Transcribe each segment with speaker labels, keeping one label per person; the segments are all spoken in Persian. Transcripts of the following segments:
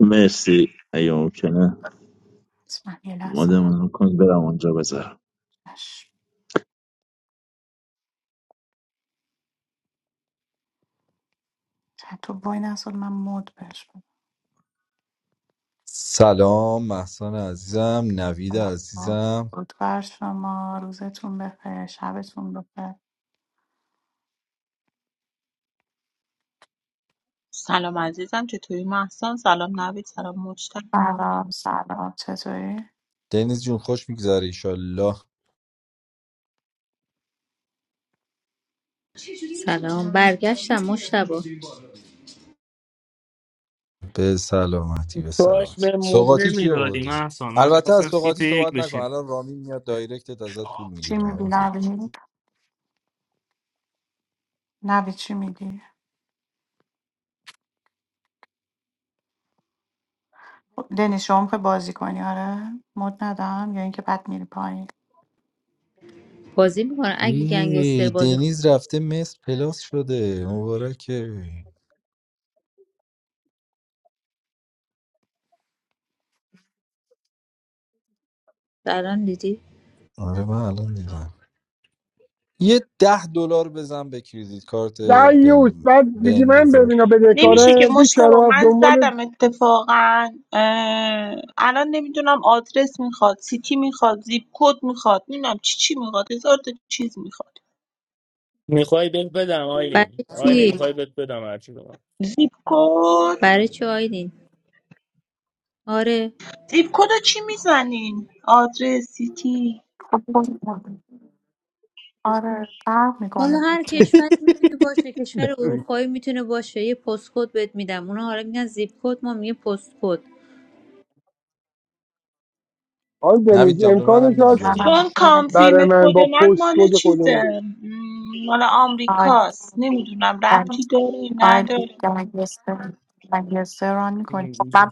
Speaker 1: مرسی ایام که نه مادمون کن برم اونجا بذارم
Speaker 2: سلام محسان عزیزم نوید عزیزم
Speaker 3: سلام عزیزم چطوری محسن سلام نوید سلام مجتبی
Speaker 2: دنیز جون خوش میگذره ایشالله
Speaker 4: سلام برگشتم مشتبه
Speaker 2: به سلامتی به
Speaker 5: باش
Speaker 2: سلامتی
Speaker 5: به مود
Speaker 2: سوقاتی چی
Speaker 5: نمیدادی
Speaker 2: آوردی؟
Speaker 5: محسان من
Speaker 2: البته از
Speaker 5: خواستم سیت
Speaker 2: سوقاتی
Speaker 5: یک
Speaker 2: صحبت نکن
Speaker 5: بشین
Speaker 2: الان رامین میاد دایرکتت ازت پول میگیره حواست باش
Speaker 4: بازی میکنه اگه گنگستر
Speaker 2: ای،
Speaker 4: بازی کنه
Speaker 2: دنیز رفته مصر پلاس شده مبارکه
Speaker 4: الان دیدی
Speaker 2: آره من الان دیدم یه ده دلار بزن به کریدیت کارت
Speaker 6: دعیوس
Speaker 2: بین
Speaker 6: بعد میگی
Speaker 2: بین
Speaker 6: من به
Speaker 2: بذار
Speaker 6: اینا
Speaker 3: نمیشه که
Speaker 2: پلاسش
Speaker 6: بدهکارم
Speaker 2: کن
Speaker 3: مجتبا
Speaker 6: بیچاره
Speaker 3: من
Speaker 6: دنبال
Speaker 3: زدم اتفاقا اه، الان نمیدونم آدرس میخواد سیتی میخواد زیپ کد میخواد نمیدونم چی چی میخواد هزار تا چیز میخواد
Speaker 5: میخوای بهت بدم
Speaker 4: برای
Speaker 5: آیلین آیلین
Speaker 4: چی
Speaker 5: میخوای بهت بدم هرچی بدم
Speaker 3: زیپ کد
Speaker 4: برای چی آیدین آره
Speaker 3: زیپ کد رو چی میزنین آدرس سیتی
Speaker 4: حالا هر کشوری میتونه باشه کشور
Speaker 2: نوید
Speaker 4: اروپایی میتونه باشه یه پستکد بهت میدم اونا حالا میگن زیپ کد ما میگه پستکد
Speaker 6: آقای
Speaker 2: نوید
Speaker 6: دنیز
Speaker 2: جان به منم
Speaker 6: امکانش هست
Speaker 2: میگی
Speaker 3: چون کانفیم
Speaker 6: برای من
Speaker 3: کد
Speaker 6: با
Speaker 3: من
Speaker 6: پست
Speaker 3: مال
Speaker 6: کد
Speaker 3: چیزه
Speaker 6: خودم
Speaker 3: م، مال آمریکاست نمیدونم ربطی داره نداره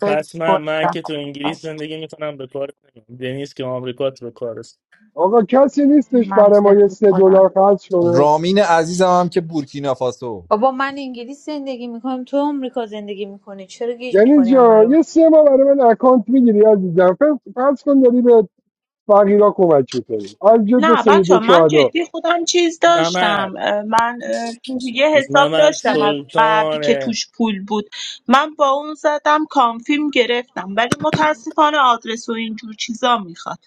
Speaker 5: پس من من که تو انگلیس زندگی میکنم به کار نمیام. دنیز که آمریکات به کار است
Speaker 6: آقا کسی نیستش برای ما یه سه دلار خرج کنه
Speaker 2: رامین عزیزم هم که بورکینافاسو
Speaker 4: بابا من انگلیس زندگی میکنم تو آمریکا زندگی میکنی چرا گیج
Speaker 6: دنیز
Speaker 4: میکنی همه
Speaker 6: جان
Speaker 4: رو
Speaker 6: یه سه ماه برای من اکانت میگیری عزیزم ف- فرض کن داری به فقیرا کمک میکنی از جد و
Speaker 3: نه بچه
Speaker 6: سید
Speaker 3: من
Speaker 6: شهدا
Speaker 3: جدی خودم چیز
Speaker 5: ممر
Speaker 3: داشتم اه، من اه، تو یه حساب
Speaker 5: ممر
Speaker 3: داشتم
Speaker 4: نه.
Speaker 3: از قبل که
Speaker 5: سلطانه
Speaker 3: توش پول بود من با اون زدم کانفیم گرفتم ولی متاسفانه آدرس و اینجور چیزا میخواد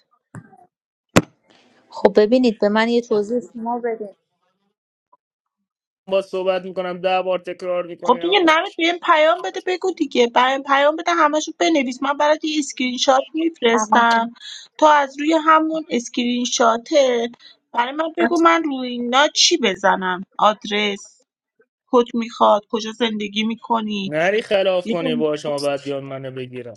Speaker 4: خب ببینید به من یه توضیح شما بده
Speaker 5: با صحبت میکنم ده بار تکرار
Speaker 3: خب
Speaker 5: میکنی
Speaker 3: دیگه نمید بهم پیام بده بگو دیگه بهم پیام بده همشو بنویس من برات یه اسکرین شات میفرستم تا از روی همون اسکرین شاته برای من بگو من روی اینا چی بزنم آدرس کد میخواد کجا زندگی میکنی
Speaker 5: نری خلاف کنی با شما بعد یاد منو بگیرم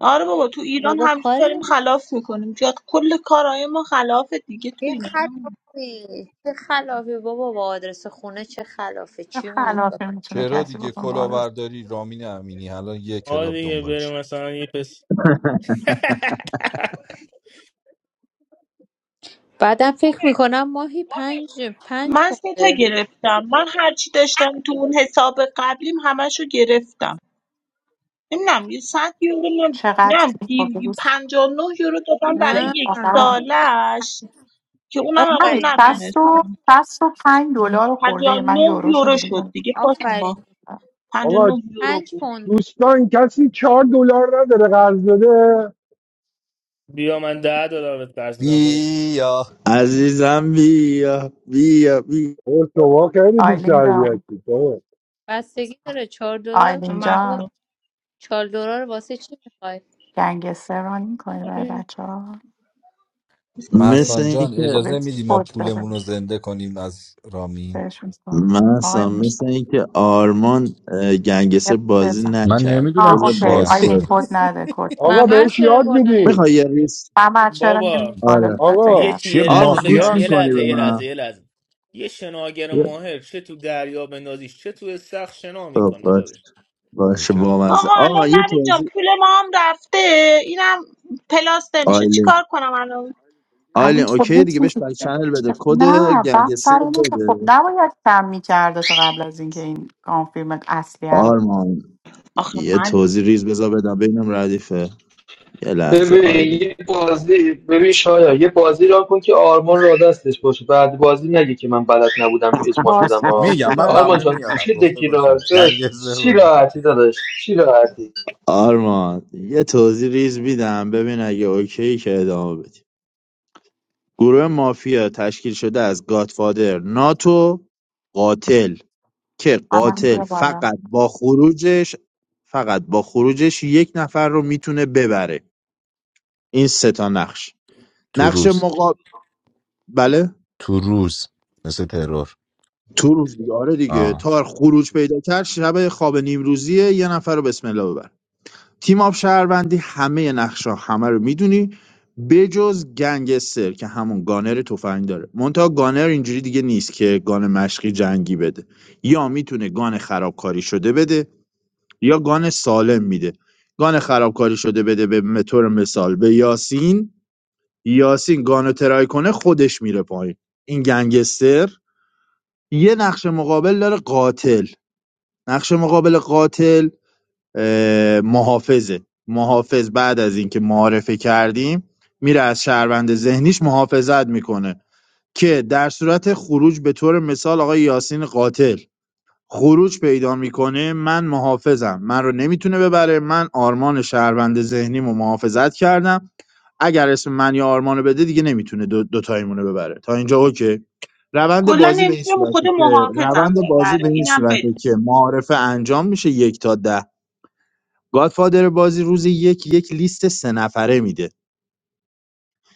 Speaker 3: آره بابا تو ایران
Speaker 4: بابا
Speaker 3: همیشه
Speaker 4: کاری
Speaker 3: داریم
Speaker 4: نداره.
Speaker 3: خلاف میکنیم جات کل کارهای ما خلافه دیگه تو
Speaker 4: چه
Speaker 3: ایران
Speaker 4: خلافی چه خلافی بابا با آدرس خونه چه خلافه چی میگی
Speaker 2: چرا دیگه کلاهبرداری رامین امینی الان یه
Speaker 5: آه
Speaker 2: کلاب
Speaker 5: دیگه
Speaker 2: دنبالش
Speaker 5: بریم مثلا یه پس
Speaker 4: بعدم فکر میکنم ماهی پنج پنج
Speaker 3: من ستا
Speaker 4: پونده
Speaker 3: گرفتم من هرچی داشتم تو اون حساب قبلیم همشو گرفتم نمیدونم یه صد یورو من نمیدونم پنجاه و نه یورو دادم برای
Speaker 4: نه
Speaker 3: یک سالش که اونم الان
Speaker 4: آفرین پنج
Speaker 3: نتونستم پنجاه و نه یورو شد دیگه پاس ما
Speaker 4: آفرین
Speaker 3: پنجاه و
Speaker 6: آقا
Speaker 3: نه یورو
Speaker 4: پنج
Speaker 3: بود
Speaker 4: پونده
Speaker 6: دوستان کسی چهار دلار نداره قرض بده
Speaker 5: بیا من ده دلار بهت قرض میدم
Speaker 2: بیا
Speaker 1: عزیزم بیا بیا بیا
Speaker 6: اوه، شما خیلی بی‌تربیتید، بابا.
Speaker 4: بستگی داره چهار دلار
Speaker 3: من
Speaker 4: چهار دلار واسه چی میخوای
Speaker 3: آره
Speaker 1: مثل
Speaker 2: محسان جان
Speaker 1: اینکه
Speaker 2: اجازه میدی ما پولمون رو زنده کنیم از رامین
Speaker 1: مثلا مثل اینکه آرمان اه، گنگسه بازی
Speaker 7: من
Speaker 1: نکرد
Speaker 7: نمیدونم
Speaker 1: بذار
Speaker 7: چیه اصلا
Speaker 1: بازپرس
Speaker 6: آقا
Speaker 4: ممر
Speaker 6: بهش
Speaker 4: چرا
Speaker 6: یاد
Speaker 4: بالا نمی
Speaker 6: میدیم
Speaker 1: میخوای یه ریس
Speaker 5: بابا
Speaker 1: آره
Speaker 6: آقا
Speaker 5: یه چی
Speaker 7: چیه
Speaker 5: یه لحظه
Speaker 1: آرمان گوش
Speaker 5: بگم یه
Speaker 7: مافیاست
Speaker 1: میکنی به
Speaker 5: لحظه یه لحظه
Speaker 1: من
Speaker 5: یه لحظه یه شناگر
Speaker 1: یه-
Speaker 5: ماهر چه تو دریا بندازیش چه تو استخر شنا
Speaker 1: خب،
Speaker 5: میکنه
Speaker 1: باش
Speaker 5: دادش
Speaker 1: باشه
Speaker 7: نوکر
Speaker 1: بامزه
Speaker 3: آقا الان
Speaker 1: آرمان یه
Speaker 3: نوید جان
Speaker 1: توضیح
Speaker 3: پول ما هم رفته اینم پلاس نمیشه
Speaker 1: آیلین
Speaker 3: چیکار کنم الان
Speaker 1: آیلین اوکی دیگه بهش بک چنل بده کد گنگسه رو بده آرمان
Speaker 3: آخه
Speaker 1: یه
Speaker 3: من
Speaker 1: توضیح ریز بذار بدم ببینم ردیفه یه لحظه
Speaker 8: ببین
Speaker 1: آیلین
Speaker 8: یه بازی ببین شایا یه بازی را کن که آرمان را دستش باشه بعد بازی نگه که من بلد نبودم به اجماع شدم ها.
Speaker 7: میگم من
Speaker 8: آرمان
Speaker 7: بهونه
Speaker 8: جان
Speaker 7: میارم
Speaker 8: چه
Speaker 7: گفته
Speaker 8: دکی را
Speaker 7: باشم
Speaker 8: داشت
Speaker 7: گنگستر
Speaker 8: چی
Speaker 7: بازی
Speaker 8: راحتی
Speaker 7: کنیم
Speaker 8: داداش چی راحتی
Speaker 1: آرمان یه توضیح ریز میدم ببین اگه اوکی که ادامه بدیم گروه مافیا تشکیل شده از گادفادر ناتو قاتل که قاتل فقط با خروجش فقط با خروجش یک نفر رو میتونه ببره این سه تا نقش
Speaker 7: تو
Speaker 1: نقش
Speaker 7: روز
Speaker 1: مقابل بله
Speaker 7: تو روز مثل ترور
Speaker 1: تو روز دیگه آره دیگه
Speaker 7: آه.
Speaker 1: تا خروج پیدا کرد شب خواب نیمروزیه یه نفر رو بسم الله ببر تیم آب شهروندی همه نقشا همه رو میدونی بجز گنگستر که همون گانر تفنگ داره منتها گانر اینجوری دیگه نیست که گان مشقی جنگی بده یا میتونه گان خرابکاری شده بده یا گان سالم میده گان خرابکاری شده بده به به طور مثال به یاسین یاسین گانو ترای کنه خودش میره پایین این گنگستر یه نقش مقابل داره قاتل نقش مقابل قاتل اه، محافظه محافظ بعد از اینکه معارفه کردیم میره از شهروند ذهنیش محافظت میکنه که در صورت خروج به طور مثال آقای یاسین قاتل خروج پیدا میکنه من محافظم من رو نمیتونه ببره من آرمان شهروند ذهنیمو محافظت کردم اگر اسم من یا آرمانو بده دیگه نمیتونه دو, دو رو ببره تا اینجا اوکی روند
Speaker 3: کلا
Speaker 1: بازی به این
Speaker 3: نمیتونم خود
Speaker 1: صورته که روند
Speaker 3: محافظم
Speaker 1: بازی به
Speaker 3: ببره
Speaker 1: این
Speaker 3: اینم
Speaker 1: صورته
Speaker 3: بدون
Speaker 1: که معارفه انجام میشه یک تا ده گادفادر بازی روز یک یک لیست سه نفره میده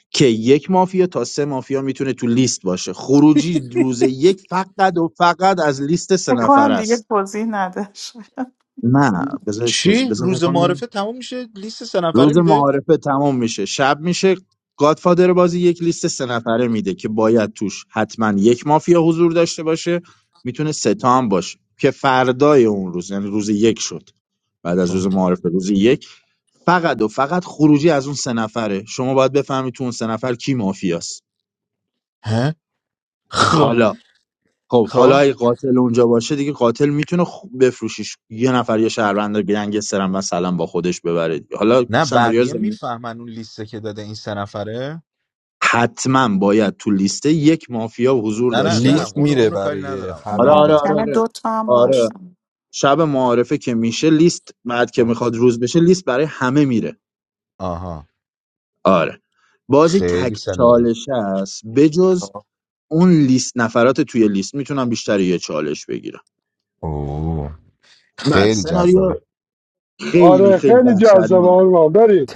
Speaker 1: که یک مافیا تا سه مافیا میتونه تو لیست باشه خروجی روز یک فقط و فقط از لیست سه نفره است نه بذار توضیح
Speaker 7: چی
Speaker 1: بذار
Speaker 7: روز
Speaker 1: بکنم
Speaker 7: معرفه تموم میشه لیست سه نفره
Speaker 1: روز
Speaker 7: میده
Speaker 1: معارفه تمام میشه شب میشه گادفادر بازی یک لیست سه نفره میده که باید توش حتما یک مافیا حضور داشته باشه میتونه سه تا هم باشه که فردای اون روز یعنی روز یک شد بعد از
Speaker 7: خب
Speaker 1: روز معارفه روز یک فقط و فقط خروجی از اون سه نفره شما باید بفهمی تو اون سه نفر کی مافیاست
Speaker 7: ها خب
Speaker 1: حالا خب
Speaker 7: خب
Speaker 1: حالا اگه قاتل اونجا باشه دیگه قاتل میتونه خ- بفروشیش یه نفر یه شهروند رو گنگسترم و سلام با خودش ببره حالا
Speaker 7: نه
Speaker 1: سناریو
Speaker 7: بقیه
Speaker 1: زمین
Speaker 7: میفهمن اون لیسته که داده این سه نفره
Speaker 1: حتما باید تو لیسته یک مافیا حضور
Speaker 7: نه نه
Speaker 1: داشته
Speaker 7: نه
Speaker 2: لیست
Speaker 1: باشه
Speaker 7: اونو
Speaker 2: میره
Speaker 7: اونو کاری
Speaker 2: برای
Speaker 7: ندارم
Speaker 1: آره
Speaker 2: همه
Speaker 7: الان
Speaker 1: آره آره
Speaker 2: بچه ها
Speaker 1: آره آره شب معارفه که میشه لیست بعد که
Speaker 7: خب.
Speaker 1: میخواد روز بشه لیست برای همه میره
Speaker 7: آها
Speaker 1: آره بازی
Speaker 7: خیلی
Speaker 1: تک
Speaker 7: سناریو
Speaker 1: چالش است بجز اون لیست نفرات توی لیست میتونم بیشتر یه چالش بگیرم
Speaker 7: اوه
Speaker 1: بعد
Speaker 7: خیلی جذاب
Speaker 1: سناریو خیلی
Speaker 6: آره
Speaker 1: خیلی
Speaker 6: خیلی جذاب
Speaker 1: وحشتناک
Speaker 6: آرمان بریم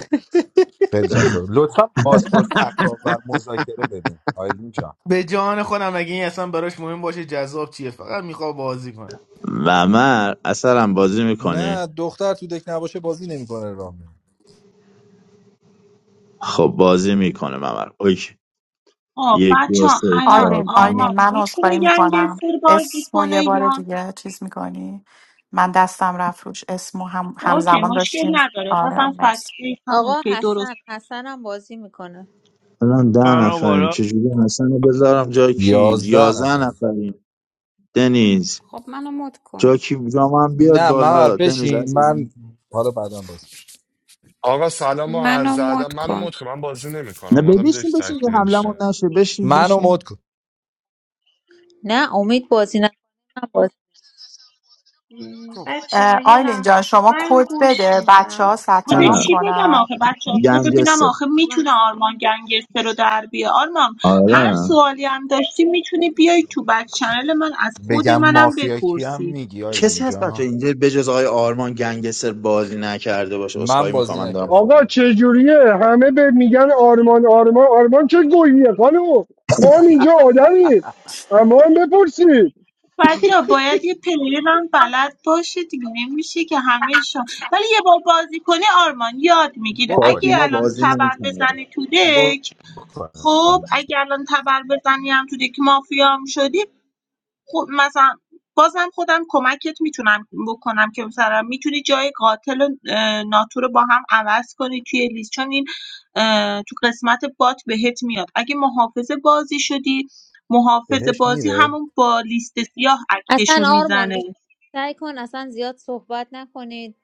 Speaker 7: خیلی جذاب لطفا پاسپورت تکاور مذاکره بدیم آیلین جان
Speaker 5: به جان خودم اگه این اصلا براش مهم باشه جذاب چیه فقط میخواد بازی کنه
Speaker 1: ممر اصلا بازی میکنی
Speaker 2: نه دختر تو دک نباشه بازی نمیکنه رامین
Speaker 1: خب بازی میکنه ممر اوکی
Speaker 3: آه
Speaker 1: یک
Speaker 3: بچه
Speaker 1: دو
Speaker 3: ها
Speaker 1: سه
Speaker 3: الان
Speaker 1: چهار پنج
Speaker 3: آرمان میتونه گنگستر بازی کنه یا اوکی مشکل نداره بازم فکری هم
Speaker 4: آقا
Speaker 3: اوکی درست
Speaker 4: حسن حسنم بازی میکنه
Speaker 1: الان ده
Speaker 5: فرما
Speaker 1: نفریم
Speaker 5: بالا
Speaker 1: چجوری حسن رو بذارم جای کی
Speaker 2: یازده
Speaker 1: یازده
Speaker 2: نفر
Speaker 1: نفریم دنیز
Speaker 9: خب منو مد کن
Speaker 1: جا کی جا من بیاد
Speaker 2: نه ممر
Speaker 1: بالا دنیز
Speaker 2: بشین من
Speaker 1: عزیزم
Speaker 2: حالا بعدم باز
Speaker 10: آقا سلام و
Speaker 9: منو
Speaker 10: عرض ادب
Speaker 9: مد
Speaker 10: منو
Speaker 9: کن
Speaker 10: مت کن من بازی نمیکنم
Speaker 1: نه ببین،
Speaker 10: اومدم
Speaker 1: بشین
Speaker 10: دک
Speaker 1: بشین یه
Speaker 10: تکمیل
Speaker 1: حمله
Speaker 10: شه
Speaker 1: نشه بشین
Speaker 2: منو
Speaker 1: بشین
Speaker 2: مد کن
Speaker 4: نه امید بازی نکنه من بازی
Speaker 11: But there is a mango in there,
Speaker 3: خود
Speaker 1: نه نه
Speaker 3: چی بدم آخه بچه ها بذار ببینم
Speaker 1: گنگسه
Speaker 3: آخه
Speaker 11: mango.
Speaker 3: میتونه آرمان گنگستر رو در بیه آرمان هر
Speaker 1: آره
Speaker 3: سوالی هم داشتی میتونی بیای تو بک چنل من از خود
Speaker 7: بگم
Speaker 3: منم
Speaker 7: مافیا کی هم
Speaker 3: بپرسی
Speaker 7: میگی آیلین
Speaker 1: کسی هست بچه
Speaker 7: جان
Speaker 1: اینجا به جز آقای آرمان گنگستر بازی نکرده باشه عذرخواهی
Speaker 2: من
Speaker 1: میکنم
Speaker 2: بازی
Speaker 1: من دارم
Speaker 2: نکردم
Speaker 6: آقا چجوریه همه به میگن آرمان آرمان آرمان چه گوییه خانم ما هم اینجا آدمیم اما هم بپرسید
Speaker 3: بچه باید یه پلیر هم بلد باشه دیگه نمیشه که همه شما ولی یه بار بازی کنی آرمان یاد میگیره اگه
Speaker 7: بکنیم
Speaker 1: فاطیما
Speaker 3: الان
Speaker 1: بازی
Speaker 3: تبر
Speaker 1: نمیکنه
Speaker 3: بزنی تو دک خب
Speaker 7: بکنیم
Speaker 3: اگه الان تبر بزنی هم تو دک مافیا هم شدی خب مثلا بازم خودم کمکت میتونم بکنم که مثلا میتونی جای قاتل و اه، ناتو رو با هم عوض کنی توی لیست چون این اه، تو قسمت بات بهت میاد اگه محافظ بازی شدی محافظ
Speaker 2: بهش
Speaker 3: بازی
Speaker 2: میره
Speaker 3: همون با لیست سیاه
Speaker 4: اصلا
Speaker 3: اکتشو
Speaker 4: آرمان
Speaker 3: میزنه
Speaker 4: بیش- سعی کن اصلا زیاد صحبت نکنید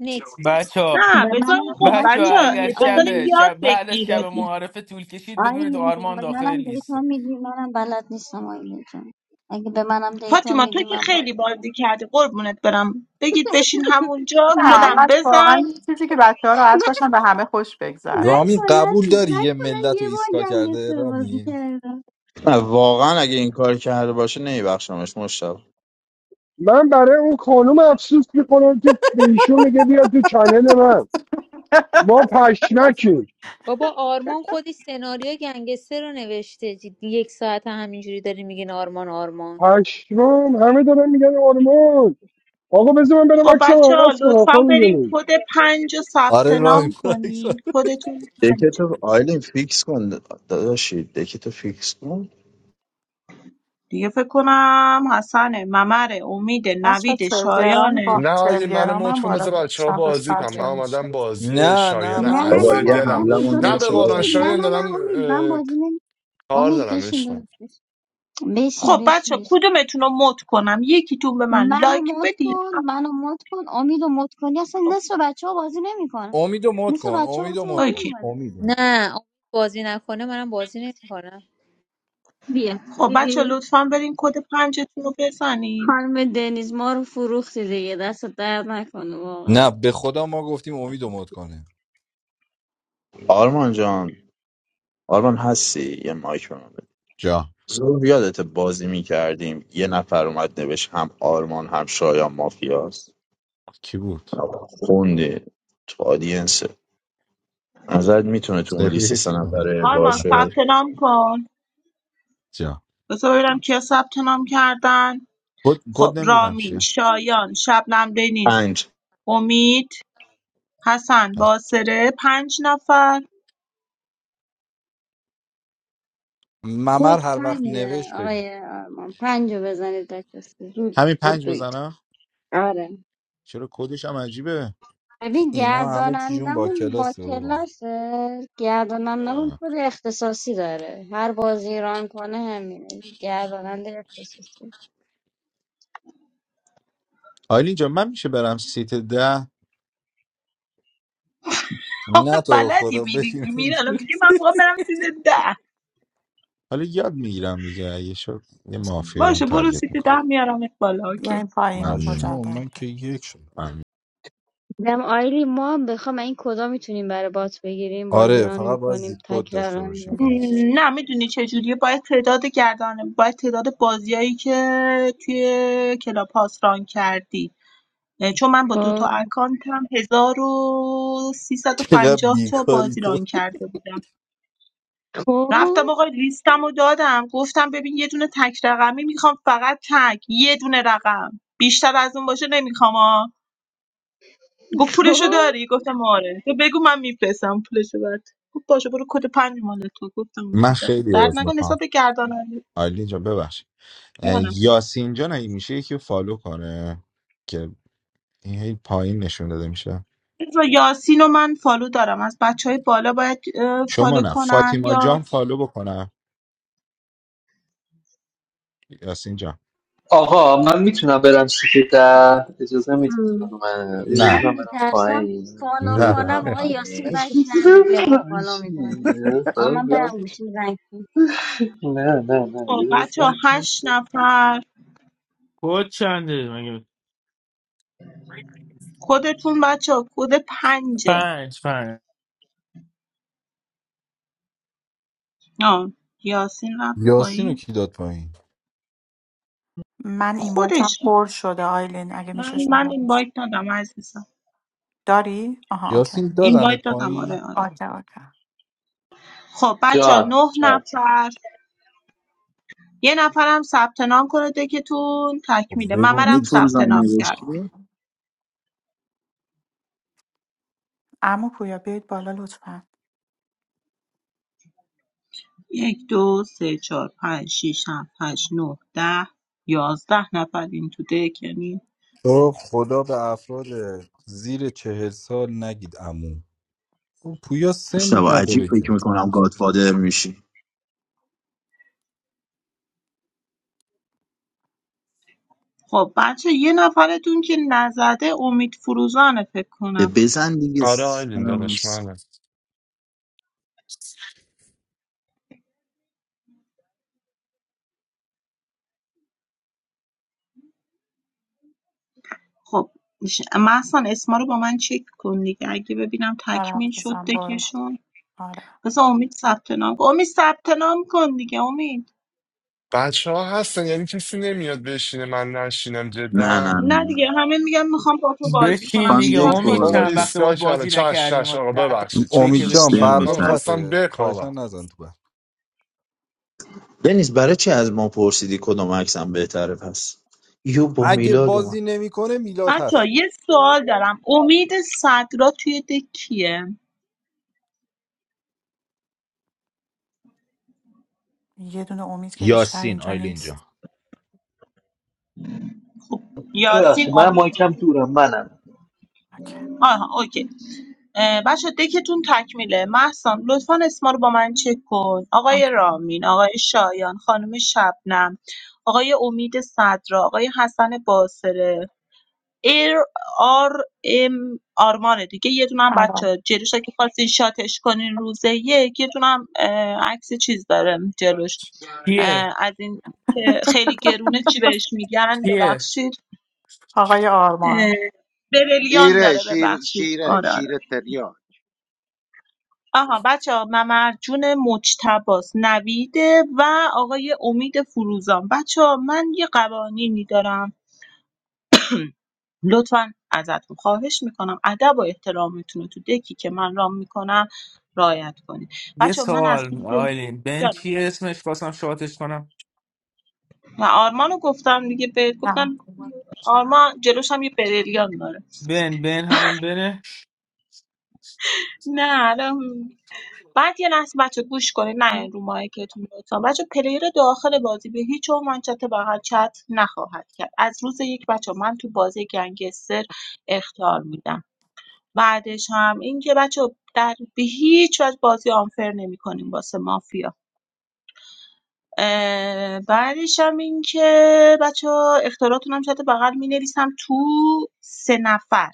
Speaker 4: نیکس
Speaker 5: بچه ها
Speaker 3: نه
Speaker 12: به منم
Speaker 3: بذارین خب
Speaker 12: کمک
Speaker 5: بچه ها
Speaker 3: بچه
Speaker 12: میکنی
Speaker 5: اگر
Speaker 3: بذارین
Speaker 5: شب
Speaker 12: آیلین
Speaker 3: یاد
Speaker 5: شب بعد از شب
Speaker 3: بگیره
Speaker 5: معارفه طول کشید بدونید
Speaker 12: آیلین جان،
Speaker 5: آرمان
Speaker 12: به
Speaker 5: داخل
Speaker 12: منم دیتا
Speaker 5: لیسته
Speaker 12: میدی منم بلد نیستم آیلین جان اگه به منم دیتا
Speaker 3: فاطیما تو
Speaker 12: میدی
Speaker 3: که
Speaker 12: من
Speaker 3: خیلی
Speaker 12: بازی کنم
Speaker 3: بازی کردی قربونت برم بگید بشین همونجا
Speaker 12: نه
Speaker 3: کدم بزن
Speaker 12: من من
Speaker 2: رامی
Speaker 12: کلا
Speaker 2: قبول داری
Speaker 12: من
Speaker 2: یه
Speaker 12: کلا
Speaker 2: ملت رو
Speaker 12: یه بار
Speaker 2: ایستگاه کرده
Speaker 12: گنگستر بازی
Speaker 2: رامی
Speaker 12: کردم
Speaker 1: نه واقعا اگه این کار کرده باشه نمیبخشمش مشتاق
Speaker 6: من برای اون خانم افسوس میکنم که به ایشون میگه بیا تو چنل من ما پشمکیم
Speaker 4: بابا آرمان خودی سناریو گنگستر رو نوشته جدی یک ساعت همینجوری داری میگین آرمان آرمان
Speaker 6: پشمام همه دارن میگن آرمان آقا بذار من برم
Speaker 3: خب
Speaker 6: عکسم
Speaker 3: بچه ها
Speaker 6: عوض کنم
Speaker 3: لطفا
Speaker 6: خب
Speaker 3: بریم
Speaker 6: میدونی
Speaker 3: کد پنج رو ثبت
Speaker 2: آره
Speaker 3: نام
Speaker 2: رامی برعکس.
Speaker 3: کنین
Speaker 2: آره.
Speaker 3: کدتون
Speaker 1: دکه
Speaker 3: پنج
Speaker 1: تو آیلین فیکس کن داداشی دکه فیکس کن
Speaker 3: دیگه فکر کنم حسن ممر امید نوید شایانه
Speaker 10: نه آجی منو مت کن بذار بچه ها بازی کنم من اومدم بازی
Speaker 2: نه نه
Speaker 10: شایان
Speaker 12: نه
Speaker 2: منو
Speaker 12: نه
Speaker 2: مد
Speaker 1: بابا
Speaker 10: عزیز
Speaker 12: نه
Speaker 1: یه
Speaker 12: نه
Speaker 2: کن
Speaker 10: دلم
Speaker 2: منو
Speaker 1: حمله
Speaker 2: مد
Speaker 12: امید
Speaker 1: مون
Speaker 10: نه
Speaker 12: داداش
Speaker 10: به
Speaker 1: نشه آقای
Speaker 10: قرآن
Speaker 12: بشین نه
Speaker 1: آرمان
Speaker 10: شایان
Speaker 12: نه
Speaker 10: دارم
Speaker 12: نه امید من
Speaker 10: اه،
Speaker 12: بازی نمی
Speaker 10: کار
Speaker 12: امید
Speaker 10: دارم
Speaker 12: بشین
Speaker 10: عشقم
Speaker 12: داداش بشین بشین
Speaker 3: خب
Speaker 12: بشین
Speaker 3: بچه ها
Speaker 12: بشین
Speaker 3: کدومتون رو مد کنم یکیتون به من
Speaker 12: منو
Speaker 3: لایک
Speaker 12: مد
Speaker 3: بدین
Speaker 12: کن منو مد کن امیدو مد کنی اصلا
Speaker 3: خب
Speaker 12: نصف بچه ها بازی نمیکنن
Speaker 2: امید و مد
Speaker 12: نصف
Speaker 2: کن
Speaker 12: بچه ها
Speaker 2: امید و
Speaker 12: وقتی
Speaker 2: مد
Speaker 12: بازی
Speaker 2: کن
Speaker 3: اوکی
Speaker 12: میکنن
Speaker 2: امید
Speaker 4: نه امید بازی نکنه منم بازی نمیکنم
Speaker 3: خب
Speaker 12: بیا
Speaker 3: بچه ها لطفا برین کد پنجتون رو بزنین
Speaker 12: خانم دنیز ما رو فروختی دیگه دست درد نکنه واقعا
Speaker 2: نه به خدا ما گفتیم امید و مد کنه
Speaker 1: آرمان جان آرمان هستی یه مایک به من بده
Speaker 7: جا
Speaker 1: زور یادت بازی میکردیم یه نفر اومد نوشت هم آرمان هم شایان مافیاست
Speaker 7: کی بود
Speaker 1: خوندی تو آدینسه نظرت میتونه تو اون لیست سه
Speaker 7: سپید
Speaker 1: نفره
Speaker 3: آرمان
Speaker 1: باشه
Speaker 3: ثبت نام کن
Speaker 7: جا
Speaker 3: بذار ببینم کیا ثبت نام کردن
Speaker 7: کد
Speaker 3: خب
Speaker 7: کد نمیدونم
Speaker 3: رامین
Speaker 7: چیه
Speaker 3: شایان شبنم دنیز
Speaker 1: پنج
Speaker 3: امید حسن باسره پنج نفر
Speaker 12: کد
Speaker 2: ممر هر وقت
Speaker 12: پنجه
Speaker 2: نوشت بگو
Speaker 12: آقای آرمان پنجه بزنید بچه‌ها. زود
Speaker 7: همین پنج
Speaker 12: بدوید
Speaker 7: بزنم
Speaker 12: آره
Speaker 7: چرا کدش هم عجیبه
Speaker 12: ببین
Speaker 2: اینا همه چیشون با
Speaker 12: گردانندمون با
Speaker 2: کلاسه بابا
Speaker 12: کلاسه گردانندمون
Speaker 7: آه.
Speaker 12: خود اختصاصی داره هر بازی ران کنه همینه گرداننده اختصاصی
Speaker 7: آیلین جان من میشه برم سیت ده
Speaker 3: آخه
Speaker 2: نه تو رو
Speaker 3: بلدی
Speaker 2: خدا بگیر
Speaker 3: میریزی میره الان میگه من میخوام برم سیت ده
Speaker 7: حالا یاد میگیرم دیگه اگه شد یه مافیایی هم
Speaker 3: باشه برو
Speaker 7: تارگت
Speaker 3: سیت ده
Speaker 7: میکنیم
Speaker 3: میارم بالا اوکی
Speaker 7: ممنونم
Speaker 2: پشمو من که یک شد
Speaker 7: ممنون.
Speaker 12: دم آیلی ما هم بخوام این کدا میتونیم برای بات بگیریم بازی
Speaker 2: آره
Speaker 12: ران
Speaker 2: فقط باید
Speaker 12: میکنیم
Speaker 2: زیپ کد
Speaker 12: تک
Speaker 2: داشته
Speaker 12: رقمی
Speaker 2: باشی
Speaker 3: م،
Speaker 12: باشه.
Speaker 2: فقط
Speaker 3: نه میدونی چجوریه باید تعداد گردن باید تعداد بازیایی که توی کلاب هاوس ران کردی اه، چون من با دو تا
Speaker 12: خب
Speaker 3: اکانتم
Speaker 2: چقدر
Speaker 3: 1350 تا
Speaker 2: بیکاری
Speaker 3: بازی
Speaker 2: تو
Speaker 3: ران کرده بودم
Speaker 12: خب
Speaker 3: رفتم آقا لیستم رو دادم گفتم ببین یه دونه تک رقمی میخوام فقط تک یه دونه رقم بیشتر از اون باشه نمیخوام گفت پولشو
Speaker 12: خب
Speaker 3: داری گفتم آره تو بگو من میفرستم پولشو برات گفت باشه برو کد پنج مال تو گفتم
Speaker 7: من
Speaker 3: اوکی دست
Speaker 7: خیلی
Speaker 3: درد
Speaker 7: عوض
Speaker 3: نکن حساب
Speaker 7: میخوام
Speaker 3: گرداننده
Speaker 7: آیلین جان ببخش
Speaker 3: منم
Speaker 7: یاسین جان اگه میشه یکی رو فالو کنه که این هی پایین نشون داده میشه
Speaker 3: رضا یاسین و من فالو دارم از بچه های بالا باید اه،
Speaker 7: شما
Speaker 3: فالو
Speaker 7: نه
Speaker 3: کنن
Speaker 7: فاطیما
Speaker 3: یا
Speaker 7: جان فالو بکنم یاسین جان
Speaker 8: آقا من میتونم برم سیت ده اجازه میدید من اجازه
Speaker 7: نه
Speaker 12: من
Speaker 8: بدم برم
Speaker 12: میترسم
Speaker 8: پایین
Speaker 12: فالو
Speaker 8: اجازه
Speaker 7: نه
Speaker 12: کنم
Speaker 8: برم
Speaker 12: آقا یاسین
Speaker 8: پایین
Speaker 12: بک نده بیا ما فالو میکنیم آقا من برم گوشیم زنگ
Speaker 8: نه نه نه
Speaker 3: خب بچه ها هشت نفر
Speaker 5: خود چنده مگه
Speaker 3: خودتون بچه ها کد پنجه
Speaker 5: پنج پنج
Speaker 3: آه یاسین رفت
Speaker 2: یاسین رو
Speaker 3: پایین
Speaker 2: کی داد پایین
Speaker 3: خودش رفت من من این بایت دادم عزیزم
Speaker 2: یاسین
Speaker 3: این بایت
Speaker 2: دادنت
Speaker 3: دادم
Speaker 2: پایین
Speaker 3: آره آره خب بچه ها
Speaker 8: جان
Speaker 3: نه
Speaker 8: جان
Speaker 3: نفر یه نفرم ثبت نام کنه دکتون
Speaker 2: خب
Speaker 3: تکمیله
Speaker 2: بگو
Speaker 3: ممرم
Speaker 1: همین
Speaker 2: کی
Speaker 1: تو
Speaker 3: ثبت
Speaker 1: روزم
Speaker 3: نام
Speaker 2: ساخت
Speaker 3: کرده
Speaker 1: نوشتی
Speaker 3: یک دو سه چهار پنج شیش هفت هشت نه ده یازده نفر این تو دک یعنی
Speaker 2: تو خدا به افراد زیر چهل سال نگید عمو خب پویا سنی
Speaker 1: مشتبه عجیب
Speaker 2: نداره که
Speaker 1: فکر میکنم گادفادر میشی
Speaker 3: خب بچه یه نفرتون که نزده امید فروزانه فکر کنم
Speaker 1: بزن دیگه
Speaker 10: آره آیلین
Speaker 1: سرم
Speaker 10: داداش
Speaker 1: س-
Speaker 10: منم
Speaker 3: خب محسن اسما رو با من چک کن دیگه اگه ببینم تکمیل شد دکشون بس امید ثبت نام کن امید ثبت نام کن دیگه امید
Speaker 10: بچه ها هستن یعنی کسی نمیاد بشینه من نشینم
Speaker 1: نه نه
Speaker 10: جدا
Speaker 1: نه
Speaker 3: نه دیگه
Speaker 1: نه.
Speaker 3: همه میگن میخوام با تو بازی
Speaker 5: بشین
Speaker 3: کنم
Speaker 1: خانم
Speaker 5: دیگه
Speaker 3: چیکار
Speaker 1: یک
Speaker 5: امید
Speaker 3: کنم
Speaker 1: بار
Speaker 10: بابا
Speaker 5: چند
Speaker 1: بشه
Speaker 5: وقت
Speaker 10: ایستگاه
Speaker 5: باید
Speaker 10: کردن
Speaker 5: بازی
Speaker 10: چش
Speaker 5: نکردیم
Speaker 10: چش
Speaker 5: حالا
Speaker 10: آقا
Speaker 5: ده تا
Speaker 10: ببخشید
Speaker 5: دیگه
Speaker 2: امید
Speaker 5: که
Speaker 10: چش
Speaker 5: بهت
Speaker 2: جان
Speaker 10: چش
Speaker 5: میگم
Speaker 1: سیم
Speaker 10: من
Speaker 2: برقا
Speaker 5: بشین
Speaker 1: تگ.
Speaker 10: میخواستم
Speaker 2: قطعه
Speaker 10: بخوابم
Speaker 2: خواهشن نزن تو برق
Speaker 1: دنیز برای چی از ما پرسیدی کدوم عکسم بهتره پس یو با
Speaker 2: اگه
Speaker 1: میلاد اومد
Speaker 2: بازی نمیکنه میلاد
Speaker 3: بچه
Speaker 2: هست
Speaker 3: یه سوال دارم امید صدرا توی دکیه
Speaker 7: یاسین آیلین جان
Speaker 3: خب یاسین
Speaker 8: ببخشید من
Speaker 3: امید
Speaker 8: مایکم
Speaker 3: اوکی.
Speaker 8: دورم منم
Speaker 3: آها اوکی بچه دکتون تکمیله محسن لطفا اسما رو با من چک کن آقای رامین آقای شایان خانم شبنم آقای امید صدرا آقای حسن باصره ایر آر ام آرمانه دیگه یه دونه هم بچه جلوش که خواستین شاتش کنین روزه یک یه دونه هم اه، عکس چیز داره جلوش
Speaker 5: کیه
Speaker 3: اه، از این که خیلی گرونه چی بهش میگن
Speaker 5: کیه
Speaker 3: ببخشید اه، بریلیان
Speaker 13: شیره
Speaker 3: داره
Speaker 13: شیر
Speaker 3: ببخشید
Speaker 13: شیره
Speaker 3: آره آره
Speaker 13: شیر تریاک
Speaker 3: آها بچه ها ممرجون مجتباس نویده و آقای امید فروزان بچه ها من یه قوانینی دارم لطفا ازتون خواهش میکنم ادب و احترامتون رو تو دکی که من رام میکنم رعایت کنید
Speaker 5: یه
Speaker 3: بچه من از روز
Speaker 5: سوال آیلین بن
Speaker 3: جانم
Speaker 5: چیه اسمش خواستم شاتش کنم
Speaker 3: و آرمانو گفتم دیگه به گفتم آرمان جلوش هم یه بریلیان داره
Speaker 5: بن بن همون بنه
Speaker 3: نه الان بعد یه لحظه بچه گوش کنید نه رو مایکتون لطفا بچه پلیر داخل بازی به هیچ عنوان چت بغل چت نخواهد کرد از روز یک بچه من تو بازی گنگستر اختار میدم بعدش هم اینکه بچه‌ها در به هیچ وجه بازی آنفر نمی‌کنیم واسه مافیا بعدش هم اینکه بچه‌ها اختاراتون هم شده بغل می‌نویسم تو سه نفر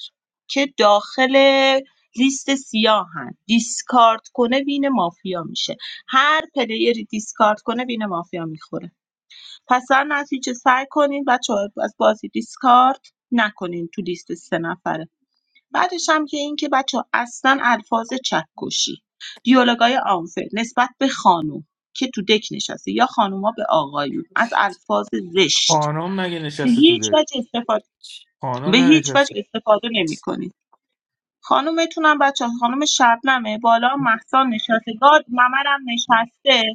Speaker 3: که داخل لیست سیاهن دیسکارد کنه وین مافیا میشه هر پلیری دیسکارد کنه وین مافیا میخوره پس در نتیجه سعی کنین بچه ها از بازی دیسکارد نکنین تو لیست سه نفره بعدش هم که این که بچه اصلا الفاظ چکشی دیالوگای آنفر نسبت به خانوم که تو دک نشسته یا خانوما به آقایون از الفاظ زشت
Speaker 5: خانم مگه
Speaker 3: به
Speaker 5: نشسته تو
Speaker 3: هیچ
Speaker 5: دک
Speaker 3: وجه استفاده به
Speaker 5: خانم
Speaker 3: هیچ وجه
Speaker 5: ننشسته
Speaker 3: استفاده نمیکنید خانومتونم بچه خانوم شبنمه بالا هم مهسا نشسته گاد ممرم نشسته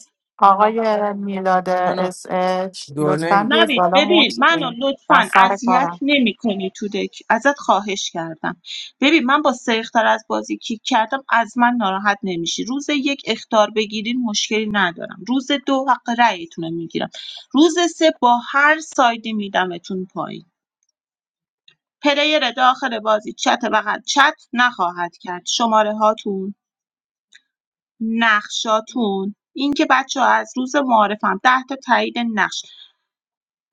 Speaker 5: خانم
Speaker 3: نوید ببین منو لطفا اذیت نمی کنی تو دک ازت خواهش کردم ببین من با سرختر از بازی کیک کردم از من ناراحت نمیشی روز یک اختار بگیرین مشکلی ندارم روز دو حق رأیتون رو میگیرم روز سه با هر سایدی میدمتون پایین پلیر داخل بازی چت بغل چت نخواهد کرد شماره هاتون نقشاتون اینکه بچه از روز معارفم ده تا تایید نقش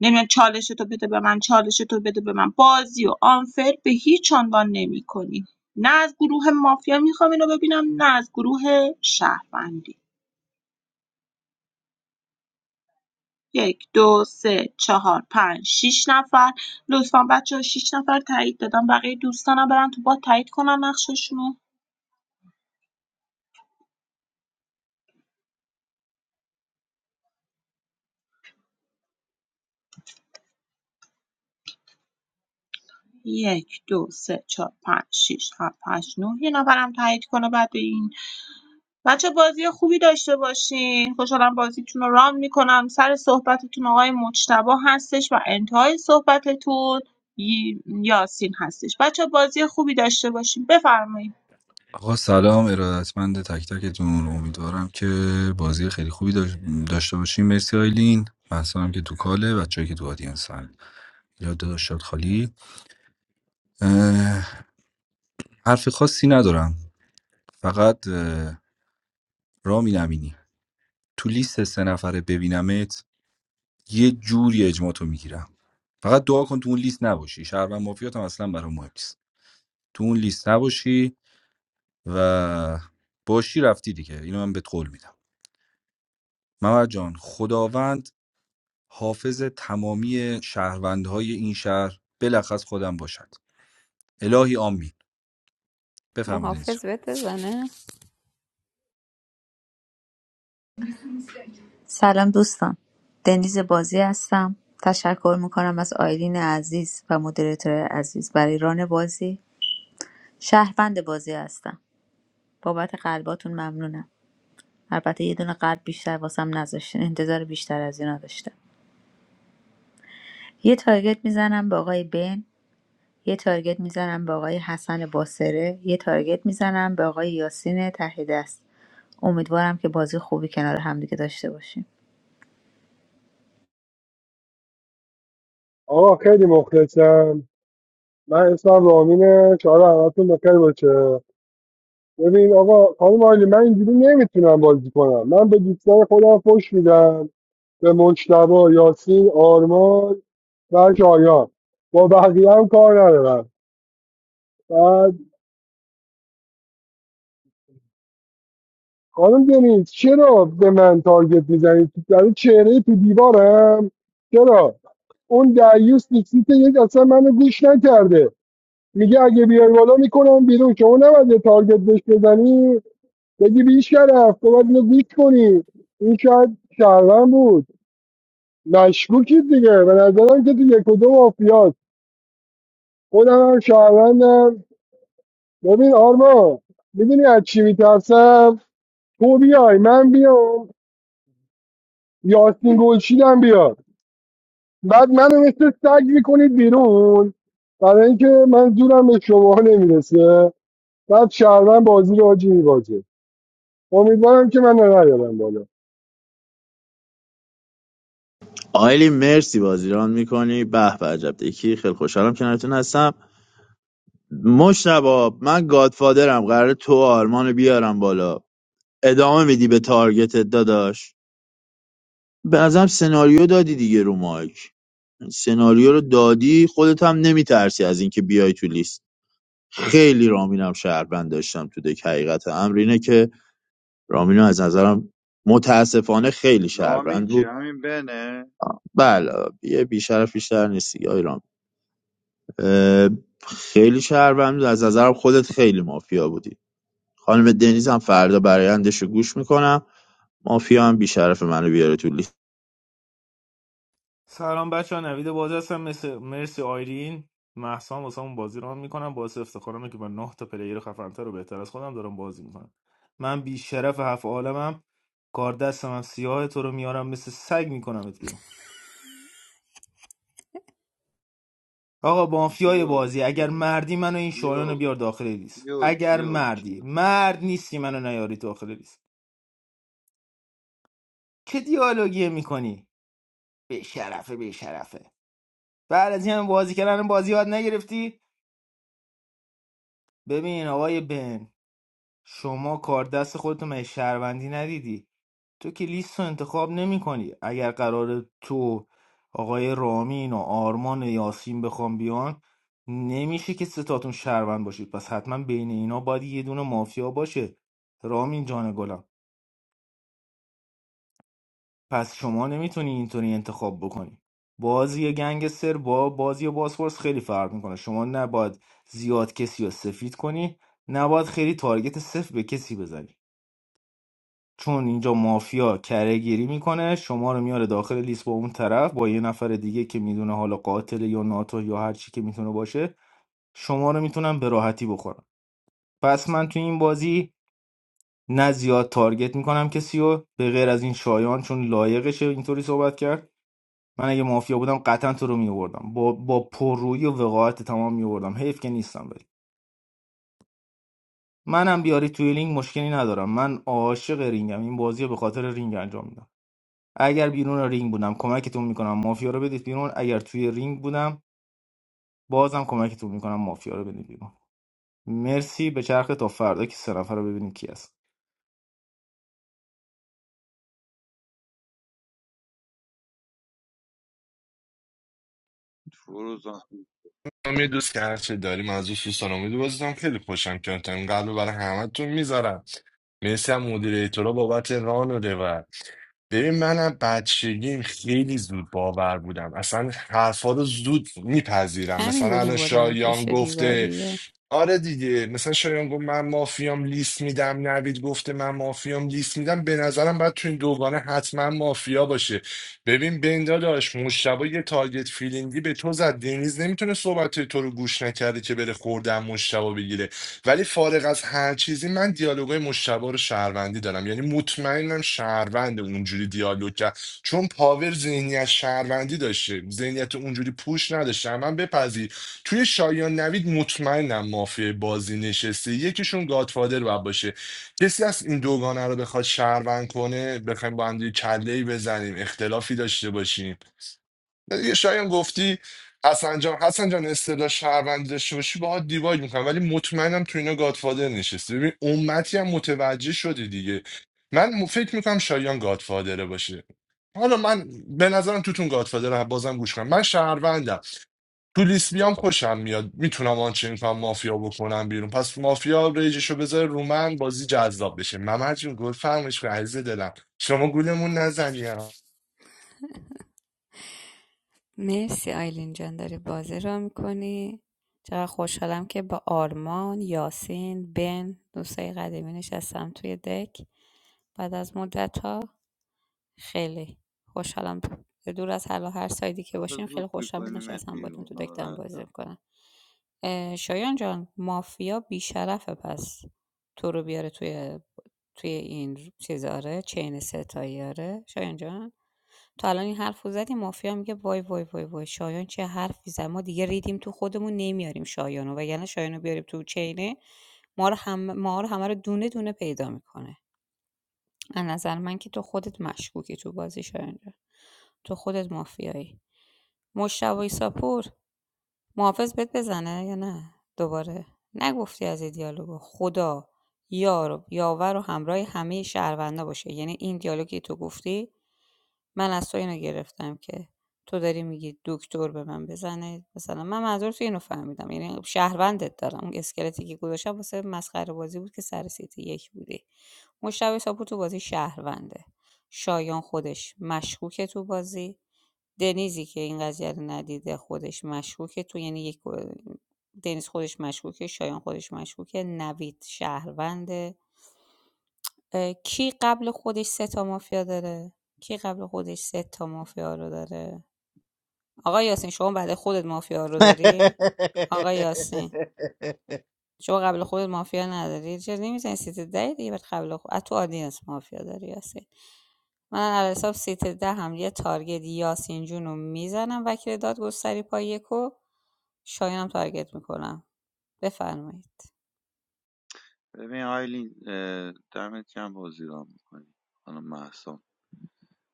Speaker 3: نمیان چالش تو بده به من چالش تو بده به من بازی و آنفر به هیچ عنوان نمیکنی نه از گروه مافیا میخوام اینو ببینم نه از گروه شهروندی یک دو سه چهار پنج شیش نفر لطفا بچه ها شیش نفر تایید دادم بقیه دوستانم برن تو با تایید کنن نقششونو یک دو سه چهار پنج شیش هفت هشت نه یه نفرم تایید کنه بعد این بچه بازی خوبی داشته باشین خوشحالم بازیتون رو رام میکنم سر صحبتتون آقای مجتبا هستش و انتهای صحبتتون ی- یاسین هستش بچه بازی خوبی داشته باشین بفرمایید
Speaker 2: آقا سلام ارادتمند تک تکتون امیدوارم که بازی خیلی خوبی داش- داشته باشیم مرسی آیلین مهسا که تو کاله بچه‌ای که تو آدینس هن یاد داداش شاد خالی اه، حرف خاصی ندارم فقط اه، رامین امینی تو لیست سه نفره ببینمت یه جوری اجماع تو میگیرم فقط دعا کن تو اون لیست نباشی شهروند مافیات هم اصلا برام مهم نیست تو اون لیست نباشی و باشی رفتی دیگه اینو من بهت قول میدم محمد جان خداوند حافظ تمامی شهروندهای این شهر بلخص خودم باشد الهی آمین بفرمایید اینجا
Speaker 9: محافظ بهت بزنه
Speaker 4: سلام دوستان دنیز بازی هستم تشکر میکنم از آیلین عزیز و مدیریتور عزیز برای ران بازی شهروند بازی هستم بابت قلباتون ممنونم البته یه دونه قلب بیشتر واسم نذاشتین انتظار بیشتر از اینا داشتم یه تارگت میزنم به آقای بن یه تارگت میزنم به آقای حسن باسره یه تارگت میزنم به آقای یاسین ته دست امیدوارم که بازی خوبی کنار همدیگه داشته باشیم
Speaker 6: آقا خیلی مخلصم من اسمم رامینه شعار همتون بخیر باشه ببین آقا خانم آیلی من اینجوری نمیتونم بازی کنم من به دوستان خودم فش میدم به مجتبا یاسین آرمان و شایان با بقیه هم کار ندارم بعد خانم دنیز چرا به من تارگت میزنید در چهره تو دیوارم چرا اون دعیوس نیکسیت یک اصلا منو گوش نکرده میگه اگه بیای بالا میکنم بیرون شما نباید یه تارگت بهش بزنی بگی بیش کرف تو باید اینو گوش کنی این شاید شهروند بود مشکوکید دیگه به نظرم که تو یک و دو مافیاست خودم هم شهروندم ببین آرمان میدونی از چی میترسم تو بیای من بیام یاسین گلشیدم بیاد بعد منو مثل سگ میکنید بیرون برای اینکه من زورم به شما نمیرسه بعد شهروند بازی رو آجی میبازه امیدوارم که من نیارم بالا
Speaker 1: آیلی مرسی بازیران میکنی به به عجب یکی خیلی خوشحالم کنارتون هستم مشتبه من گادفادرم قرار تو و آرمان رو بیارم بالا ادامه میدی به تارگتت داداش به نظرم سناریو دادی دیگه رو مایک سناریو رو دادی خودت هم نمیترسی از اینکه بیای تو لیست خیلی رامینم شهروند داشتم تو دک حقیقت امر اینه که رامینو از نظرم متاسفانه خیلی
Speaker 13: رامین
Speaker 1: شهروند
Speaker 13: که
Speaker 1: بود
Speaker 13: همین بنه
Speaker 1: بله یه بیشرف بیشتر نیستی آی رام اه، خیلی شهروند بود. از نظرم خودت خیلی مافیا بودی خانم دنیز هم فردا برایندش رو گوش میکنم مافیا هم بیشرف منو بیاره تو لیست
Speaker 5: سلام بچه ها نوید باز هستم مثل مرسی آیرین محسان واسه اون بازی رو میکنم باعث افتخارمه که با نه تا پلیر خفنتر و بهتر از خودم دارم بازی میکنم من بی شرف هفت عالمم کار دستم هم سیاه تو رو میارم مثل سگ میکنم ات بیرون آقا مافیای
Speaker 13: کیو
Speaker 5: بازی اگر
Speaker 13: کیو
Speaker 5: مردی منو این شایان رو
Speaker 13: کیو
Speaker 5: بیار داخل لیست
Speaker 13: کیو
Speaker 5: اگر
Speaker 13: کیو
Speaker 5: مردی
Speaker 13: کیو
Speaker 5: مرد نیستی منو نیاری داخل لیست که دیالوگیه میکنی به شرفه به شرفه بعد از این همه بازی کردن بازی یاد نگرفتی ببین آقای بن شما کار دست خودتو مگه شهروندی ندیدی تو که لیست رو انتخاب نمی کنی اگر قرار تو آقای رامین و آرمان و یاسین بخوام بیان نمیشه که ستاتون شهروند باشید پس حتما بین اینا باید یه دونه مافیا باشه رامین جان گلم پس شما نمیتونی اینطوری انتخاب بکنی بازی گنگستر با بازی بازپرس خیلی فرق میکنه شما نباید زیاد کسی رو سفید کنی نباید خیلی تارگت صفر به کسی بزنی چون اینجا مافیا کره گیری میکنه شما رو میاره داخل لیست با اون طرف با یه نفر دیگه که میدونه حالا قاتل یا ناتو یا هر چی که میتونه باشه شما رو میتونن به راحتی بخورن پس من تو این بازی نه زیاد تارگت میکنم کسی رو به غیر از این شایان چون لایقشه اینطوری صحبت کرد من اگه مافیا بودم قطعا تو رو میوردم با با پررویی و وقاحت تمام میوردم حیف که نیستم ولی منم بیاری توی لینگ مشکلی ندارم من عاشق رینگم این بازی رو به خاطر رینگ انجام میدم اگر بیرون رینگ بودم کمکتون میکنم مافیا رو بدید بیرون اگر توی رینگ بودم بازم کمکتون میکنم مافیا رو بدید بیرون مرسی به چرخ تا فردا که سه نفر رو ببینیم کی هست
Speaker 13: فروز آخون
Speaker 10: هم یه دوست که هرچه داریم از دوست دوستان امیدو بازیتم خیلی خوشم کردم قلب برای همتون میذارم مرسی هم مدیر ایتورا بابت ران و روایت ببین منم بچگیم خیلی زود باور بودم اصلا حرفا رو زود میپذیرم
Speaker 9: همین
Speaker 10: مثلا
Speaker 9: بود
Speaker 10: الان
Speaker 9: میبردنت
Speaker 10: شایان
Speaker 9: پشت
Speaker 10: گفته
Speaker 9: دیواریه
Speaker 10: آره دیگه مثلا شایان گفت من مافیام لیست میدم نوید گفته من مافیام لیست میدم به نظرم باید تو این دوگانه حتما مافیا باشه ببین بندا داشت مشتبه یه تارگت فیلینگی به تو زد دنیز نمیتونه صحبت تو رو گوش نکرده که بره خوردن مشتبه بگیره ولی فارغ از هر چیزی من دیالوگای مشتبه رو شهروندی دارم یعنی مطمئنم شهروند اونجوری دیالوگ کرد چون پاور ذهنیت شهروندی داشته ذهنیت اونجوری پوش نداشته من بپذیر توی شایان نوید مطمئنم مافیای بازی نشسته یکیشون گادفادر باید باشه کسی از این دوگانه رو بخواد شهروند کنه بخوایم با هم دیگه کله ای بزنیم اختلافی داشته باشیم یه شایان گفتی حسن جان حسن جان اصطلاح شهروندی داشته باشی باهات دیواید میکنم ولی مطمئنم تو اینا گادفادر نشسته ببین امتی هم متوجه شدی دیگه من م- فکر میکنم شایان گادفادره باشه حالا من به نظرم توتون گادفادر هم بازم گوش کنم من شهروندم تو لیست بیام خوشم میاد میتونم آنچه کنم مافیا بکنم بیرون پس مافیا ریجشو بذاره رو من بازی جذاب بشه ممر جون گل فرمش کن عزیز دلم شما گولمون نزنیم
Speaker 9: مرسی آیلین جان داری بازی را میکنی چقدر خوشحالم که با آرمان یاسین بن دوستای قدیمی نشستم توی دک بعد از مدت ها. خیلی خوشحالم دور از حالا هر سایدی که باشیم خیلی
Speaker 13: زود
Speaker 9: خوشحالم که
Speaker 13: میکنیمت
Speaker 9: نشستم باتون
Speaker 13: بیرون
Speaker 9: تو دک دارم
Speaker 13: ناراحت
Speaker 9: بازی
Speaker 13: نباش.
Speaker 9: میکنم شایان جان مافیا بیشرفه پس تو رو بیاره توی توی این چیزاره چین ستاییاره شایان جان تو الان این حرف رو زدی مافیا میگه وای وای وای وای شایان چه حرفی زد ما دیگه ریدیم تو خودمون نمیاریم شایانو وگرنه شایانو بیاریم تو چینه ما رو هم ما رو همه رو دونه دونه پیدا میکنه از نظر من که تو خودت مشکوکی تو بازی شاید تو خودت مافیایی مشتبه ایساپور محافظ بهت بزنه یا نه دوباره نگفتی از این دیالوگو خدا یار و یاور و همراه همه شهروندا باشه یعنی این دیالوگی تو گفتی من از تو اینو گرفتم که تو داری میگی دکتر به من بزنه مثلا من منظور تو اینو فهمیدم یعنی شهروندت دارم اسکلتی که گذاشتم واسه مسخره بازی بود که سر سیتی یک بودی مشتبه ساپور تو بازی شهرونده شایان خودش مشکوکه تو بازی دنیزی که این قضیه رو ندیده خودش مشکوکه تو یعنی یک دنیز خودش مشکوکه شایان خودش مشکوکه نوید شهروند اه، کی قبل خودش سه تا مافیا داره کی قبل خودش سه تا مافیا رو داره آقا یاسین شما بعد خودت مافیا رو داری آقا یاسین شما قبل خودت مافیا نداری چرا نمیزنی سیت ده دیگه بعد قبل خود از تو آدینس مافیا داری یاسین من علی حساب سیت ده هم یه تارگت یاسین جون رو میزنم وکیل دادگستری پای یکو شایانم تارگت میکنم بفرمایید
Speaker 13: ببین آیلین اه، دمت کم بازی را میکنی خانم محسان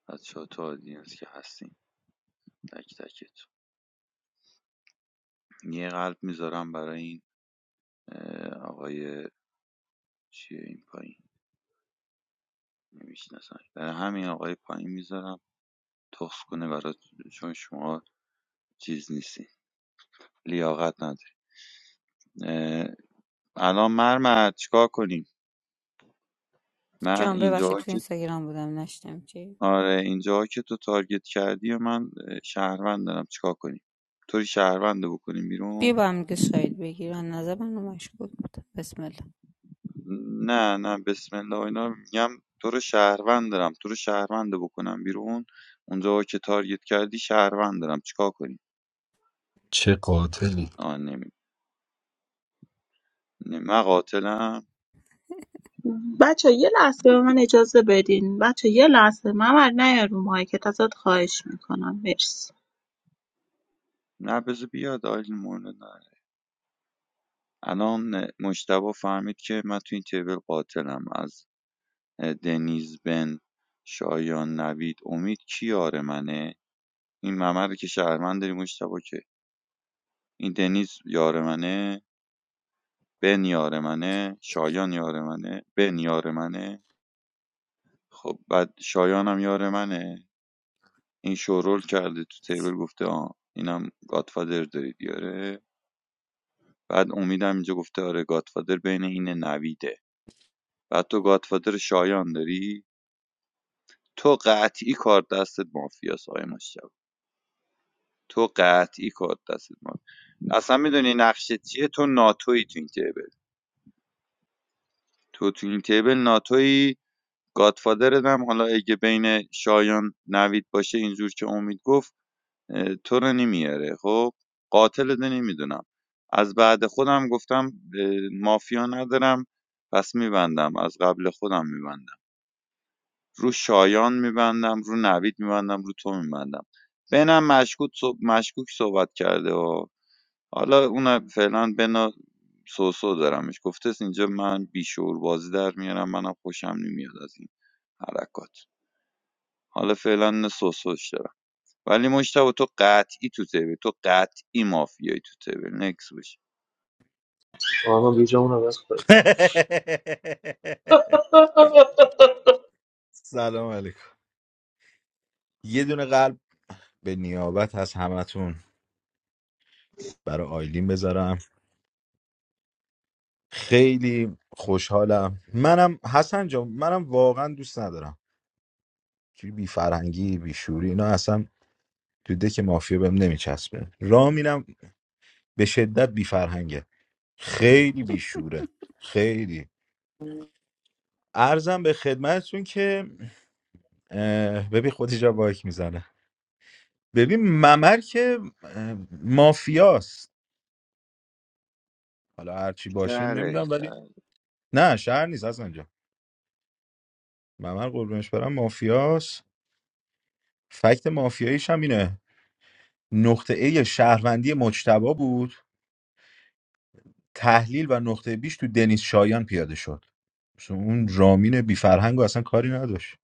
Speaker 13: از چهات آدینس که هستیم تک تکتون یه قلب میذارم برای این اه، آقای چیه این پایین نمیشناسم برای همین آقای پایین میذارم تخص کنه برای چون شما چیز نیستی لیاقت نداری الان مرمت چیکار کنیم من
Speaker 9: جان ببخشید
Speaker 13: اینجا
Speaker 9: تو
Speaker 13: که
Speaker 9: اینستاگرام بودم نشتم چی
Speaker 13: آره اینجا که تو تارگت کردی و من اه، شهروند دارم چیکار کنیم طوری شهروند رو بکنیم
Speaker 9: بیا
Speaker 13: بیرون
Speaker 9: با هم دیگه ساید بگیر از نظر من مشکوک بود بسم الله
Speaker 13: نه نه بسم الله و اینا میگم تو رو شهروند دارم تو رو شهروند رو بکنم بیرون اونجا که تارگت کردی شهروند دارم چیکار کنیم
Speaker 2: چه قاتلی
Speaker 13: آه نمی نه، من قاتلم
Speaker 3: بچه یه لحظه به من اجازه بدین بچه یه لحظه ممر نه رو مایکت ازت خواهش میکنم مرسی
Speaker 13: نه بذار بیاد آیل مورد الان مشتبه فهمید که من تو این تیبل قاتلم از دنیز بن شایان نوید امید کی یار منه این ممر که شهروند داری مشتبه که این دنیز یار منه بن یار منه شایان یار منه بن یار منه خب بعد شایان هم یار منه این شورول کرده تو تیبل گفته آه اینم گادفادر دارید یاره بعد امید هم اینجا گفته آره گادفادر بین این نویده بعد تو گادفادر شایان داری تو قطعی کارت دستت مافیاس آقای مشتبه تو قطعی کارت دستت مافیاست. اصلا میدونی نقشه چیه تو ناتویی تو این تیبل تو تو این تیبل ناتویی گادفادرت هم حالا اگه بین شایان نوید باشه اینجور که امید گفت تو رو نمیاره خب قاتلت نمیدونم از بعد خودم گفتم مافیا ندارم پس میبندم از قبل خودم میبندم رو شایان میبندم رو نوید میبندم رو تو میبندم بینم مشکوک صحب- مشکوک صحبت کرده و حالا اونم فعلا بنا سوسو دارمش گفته است اینجا من بیشعور بازی در میارم منم خوشم نمیاد از این حرکات حالا فعلا اینو سوسوش دارم ولی مشتبه تو قطعی تو تیبل تو قطعی مافیایی تو تیبل نکس بشه
Speaker 8: آرمان بی جامون رو بس
Speaker 7: سلام علیکم یه دونه قلب به نیابت از همتون برای آیلین بذارم خیلی خوشحالم منم حسن جان منم واقعا دوست ندارم چی بی فرهنگی بی شوری اینا اصلا تو دک مافیا بهم نمیچسبه راه میرم به شدت بی فرهنگه خیلی بیشوره خیلی ارزم به خدمتتون که اه، ببین خود جا بایک میزنه ببین ممر که اه، مافیاست حالا هرچی باشه
Speaker 13: دره
Speaker 7: نمیدونم ولی
Speaker 13: دره.
Speaker 7: نه شهر نیست از اینجا ممر قربونش برم مافیاست فکت مافیاییش هم اینه نقطه ای شهروندی مجتبا بود تحلیل و نقطه بیش تو دنیز شایان پیاده شد مثلا اون رامین بی فرهنگ اصلا کاری نداشت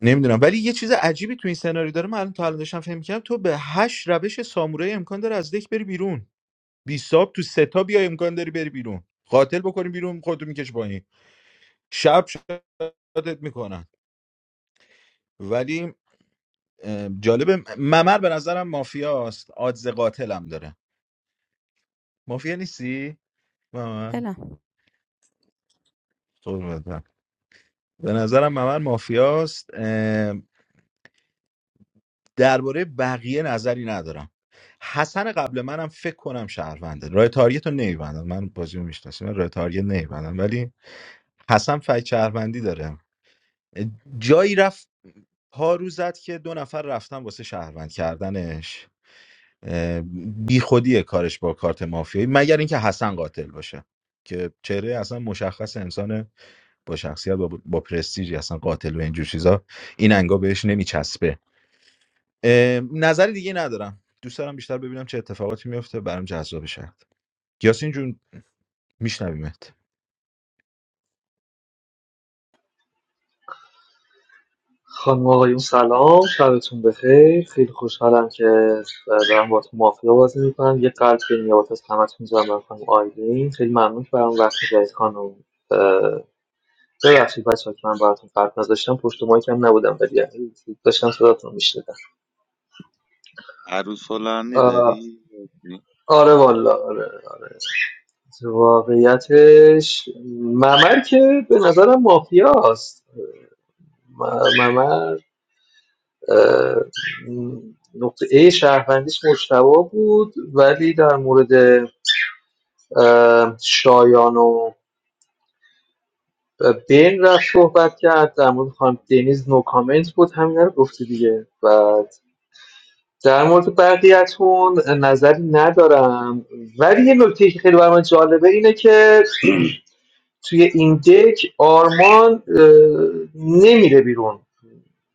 Speaker 7: نمیدونم ولی یه چیز عجیبی تو این سناریو داره من الان تا الان داشتم فهم می‌کردم تو به هشت روش سامورایی امکان داره از دک بری بیرون بی ساب تو ستا بیا امکان داری بری بیرون قاتل بکنی بیرون خودتو میکش پایین شب شاتت میکنن ولی اه، جالبه ممر به نظرم مافیاست آدز قاتلم داره مافیا نیستی ممر
Speaker 9: دلم
Speaker 7: قربونت برم. به نظرم ممر مافیاست درباره بقیه نظری ندارم حسن قبل منم فکر کنم شهرونده رای تاریت رو نمیبندم من بازی رو میشناسم من رای تاریت نمیبندم ولی حسن فکر شهروندی داره جایی رفت پا رو زد که دو نفر رفتن واسه شهروند کردنش اه، بی خودیه کارش با کارت مافیایی مگر اینکه حسن قاتل باشه که چهره اصلا مشخص انسان با شخصیت با, با پرستیجی اصلا قاتل و اینجور چیزا این انگا بهش نمیچسبه نظر دیگه ندارم دوست دارم بیشتر ببینم چه اتفاقاتی میفته برام جذاب شد یاسین جون میشنویمت
Speaker 8: خانم و آقایون سلام شبتون بخیر خیلی خوشحالم که دارم با تو مافیا بازی میکنم یه قلب که نیابت از همتون میذارم برای خانم آیلین خیلی ممنون که برام وقت گذارید خانم اه، ببخشید بچه ها که من براتون قلب نذاشتم پشت مایک هم نبودم ولی داشتم صداتون رو میشنیدم
Speaker 13: عروس هلندی
Speaker 8: آه،
Speaker 13: داری؟ داری.
Speaker 8: آره والا آره واقعیتش ممر که به نظرم مافیاست م- ممر اه، نقطه A شهروندیش مجتبا بود ولی در مورد اه، شایان و بین رفت صحبت کرد در مورد خانم دنیز نو کامنت بود همینا رو گفته دیگه بعد در مورد بقیهتون نظری ندارم ولی یه نکته که خیلی برای من جالبه اینه که توی این دک آرمان نمیره بیرون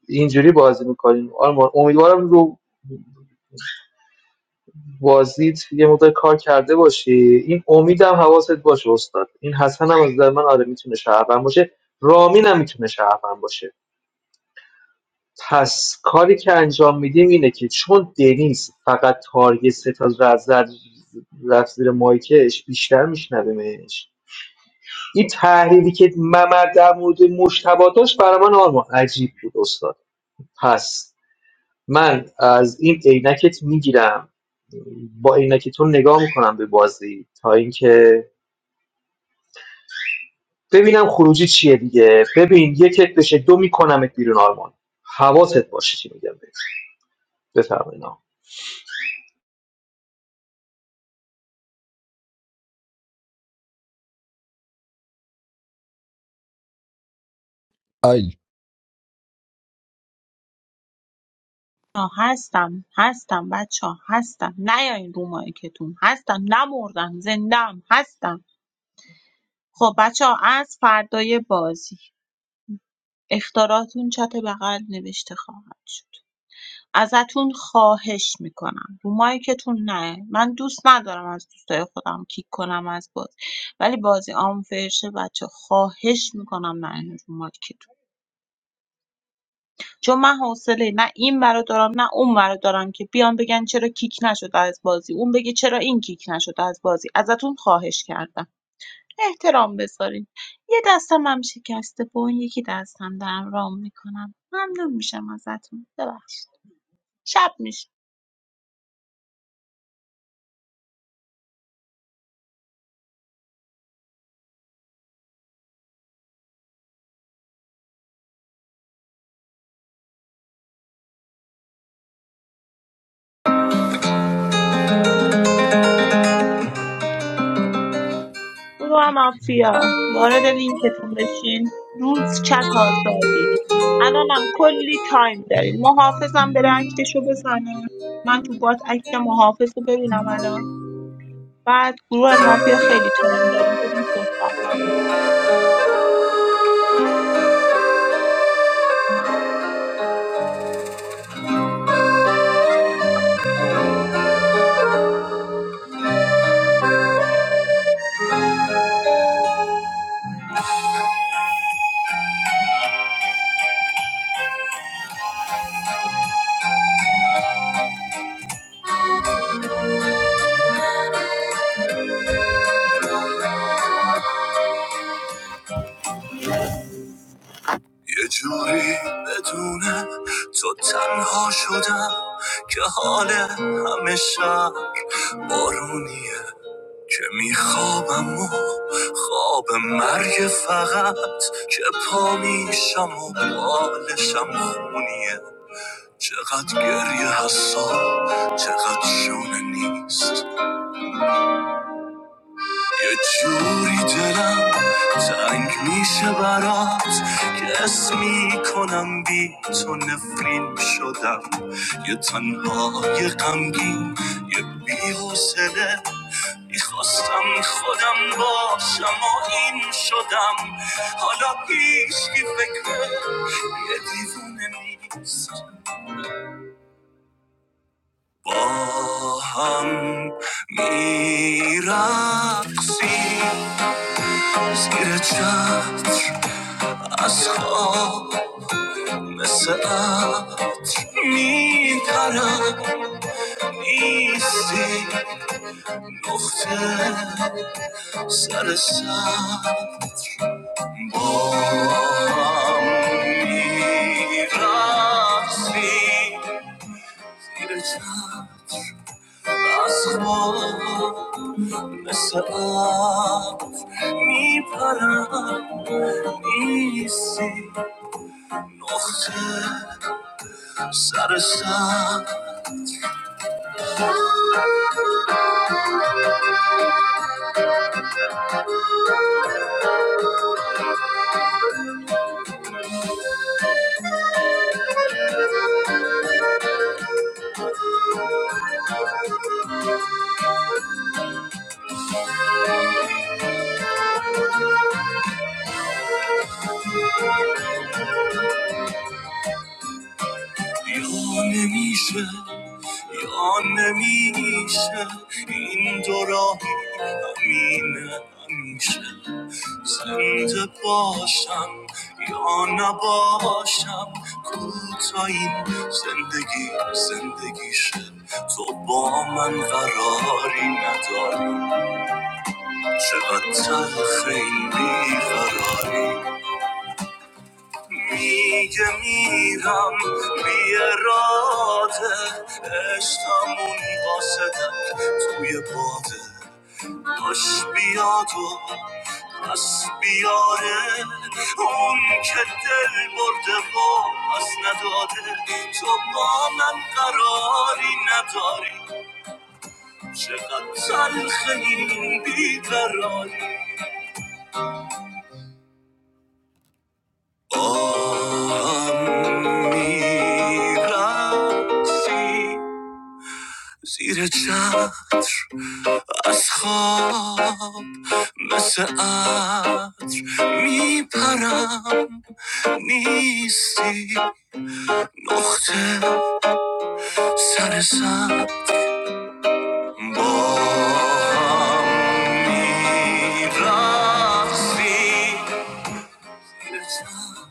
Speaker 8: اینجوری بازی میکنیم آرمان امیدوارم رو بازدید یه مقدار کار کرده باشی این امیدم حواست باشه استاد این حسن هم از نظر من آره میتونه شهروند باشه رامین هم میتونه شهروند باشه پس کاری که انجام میدیم اینه که چون دنیز فقط تارگت ستا رد زد زد- رفت زیر مایکش بیشتر میشنویمش این تحلیلی که ممر در مورد مشتبه داشت برای من آرمان عجیب بود استاد پس من از این عینکت میگیرم با عینک تو نگاه میکنم به بازی تا اینکه ببینم خروجی چیه دیگه ببین یکت بشه دو میکنمت بیرون آرمان حواست باشه چی میگم بهت بفرمایید آقا.
Speaker 2: ای
Speaker 3: آه، هستم هستم بچه هستم نیاین رو مایکتون هستم نمردم زندم هستم خب بچه ها، از فردای بازی اخطاراتون چت بغل نوشته خواهد شد ازتون خواهش میکنم رو مایکتون نه من دوست ندارم از دوستای خودم کیک کنم از بازی ولی بازی آنفرشه بچه خواهش میکنم نه این رو مایکتون چون من حوصله نه این برا دارم نه اون برا دارم که بیان بگن چرا کیک نشد از بازی اون بگه چرا این کیک نشد از بازی ازتون خواهش کردم احترام بذارین یه دستم هم شکسته با اون یکی دستم دارم رام میکنم ممنون میشم ازتون ببخشید شب میشه گروه مافیا وارد لینکتون بشین روز چت آزادی الانم کلی تایم دارین محافظم بره اکتشو بزنه من تو بات اکت محافظ رو ببینم الان بعد گروه مافیا خیلی تایم داریم بریم صحبت کنیم
Speaker 14: یه جوری بدونم تو تنها شدم که حال همه شب بارونیه که میخوابم و خواب مرگ فقط که پا میشم و بالشم خونیه چقدر گریه حساب چقدر شونه نیست یه جوری دلم تنگ میشه برات که اسم میکنم بی تو نفرین شدم یه تنها یه غمگین یه بی‌حوصله میخواستم خودم باشم و این شدم حالا هیچکی فکر یه دیوونه نیست با هم میرقصیم زیر چتر از خواب مثل عبد میپرم نیستی نقطه سر سر با هم میرفتی زیر چتر از خواب مثل عبد میپرم نیستی نقطه سر سر Thank you. یا نمیشه یا نمیشه این دو راهی همینه همیشه زنده باشم یا نباشم کوتا این زندگی زندگیشه تو با من قراری نداری چقدر تلخ این بیقراری میگه میرم بی اراده عشقمون واسدم توی باده باش بیاد و پس بیاره اون که دل برده و پس نداده تو با من قراری نداری چقدر تلخ این بیقراری آهم میرسی زیر چتر از خواب مثل عطر میپرم نیستی نقطه سر سر با هم می‌رقصیم. زیر چتر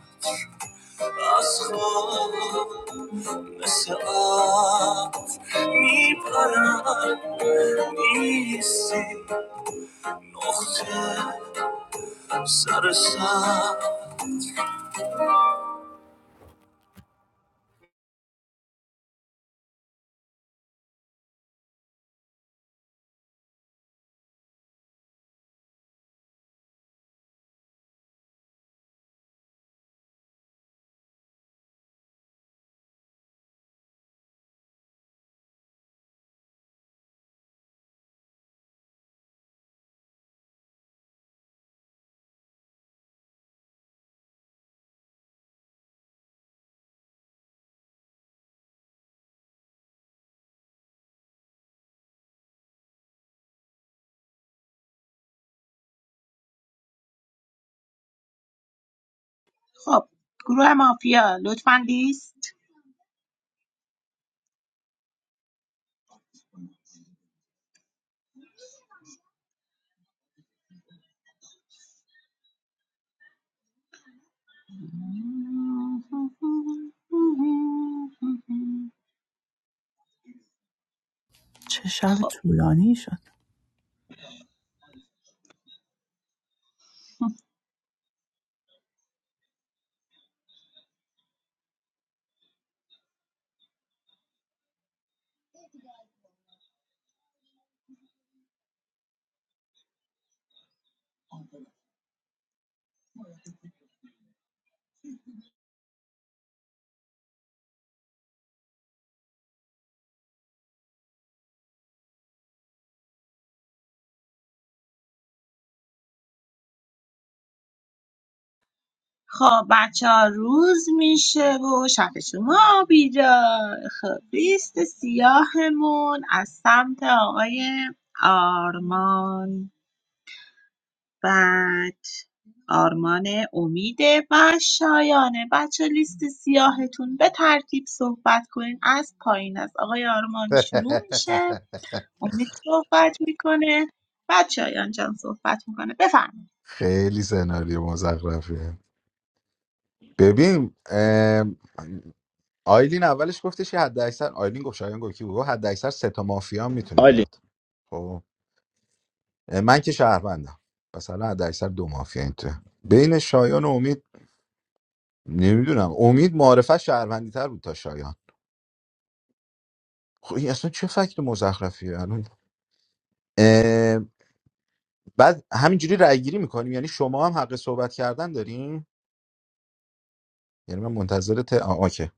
Speaker 14: از خواب مثل عطر میپرم نیستی نقطه سر سر
Speaker 3: خب گروه مافیا لطفا لیست خب خب بچه ها روز میشه و شب شما بیدار خب لیست سیاهمون از سمت آقای آرمان بعد آرمان امیده و شایانه بچه لیست سیاهتون به ترتیب صحبت کنین از پایین از آقای آرمان شروع میشه امید صحبت میکنه بعد شایان جان صحبت میکنه بفرمایید
Speaker 7: خیلی سناریو مزخرفیه ببین ام، آیلین اولش گفتش که حد اکثر آیلین گفت شایان گفت کی بود گفت حد اکثر سه تا مافیا هم میتونه
Speaker 1: عالی.
Speaker 7: بیاد خب من که شهروندم مثلا حد اکثر دو مافیا این تو بین شایان و امید نمیدونم امید معرفت شهروندی تر بود تا شایان خب این اصلا چه فکت مزخرفیه الان بعد همینجوری رأی گیری میکنیم یعنی شما هم حق صحبت کردن داریم یعنی من منتظر ت... آه، آکه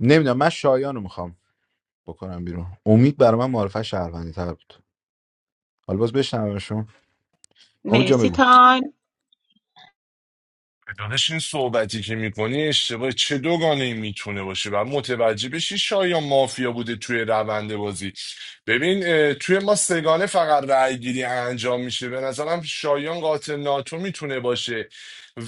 Speaker 7: نمیدونم من شایان رو میخوام بکنم بیرون امید برای من معرفه شهروندی تر بود حالا باز بشنومشون امید جا
Speaker 3: مرسی
Speaker 7: بگو
Speaker 3: تایم
Speaker 10: دانش این صحبتی که میکنی اشتباه چه دوگانه میتونه باشه و متوجه بشی شایان مافیا بوده توی روند بازی ببین اه، توی ما سگانه فقط رأی گیری انجام میشه به نظرم شایان قاتل ناتو میتونه باشه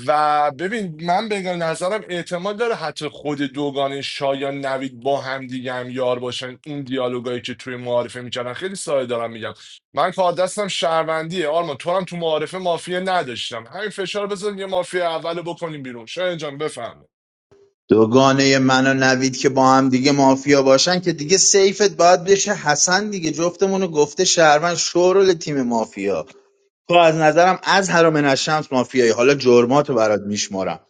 Speaker 10: و ببین من به نظرم احتمال داره حتی خود دوگانه شایان نوید با هم دیگه هم یار باشن این دیالوگایی که توی معارفه میکردن خیلی ساده دارم میگم من کار دستم شهروندیه آرمان تو هم تو معارفه مافیا نداشتم همین فشار بزن یه مافیا اول بکنیم بیرون شاید جان بفهم
Speaker 1: دوگانه من و نوید که با هم دیگه مافیا باشن که دیگه سیفت باید بشه حسن دیگه جفتمونو گفته شهروند شورل تیم مافیا تو از نظرم از حرام الشمس مافیایی حالا جرماتو برات میشمارم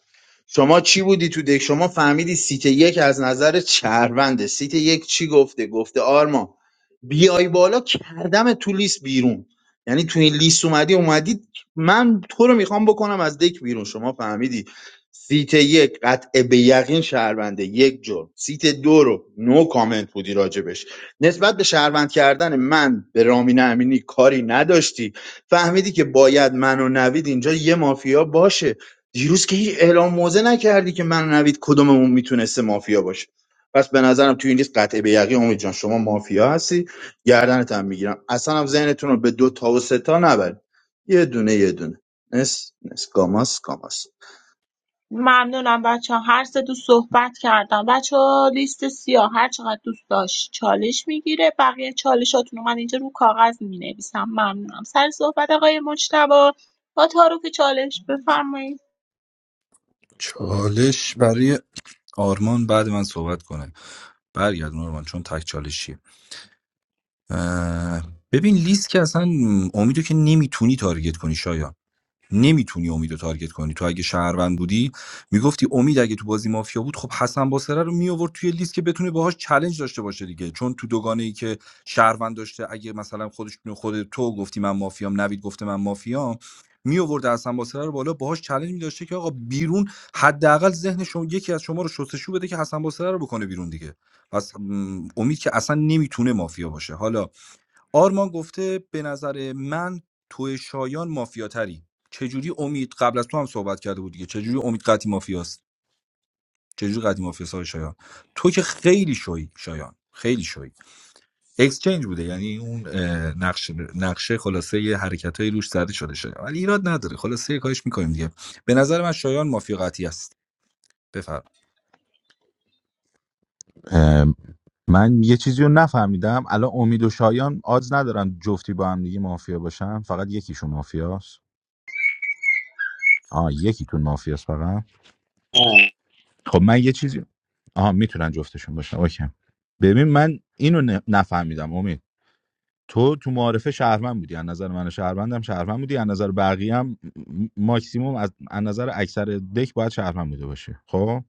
Speaker 1: شما چی بودی تو دک شما فهمیدی سیت یک از نظر چرونده سیت یک چی گفته گفته آرما بیای بالا کردم تو لیست بیرون یعنی تو این لیست اومدی اومدی من تو رو میخوام بکنم از دک بیرون شما فهمیدی سیت یک قطع به یقین شهرونده یک جور سیت دو رو نو کامنت بودی راجبش نسبت به شهروند کردن من به رامین امینی کاری نداشتی فهمیدی که باید من و نوید اینجا یه مافیا باشه دیروز که هیچ اعلام موضع نکردی که من و نوید کدوممون میتونسته مافیا باشه پس به نظرم توی این لیست قطعه به یقین امید جان شما مافیا هستی گردنت هم میگیرم اصلا هم ذهنتون رو به دو تا و سه تا نبرید یه دونه یه دونه نس نس گاماس گاماس
Speaker 3: ممنونم بچه ها هر سه دوست صحبت کردم بچه ها لیست سیاه هر چقدر دوست داشت چالش میگیره بقیه چالشاتون رو من اینجا رو کاغذ می نویسم ممنونم سر صحبت آقای مجتبا با تعارف چالش بفرمایید
Speaker 2: چالش برای آرمان بعد من صحبت کنه برگردون آرمان چون تک چالشیه اه، ببین لیست که اصلا امیدو که نمیتونی تارگت کنی شایان نمیتونی امیدو تارگت کنی تو اگه شهروند بودی میگفتی امید اگه تو بازی مافیا بود خب حسن باسره رو میآورد توی لیست که بتونه باهاش چلنج داشته باشه دیگه چون تو دوگانه ای که شهروند داشته اگه مثلا خودش خود تو گفتی من مافیام نوید گفته من مافیام میآورد حسن باسره رو بالا باهاش چلنج می داشته که آقا بیرون حداقل ذهن شما یکی از شما رو شستشو بده که حسن باسره رو بکنه بیرون دیگه پس م، امید که اصلا نمیتونه مافیا باشه حالا آرمان گفته به نظر من تو شایان مافیاتری چجوری امید قبل از تو هم صحبت کرده بود دیگه چجوری امید قطعی مافیاست چجوری قطعی مافیاست های شایان تو که خیلی شوی شایان خیلی شوی اکسچنج بوده یعنی اون اه، نقشه نقشه خلاصه یه حرکتای روش زده شده شایان ولی ایراد نداره خلاصه یه کاش میکنیم دیگه به نظر من شایان مافیا قطعی است بفرم
Speaker 7: اه، من یه چیزی رو نفهمیدم الان امید و شایان آز ندارن جفتی با هم دیگه مافیا باشن فقط یکیشون مافیاست آه یکیتون مافیاست فقط خب من یه چیزی آها میتونن جفتشون باشن اوکی ببین من اینو ن- نفهمیدم امید تو تو معارفه شهروند بودی از نظر من شهروندم شهروند بودی از نظر بقیه هم م- ماکسیموم از از نظر اکثر دک باید شهروند بوده باشه خب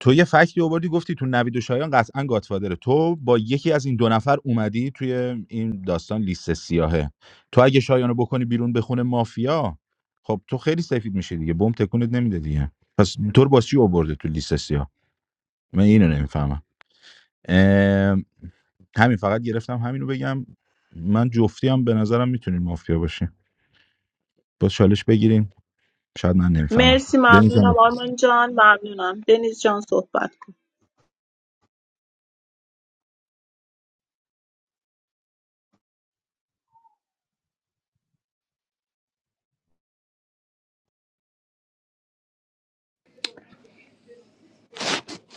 Speaker 7: تو یه فکتی آوردی گفتی تو نوید و شایان قطعا گاتفادره تو با یکی از این دو نفر اومدی توی این داستان لیست سیاهه تو اگه شایانو بکنی بیرون بخونه مافیا خب تو خیلی سفید میشه دیگه بم تکونت نمیده دیگه پس تو رو باز چی آورده تو لیست سیاه من اینو نمیفهمم همین فقط گرفتم همینو بگم من جفتی هم به نظرم میتونین مافیا باشین با چالش بگیریم شاید من نمیفهمم
Speaker 3: مرسی ممنونم
Speaker 7: دمیزم
Speaker 3: آرمان جان ممنونم دنیز جان صحبت کن.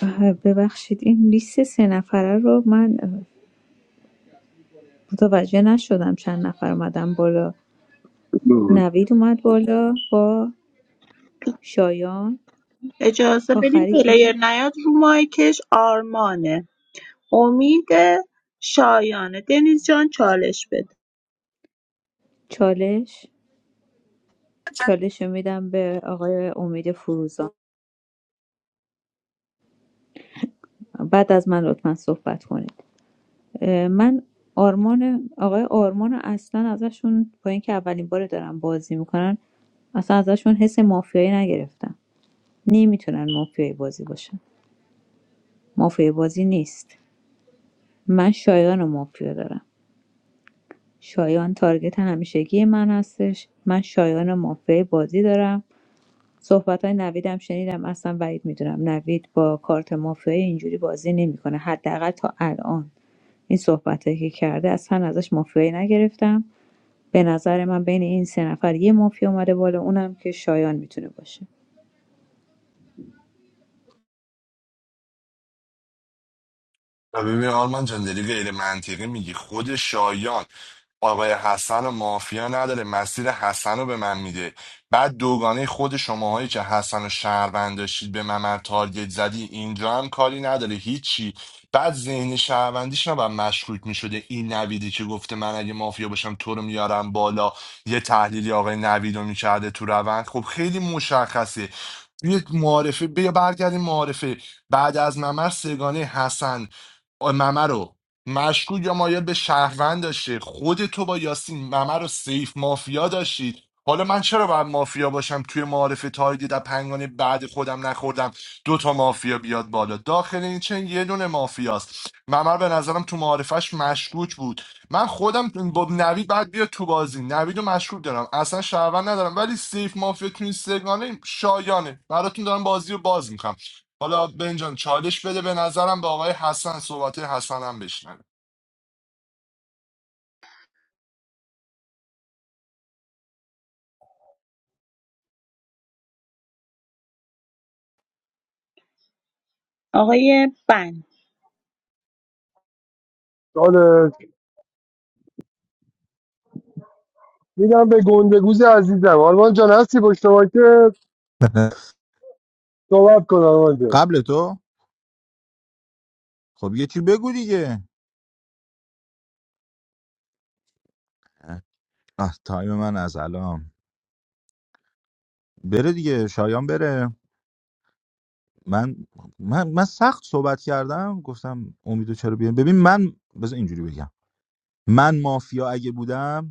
Speaker 4: آه، ببخشید این لیست سه نفره رو من اه، متوجه نشدم چند نفر اومدن بالا نوید اومد بالا با شایان
Speaker 3: اجازه بدیم
Speaker 4: آخری کی
Speaker 3: پلیر
Speaker 4: بود
Speaker 3: نیاد رو مایکش آرمانه امید شایانه دنیز جان چالش بده
Speaker 4: چالش چالش رو میدم به آقای امید فروزان بعد از من لطفا صحبت کنید اه، من آرمان آقای آرمان رو اصلا ازشون با اینکه اولین بار دارم بازی میکنن اصلا ازشون حس مافیایی نگرفتم نمیتونن مافیایی بازی باشن مافیایی بازی نیست من شایان مافیا دارم شایان تارگت همیشگی من هستش من شایان مافیا بازی دارم صحبت های نویدم شنیدم اصلا بعید میدونم نوید با کارت مافیایی اینجوری بازی نمیکنه حداقل تا الان این صحبت که کرده اصلا ازش مافیایی نگرفتم به نظر من بین این سه نفر یه مافیا اومده بالا اونم که شایان میتونه باشه
Speaker 10: و ببین آرمان جان داری غیر منطقی میگی خود شایان آقای حسن و مافیا نداره مسیر حسن رو به من میده بعد دوگانه خود شماهایی که حسن و شهروند داشتید به ممر تارگت زدی اینجا هم کاری نداره هیچی بعد ذهن شهروندیش نباید مشکوک میشده این نویدی که گفته من اگه مافیا باشم تو رو میارم بالا یه تحلیلی آقای نوید رو میکرده تو روند خب خیلی مشخصه یک معارفه بیا برگردیم معارفه بعد از ممر سگانه حسن ممه رو مشکوک یا مایل به شهروند داشته خود تو با یاسین ممه رو سیف مافیا داشتید حالا من چرا باید مافیا باشم توی معارف تایید در پنگانه بعد خودم نخوردم دو تا مافیا بیاد بالا داخل این چن یه دونه مافیاست ممر به نظرم تو معارفش مشکوک بود من خودم با نوید بعد بیا تو بازی نوید رو مشکوک دارم اصلا شهروند ندارم ولی سیف مافیا تو این سگانه شایانه براتون دارم بازی رو باز میکنم حالا بنجان چالش بده به نظرم به آقای حسن صحبت حسن هم بشنوه
Speaker 3: آقای بند
Speaker 6: چالش میدم به گندگوز عزیزم آرمان جان هستی پشت که صحبت کن آرمان جان
Speaker 7: قبل تو خب یه چی بگو دیگه آه تایم من از الان بره دیگه شایان بره من من من سخت صحبت کردم گفتم امیدو چرا بیام ببین من بذار اینجوری بگم من مافیا اگه بودم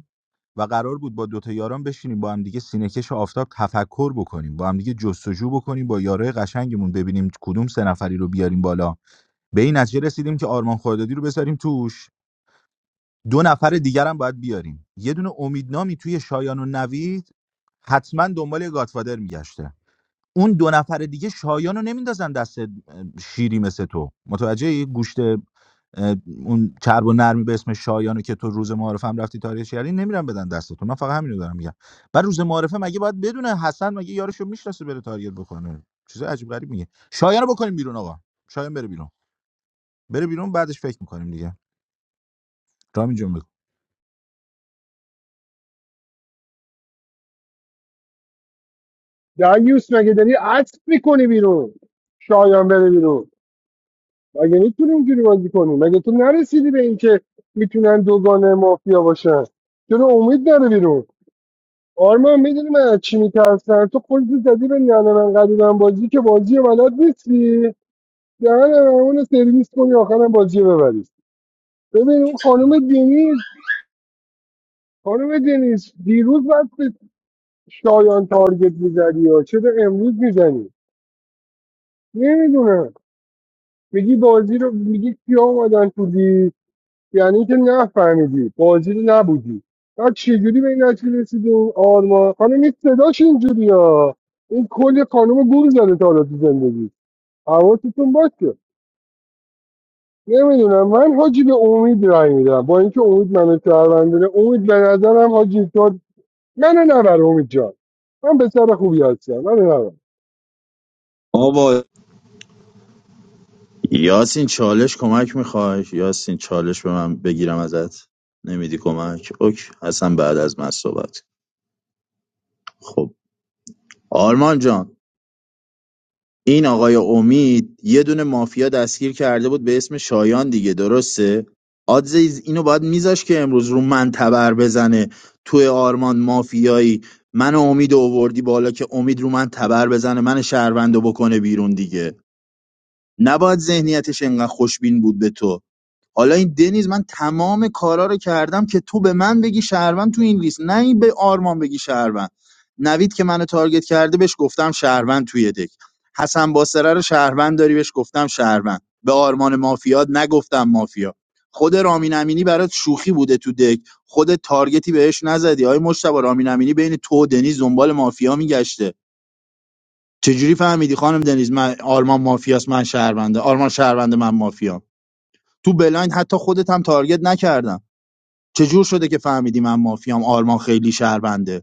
Speaker 7: و قرار بود با دوتا یاران بشینیم با هم دیگه سینهکش آفتاب تفکر بکنیم با هم دیگه جستجو بکنیم با یارای قشنگمون ببینیم کدوم سه نفری رو بیاریم بالا به این نتیجه رسیدیم که آرمان خردادی رو بذاریم توش دو نفر دیگر هم باید بیاریم یه دونه امیدنامی توی شایان و نوید حتما دنبال یه گاتفادر میگشته اون دو نفر دیگه شایان رو نمیندازن دست شیری مثل تو متوجه گوشت اون چرب و نرمی به اسم شایانو که تو روز معارفه هم رفتی تاریخ کردی نمیرم بدن دست تو من فقط همینو دارم میگم بعد روز معارفه مگه باید بدونه حسن مگه یارشو میشناسه بره تارگت بکنه چیز عجیب غریب میگه شایانو بکنیم بیرون آقا شایان بره بیرون بره بیرون بعدش فکر میکنیم دیگه رامین جون بگو
Speaker 6: دریوس مگه داری عطف میکنی بیرون شایان بره بیرون مگه میتونی اینجوری بازی کنی مگه تو نرسیدی به اینکه میتونن دوگانه مافیا باشن چرا امید نره بیرون آرمان میدونی من از چی میترسم تو خودت زدی به ننه من قدیمم بازی که بازی رو بلد نیستی دهن اون سرویس کنی آخرم بازی رو ببری ببین اون خانم دنیز خانم دنیز دیروز باید به شایان تارگت میزدی یا چرا امروز میزنی نمیدونم میگی بازی رو میگی کیا اومدن تو لیست یعنی که نفهمیدی بازی رو نبودی بعد چجوری به این نتیجه رسیدی این آرمان خانم این صداش اینجوری ها این کلی خانم گول زده تا حالا تو زندگی حواستون باشه نمیدونم من حاجی به امید رای میدم با اینکه امید منو شهروندونه امید به نظرم حاجی تو منو نبر امید جان من پسر خوبی هستم منو نبر
Speaker 1: آبا یاسین چالش کمک میخوای یاسین چالش به من بگیرم ازت نمیدی کمک اوک حسن بعد از من صحبت خب آرمان جان این آقای امید یه دونه مافیا دستگیر کرده بود به اسم شایان دیگه درسته آدزیز اینو باید میذاش که امروز رو من تبر بزنه توی آرمان مافیایی من و امید رو آوردی بالا که امید رو من تبر بزنه من شهروندو بکنه بیرون دیگه نباید ذهنیتش انقدر خوشبین بود به تو حالا این دنیز من تمام کارا رو کردم که تو به من بگی شهروند تو این لیست نه این به آرمان بگی شهروند نوید که منو تارگت کرده بهش گفتم شهروند توی دک حسن باسره رو شهروند داری بهش گفتم شهروند به آرمان مافیاد نگفتم مافیا خود رامین امینی برات شوخی بوده تو دک خود تارگتی بهش نزدی آی مشتبه رامین امینی بین تو و دنیز دنبال مافیا میگشته چجوری فهمیدی خانم دنیز من آرمان مافیاست من شهرونده آرمان شهرونده من مافیام تو بلایند حتی خودت هم تارگت نکردم چجور شده که فهمیدی من مافیام آرمان خیلی شهرونده؟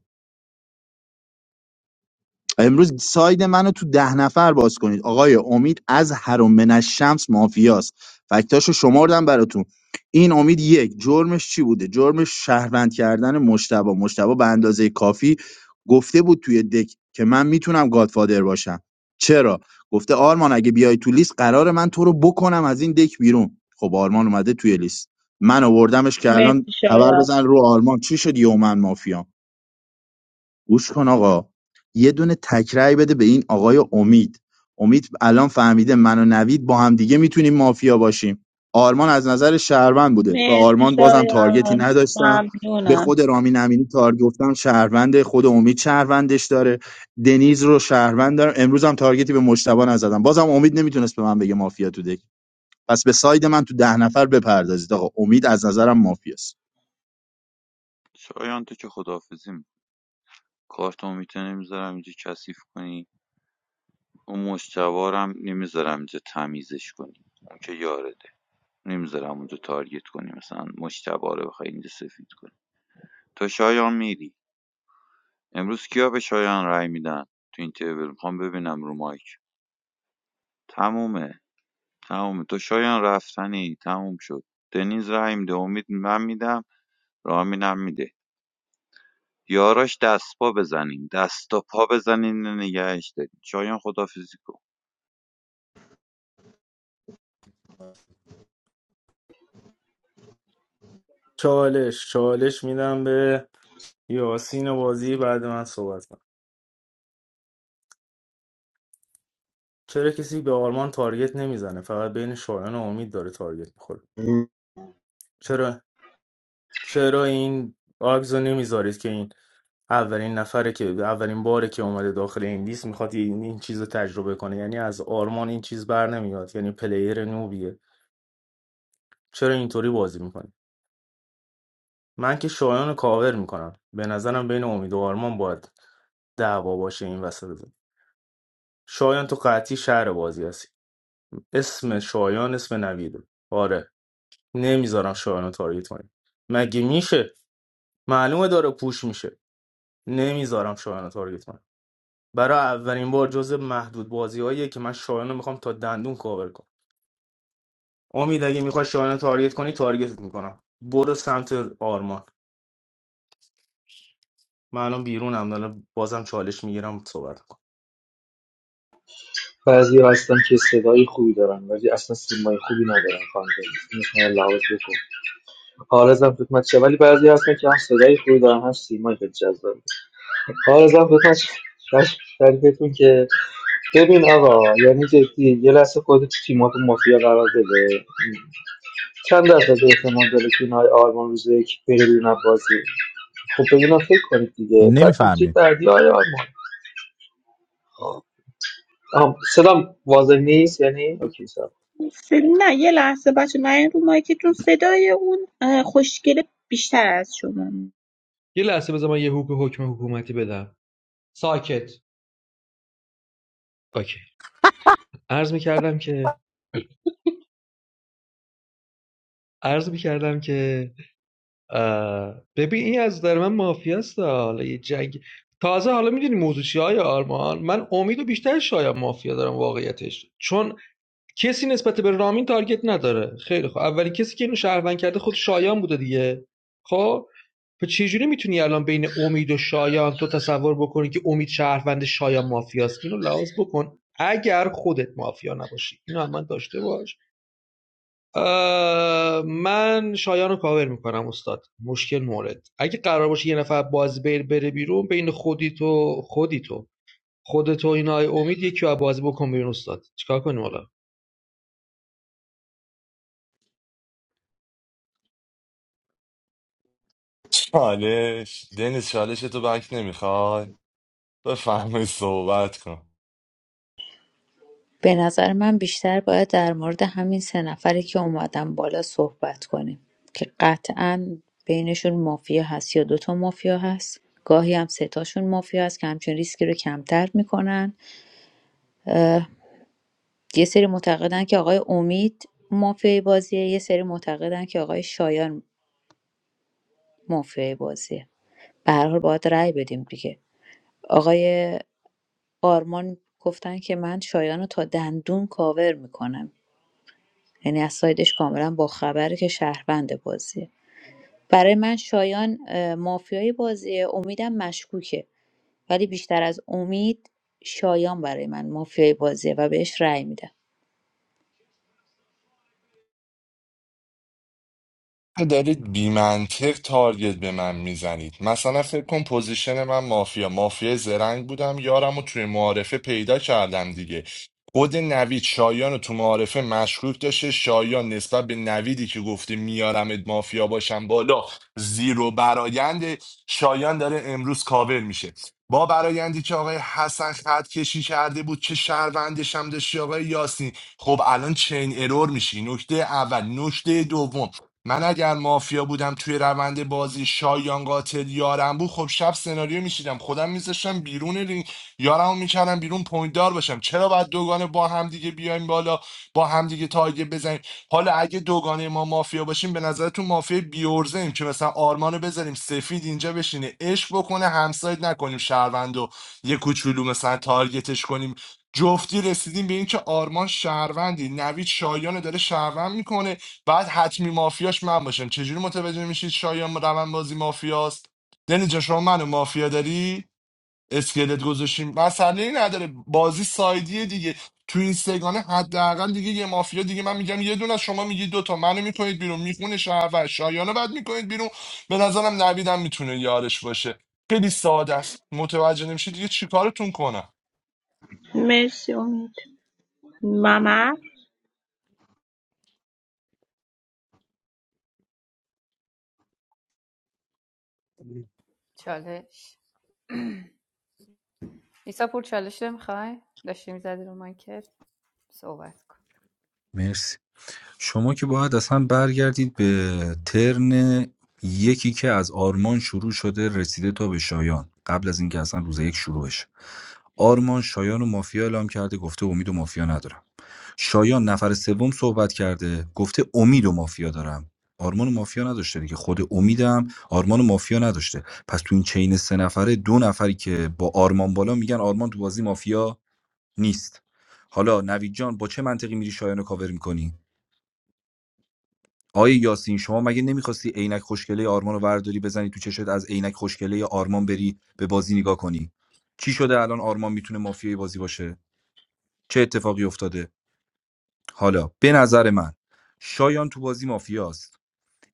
Speaker 1: امروز ساید منو تو ده نفر باز کنید آقای امید از هرم من الشمس مافیاست فکتاشو شمردم براتون این امید یک جرمش چی بوده جرمش شهروند کردن مشتبه مشتبه به اندازه کافی گفته بود توی دک که من میتونم گادفادر باشم چرا گفته آرمان اگه بیای تو لیست قرار من تو رو بکنم از این دک بیرون خب آرمان اومده توی لیست من آوردمش که
Speaker 3: مرسی
Speaker 1: الان تبر
Speaker 3: شایان
Speaker 1: بزن رو آرمان چی شد یومن مافیا گوش کن آقا یه دونه تک رأی بده به این آقای امید امید الان فهمیده من و نوید با هم دیگه میتونیم مافیا باشیم آرمان از نظر شهروند بوده به
Speaker 3: مرسی
Speaker 1: آرمان بازم تارگتی
Speaker 3: شایان
Speaker 1: نداشتم به
Speaker 3: ممنونم
Speaker 1: خود رامین امینی تارگت گفتم شهرونده خود امید شهروندش داره دنیز رو شهروند دارم امروز هم تارگتی به مشتبه نزدم بازم امید نمیتونست به من بگه مافیا تو دک پس به ساید من تو ده نفر بپردازید آقا امید از نظرم مافیاست
Speaker 13: شایان تو که خداحافظی می‌کنی. کارتو میته نمیذارم اینجا کثیف کنی اون مشتبه رو هم نمیذارم اینجا تمیزش کنی اون که یاره؟ نمیذارم اونجا تارگت کنی مثلا مشتبه رو بخوای اینجا سفید کنی تو شایان میری امروز کیا به شایان رای میدن تو این تیبل میخوام ببینم رو مایک تمومه تمومه تو شایان رفتنی تموم شد دنیز رای میده امید من میدم رامینم میده یاراش دست پا بزنین دست و پا بزنین نگهش دارین شایان خدافیزی کن
Speaker 5: چالش چالش میدم به یاسین بازی بعد من صحبت کنم چرا کسی به آرمان تارگت نمیزنه فقط بین شایان و امید داره تارگت میخوره چرا چرا این آگز رو نمیذارید که این اولین نفره که اولین باره که اومده داخل این لیست میخواد این, این چیز رو تجربه کنه یعنی از آرمان این چیز بر نمیاد یعنی پلیر نوبیه چرا اینطوری بازی میکنه من که شایان رو کاور میکنم به نظرم بین امید و آرمان باید دعوا باشه این وسط زمین. شایان تو قطعی شهر بازی هستی اسم شایان اسم نویده آره نمیذارم شایان رو تارگت کنی مگه میشه معلومه داره پوش میشه نمیذارم شایان رو تارگت کنی. برای اولین بار جزو محدود بازیاییه که من شایان رو میخوام تا دندون کاور کنم امید اگه میخوای شایان رو تارگت کنی تارگتت میکنم برو سمت آرمان من الان بیرونم دارم بازم چالش میگیرم صحبت کنم
Speaker 8: بعضی ها هستن که صدای خوبی دارن ولی اصلا سیمای خوبی ندارن خانده اینش من لحاظ بکن آرزم خدمت چه ولی بعضی هستن که هم صدای خوبی دارن هم سیمای خیلی جذاب آرزم خدمت چه شریفتون که ببین آقا یعنی جدی یه لحظه خودت تو تیمات مافیا قرار بده چند درصد احتمال داره که این آرمان روز یک بره بیرون از بازی خب به اینا فکر کنید دیگه بعد نکته
Speaker 7: نمیفهمی
Speaker 8: بعدی های آرمان آها، صدام واضح نیست یعنی اوکی سلام
Speaker 3: سل... نه یه لحظه بچه من این رو مایکتون صدای اون اه، خوشگله بیشتر از شما
Speaker 8: یه لحظه بذار من یه حکم حکم حکومتی بدم ساکت اوکی عرض می‌کردم که عرض می‌کردم که اه، ببین این از نظر من مافیاست ها. حالا یه جنگ تازه حالا میدونی موضوع چیه های آرمان من امیدو بیشتر شاید مافیا دارم واقعیتش چون کسی نسبت به رامین تارگت نداره خیلی خب اولین کسی که اینو شهروند کرده خود شایان بوده دیگه خب پس چجوری میتونی الان بین امید و شایان تو تصور بکنی که امید شهروند شایان مافیاست اینو لحاظ بکن اگر خودت مافیا نباشی اینو هم من داشته باش من شایان رو کاور میکنم استاد مشکل مورد اگه قرار باشه یه نفر باز بره, بره بیرون بین خودی تو خودی تو خودت و اینا آی امید یکی رو بازی بکن بیرون استاد چیکار کنیم حالا
Speaker 10: چالش دنیز چالش تو بک نمیخوای بفهمی صحبت کن
Speaker 4: به نظر من بیشتر باید در مورد همین سه نفری که اومدن بالا صحبت کنیم که قطعا بینشون مافیا هست یا دوتا مافیا هست گاهی هم سه تاشون مافیا هست که همچون ریسکی رو کمتر میکنن یه سری معتقدن که آقای امید مافیای بازیه یه سری معتقدن که آقای شایان مافیای بازیه به هر حال باید رأی بدیم دیگه آقای آرمان گفتن که من شایان رو تا دندون کاور میکنم یعنی از سایدش کاملا باخبره که شهروند بازیه برای من شایان اه، مافیای بازیه امیدم مشکوکه ولی بیشتر از امید شایان برای من مافیای بازیه و بهش رأی میدم
Speaker 10: دارید بیمنطق تارگت به من میزنید مثلا فکر کن پوزیشن من مافیا مافیا زرنگ بودم یارم رو توی معارفه پیدا کردم دیگه خود نوید شایان رو تو معارفه مشکوک داشته شایان نسبت به نویدی که گفته میارمت مافیا باشم بالا زیرو برایند شایان داره امروز کاور میشه با برایندی که آقای حسن خط کشی کرده بود که شهروندش هم داشتی آقای یاسین خب الان چین ارور میشی نکته اول نکته دوم من اگر مافیا بودم توی روند بازی شایان قاتل یارم بود خب شب سناریو میشیدم خودم میذاشتم بیرون رینگ یارمو میکردم بیرون پوینت دار باشم چرا باید دوگانه با هم دیگه بیایم بالا با هم دیگه تارگت بزنیم حالا اگه دوگانه ما مافیا باشیم به نظرتون مافیا بیورزه ایم که مثلا آرمانو بذاریم سفید اینجا بشینه عشق بکنه همسایت نکنیم شهروندو یه کوچولو مثلا تارگتش کنیم جفتی رسیدیم به اینکه آرمان شهروندی نوید شایانو داره شهروند میکنه بعد حتمی مافیاش من باشم چجوری متوجه میشید شایان روان بازی مافیاست دنی جان شما منو مافیا داری اسکلت گذاشتیم مسئله ای نداره بازی سایدیه دیگه تو این سگانه حداقل دیگه یه مافیا دیگه من میگم یه دونه شما میگی دوتا منو میکنید بیرون میخونه شهر شایانو بعد میکنید بیرون به نظرم نویدم میتونه یارش باشه خیلی ساده است متوجه نمیشید دیگه چیکارتون کنم
Speaker 3: مرسی امید ممر
Speaker 9: چالش ایسا پور چالش نمیخوای داشتی میزدی رو مایکت صحبت کن
Speaker 2: مرسی شما که باید اصلا برگردید به ترن یکی که از آرمان شروع شده رسیده تا به شایان قبل از اینکه اصلا روز یک شروع بشه آرمان شایان و مافیا اعلام کرده گفته امید و مافیا ندارم شایان نفر سوم صحبت کرده گفته امید و مافیا دارم آرمان و مافیا نداشته دیگه خود امیدم آرمان و مافیا نداشته پس تو این چین سه نفره دو نفری که با آرمان بالا میگن آرمان تو بازی مافیا نیست حالا نوید جان با چه منطقی میری شایان رو کاور میکنی آقای یاسین شما مگه نمیخواستی عینک خوشگله آرمان رو ورداری بزنی تو چشت از عینک خوشگله آرمان بری به بازی نگاه کنی چی شده الان آرمان میتونه مافیای بازی باشه چه اتفاقی افتاده حالا به نظر من شایان تو بازی مافیاست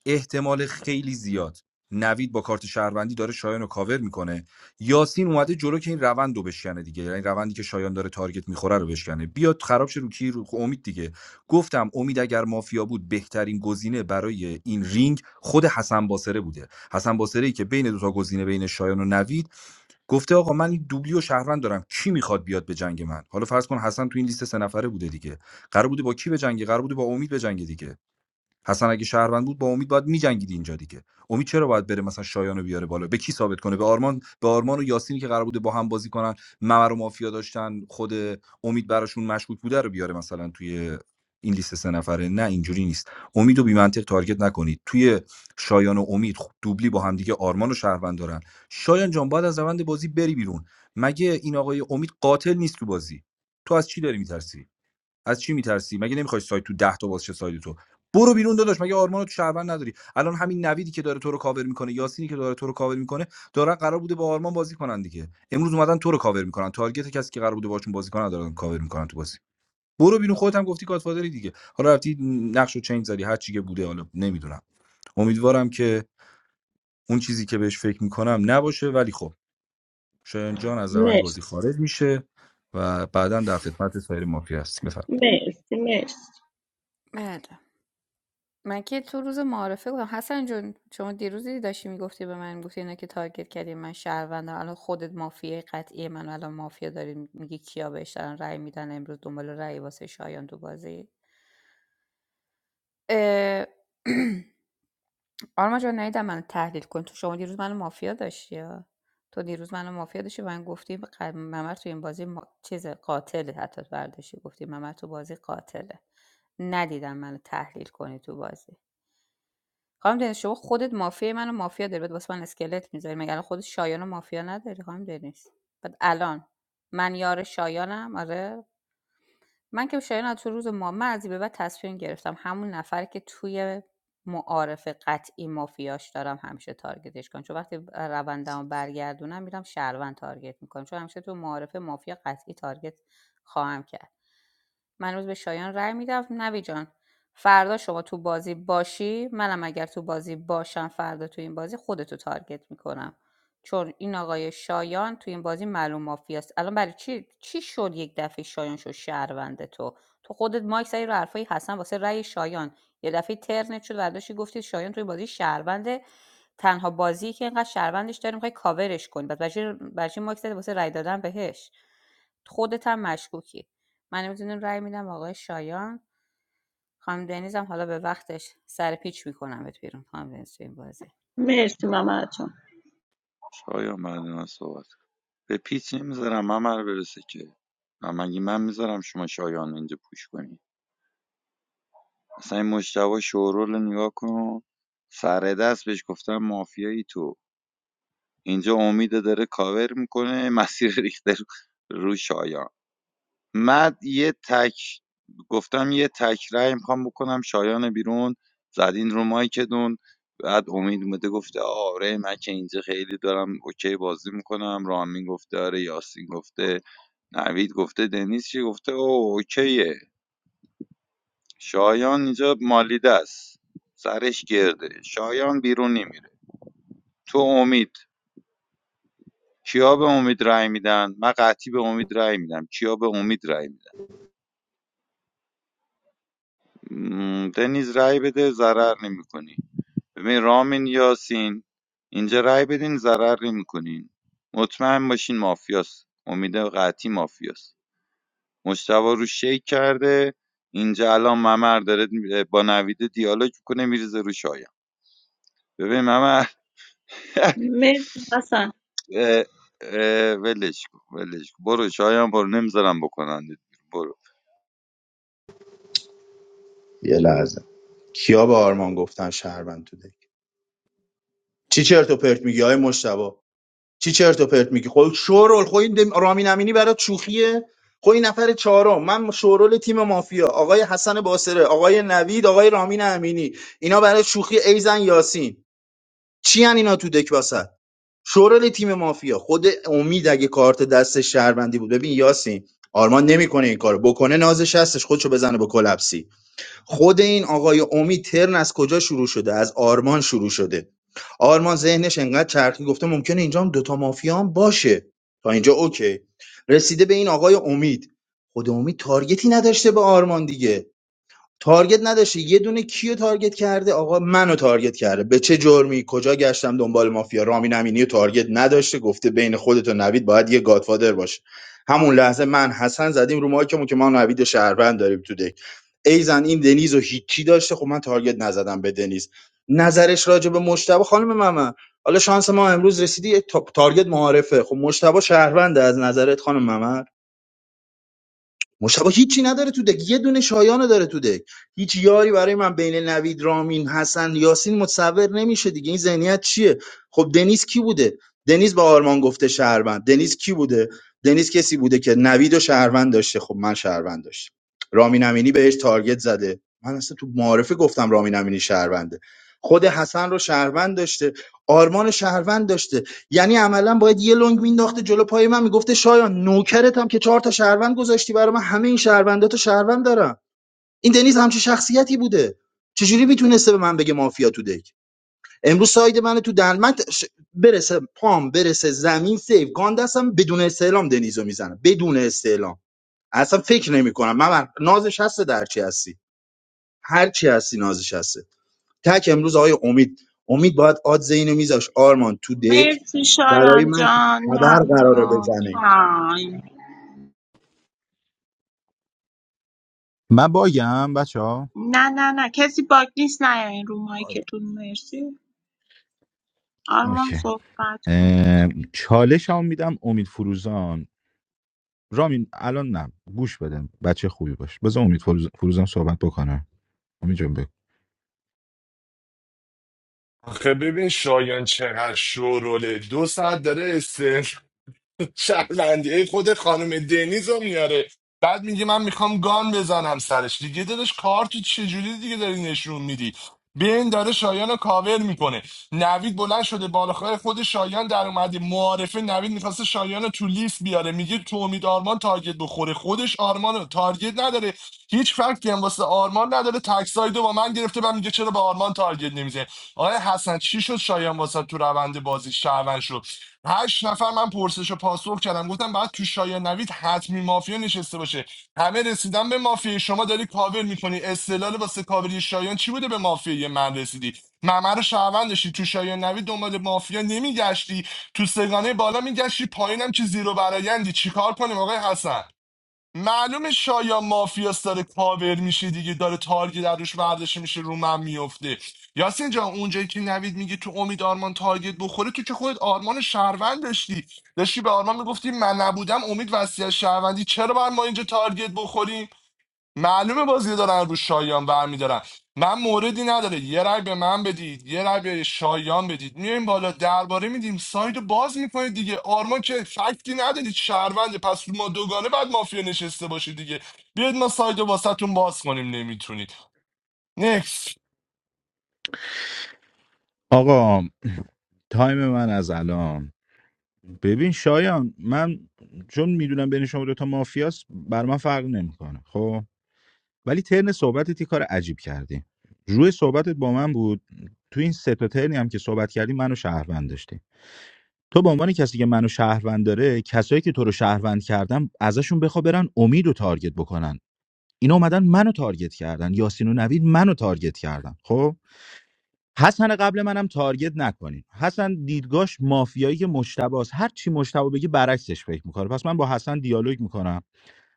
Speaker 2: احتمال خیلی زیاد نوید با کارت شهروندی داره شایان رو کاور میکنه یاسین اومده جلو که این روند رو بشکنه دیگه یعنی روندی که شایان داره تارگت میخوره رو بشکنه بیاد خراب شه رو کی رو خب امید دیگه گفتم امید اگر مافیا بود بهترین گزینه برای این رینگ خود حسن باسره بوده حسن باسره ای که بین دو تا گزینه بین شایان و نوید گفته آقا من این دوبلی و شهروند دارم کی میخواد بیاد به جنگ من حالا فرض کن حسن تو این لیست سه نفره بوده دیگه قرار بوده با کی به جنگی قرار بوده با امید به جنگ دیگه حسن اگه شهروند بود با امید باید میجنگید اینجا دیگه امید چرا باید بره مثلا شایان بیاره بالا به کی ثابت کنه به آرمان به آرمان و یاسینی که قرار بوده با هم بازی کنن ممر و مافیا داشتن خود امید براشون مشکوک بوده رو بیاره مثلا توی این لیست سه نفره نه اینجوری نیست امید و بی منطق تارگت نکنید توی شایان و امید خب دوبلی با همدیگه آرمان و شهروند دارن شایان جان باید از روند بازی بری بیرون مگه این آقای امید قاتل نیست تو بازی تو از چی داری میترسی از چی میترسی مگه نمیخوای سایت تو ده تا باز شه سایت تو برو بیرون داداش مگه آرمان تو شهروند نداری الان همین نویدی که داره تو رو کاور میکنه یاسینی که داره تو رو کاور میکنه دارن قرار بوده با آرمان بازی کنن دیگه امروز اومدن تو رو کاور میکنن تارگت کسی که قرار بوده باشون بازی کنن دارن کاور میکنن تو بازی برو بیرون خودت هم گفتی گادفادری دیگه حالا رفتی نقش و چنج زدی هر چی که بوده حالا نمیدونم امیدوارم که اون چیزی که بهش فکر میکنم نباشه ولی خب شایان جان از روند
Speaker 3: مرسی
Speaker 2: بازی خارج میشه و بعدا در خدمت سایر مافیا است بفرمایید
Speaker 3: مرسی مرسی
Speaker 9: بله من که تو روز معارفه بودم حسن جون شما دیروزی داشتی میگفتی به من گفتی اینا که تارگت کردی من شهروندم الان خودت مافیای قطعی من الان مافیا داری میگی کیا بهش دارن رأی میدن امروز دنبال رأی واسه شایان تو بازی آرما جان نیدم منو تحلیل کن تو شما دیروز منو مافیا داشتی ها. تو دیروز منو مافیا داشتی و من گفتی ق- ممر تو این بازی ما... چیز قاتله حتی برداشتی گفتی ممر تو بازی قاتله ندیدم منو تحلیل کنی تو بازی خانم دنیز شما خودت مافیا منو مافیا داری بعد واسه من اسکلت میذاری مگر الان خودت شایان مافیا نداری خانم دنیز بعد الان من یار شایانم آره من که شایان تو روز ما من از این به بعد تصمیم گرفتم همون نفر که توی معارف قطعی مافیاش دارم همیشه تارگتش کنم چون وقتی روندم رو برگردونم میرم شهروند تارگت میکنم چون همیشه تو معارف مافیا قطعی تارگت خواهم کرد من امروز به شایان رأی میدم نوی جان فردا شما تو بازی باشی منم اگر تو بازی باشم فردا تو این بازی خودتو تارگت میکنم چون این آقای شایان تو این بازی معلوم مافیاست الان برای چی چی شد یک دفعه شایان شد شهروند تو تو خودت مایک زدی رو حرفای حسن واسه رأی شایان یه دفعه ترنت شد برداشتی گفتی شایان تو این بازی شهروند تنها بازی که اینقدر شهروندش داری میخوای کاورش کنی بعد برای چی برای چی مایک زدی واسه رای دادن بهش خودت هم مشکوکی من نمیتونم رای میدم آقای شایان خانم دنیز حالا به وقتش سر پیچ میکنم بهت بیرون خانم دنیز تو این بازی
Speaker 3: مرسی ممر جان
Speaker 13: شایان بعد من صحبت به پیچ نمیذارم ممر برسه که من مگه من میذارم شما شایان اینجا پوش کنی اصلا این مجتبا شورول رو نگاه کن سر دست بهش گفتم مافیایی تو اینجا امید داره کاور میکنه مسیر ریخته رو رو شایان من یه تک گفتم یه تک رأی میخوام بکنم شایان بیرون زدین رو مایکدون بعد امید اومده گفته آره من که اینجا خیلی دارم اوکی بازی میکنم رامین گفته آره یاسین گفته نوید گفته دنیز چی گفته او اوکیه شایان اینجا مالیده است سرش گرده شایان بیرون نمیره تو امید کیا به امید رای میدن من قطعی به امید رای میدم کیا به امید رای میدن م، دنیز رای بده ضرر نمیکنی ببین رامین یاسین اینجا رأی بدین ضرر نمیکنین مطمئن باشین مافیاست امید قطعی مافیاست مشتبه رو شیک کرده اینجا الان ممر داره با نویده دیالوگ کنه میریزه رو شایان ببین ممر
Speaker 3: مرسی حسن
Speaker 13: اه، اه، ولش کن ولش کن برو شایان برو نمیذارم بکنن برو
Speaker 1: یه لحظه کیا به آرمان گفتن شهروند تو دک چی چرت و پرت میگی آقای مشتبه چی چرت و پرت میگی خب شورول خب این دم- رامین امینی برای شوخیه خب این نفر چهارم من شورول تیم مافیا آقای حسن باسره آقای نوید آقای رامین امینی اینا برای شوخی ایزن یاسین چی ان اینا تو دک واسه شورول تیم مافیا خود امید اگه کارت دست شهروندی بود ببین یاسین آرمان نمیکنه این کارو بکنه نازش هستش خودشو بزنه با کلپسی خود این آقای امید ترن از کجا شروع شده از آرمان شروع شده آرمان ذهنش انقدر چرخی گفته ممکنه اینجا هم دوتا مافیا هم باشه تا اینجا اوکی رسیده به این آقای امید خود امید تارگتی نداشته به آرمان دیگه تارگت نداشته یه دونه کیو تارگت کرده آقا منو تارگت کرده به چه جرمی کجا گشتم دنبال مافیا رامین امینی رو تارگت نداشته گفته بین خودت و نوید باید یه گادفادر باشه همون لحظه من حسن زدیم رو مایکمون که ما نوید و شهروند داریم تو دک. ای زن این دنیز و هیچی داشته خب من تارگت نزدم به دنیز نظرش راجع به مشتبه خانم ممن حالا شانس ما امروز رسیدی یه تا- تارگت معارفه خب مشتبه شهرونده از نظرت خانم ممن مشتبه هیچی نداره تو دک یه دونه شایانه داره تو دک هیچ یاری برای من بین نوید رامین حسن یاسین متصور نمیشه دیگه این ذهنیت چیه خب دنیز کی بوده دنیز با آرمان گفته شهروند دنیز کی بوده دنیز کسی بوده که نوید و شهروند داشته خب من شهروند داشتم رامین امینی بهش تارگت زده من اصلا تو معارفه گفتم رامین امینی شهرونده خود حسن رو شهروند داشته آرمان شهروند داشته یعنی عملا باید یه لنگ مینداخته جلو پای من میگفته شایان نوکرتم که چهار تا شهروند گذاشتی برای من همه این شهروندات رو شهروند دارم این دنیز همچین شخصیتی بوده چجوری میتونسته به من بگه مافیا تو دک امروز ساید من تو دل من ت- ش- برسه پام برسه زمین سیف گان دستم بدون استعلام دنیزو میزنم بدون استعلام اصلا فکر نمیکنم من من- نازش هسته در چی هستی هر چی هستی نازش هسته تک امروز آقای امید امید باید آدز اینو میذاش آرمان تو دک
Speaker 3: مرسی
Speaker 1: برای
Speaker 3: شایان
Speaker 1: من که
Speaker 3: جان
Speaker 1: تبر قراره
Speaker 3: ممنون
Speaker 1: بزنه
Speaker 3: تایم
Speaker 7: من باگم بچه ها
Speaker 3: نه نه نه کسی باگ نیست نه این رو مایکتون مرسی آرمان
Speaker 7: اوکی
Speaker 3: صحبت
Speaker 7: اه، چالش هم میدم امید فروزان رامین الان نه گوش بدن بچه خوبی باش بذار امید فروز... فروزم صحبت بکنه امید جان بگو
Speaker 10: آخه ببین شایان چقدر شوروله دو ساعت داره شهروندی خود خانم دنیز رو میاره بعد میگه من میخوام گان بزنم سرش دیگه دلش کارت چجوری دیگه داری نشون میدی بین داره شایان رو کاور میکنه نوید بلند شده بالاخره خود شایان در اومده معارفه نوید میخواسته شایان رو تو لیست بیاره میگه تو امید آرمان تارگت بخوره خودش آرمان رو تارگت نداره هیچ فکتی هم واسه آرمان نداره تکسایدو با من گرفته بعد میگه چرا به آرمان تارگت نمیزه آقای حسن چی شد شایان واسه تو روند بازی شهروند شد هشت نفر من پرسش و پاسخ کردم گفتم باید تو شایان نوید حتمی مافیا نشسته باشه همه رسیدن به مافیا شما داری کاور میکنی استدلال واسه کاوری شایان چی بوده به مافیا من رسیدی ممر شهروند داشتی تو شایان نوید دنبال مافیا نمیگشتی تو سگانه بالا میگشتی پایینم که زیرو برایندی چیکار کنیم آقای حسن معلومه شایا مافیاس داره کاور میشه دیگه داره تارگت در روش برداشته میشه رو من میفته یاسین جان اونجایی که نوید میگه تو امید آرمان تارگت بخوره تو که خودت آرمان شهروند داشتی داشتی به آرمان میگفتی من نبودم امید وصیت شهروندی چرا باید ما اینجا تارگت بخوریم معلومه بازی رو دارن رو شایان برمیدارن من موردی نداره یه رای به من بدید یه رای به شایان بدید میایم بالا درباره میدیم سایت رو باز میکنید دیگه آرمان که فکتی ندارید شهرونده پس ما دوگانه بعد مافیا نشسته باشید دیگه بیاید ما سایت رو واسهتون باز کنیم نمیتونید نکس
Speaker 7: آقا تایم من از الان ببین شایان من چون میدونم بین شما دوتا مافیاست بر من فرق نمیکنه خب ولی ترن صحبتت یه کار عجیب کردی روی صحبتت با من بود تو این سه تا ترنی هم که صحبت کردی منو شهروند داشتی تو به عنوان کسی که منو شهروند داره کسایی که تو رو شهروند کردن ازشون بخوا برن امید و تارگت بکنن اینا اومدن منو تارگت کردن یاسین و نوید منو تارگت کردن خب حسن قبل منم تارگت نکنین حسن دیدگاش مافیایی مشتباست هر چی مشتبا بگه برعکسش فکر میکنه پس من با حسن دیالوگ میکنم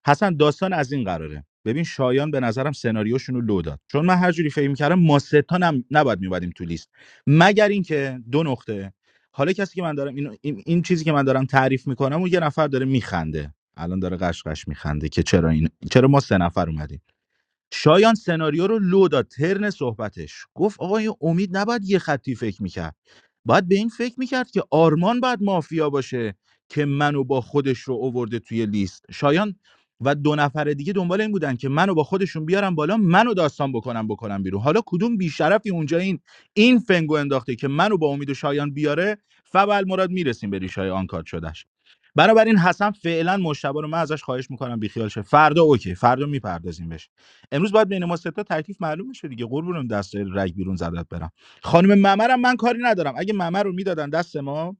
Speaker 7: حسن داستان از این قراره ببین شایان به نظرم سناریوشون رو لو داد چون من هر جوری فکر میکردم ما ستانم نباید میبادیم تو لیست مگر اینکه دو نقطه حالا کسی که من دارم اینو- این, این, چیزی که من دارم تعریف میکنم و یه نفر داره میخنده الان داره قشقش میخنده که چرا این چرا ما سه نفر اومدیم شایان سناریو رو لو داد ترن صحبتش گفت آقا امید نباید یه خطی فکر میکرد باید به این فکر میکرد که آرمان باید مافیا باشه که منو با خودش رو اوورده توی لیست شایان و دو نفر دیگه دنبال این بودن که منو با خودشون بیارن بالا منو داستان بکنم بکنم بیرون حالا کدوم بیشرفی اونجا این این فنگو انداخته که منو با امید و شایان بیاره فبل مراد میرسیم به ریشای آن کارت شدش بنابراین حسن فعلا مشتبه رو من ازش خواهش میکنم بیخیال شه فردا اوکی فردا میپردازیم بهش. امروز باید بین ما سه تا تکلیف معلوم بشه دیگه قربونم دست رگ بیرون زدت برم خانم ممرم من کاری ندارم اگه ممر رو میدادن دست ما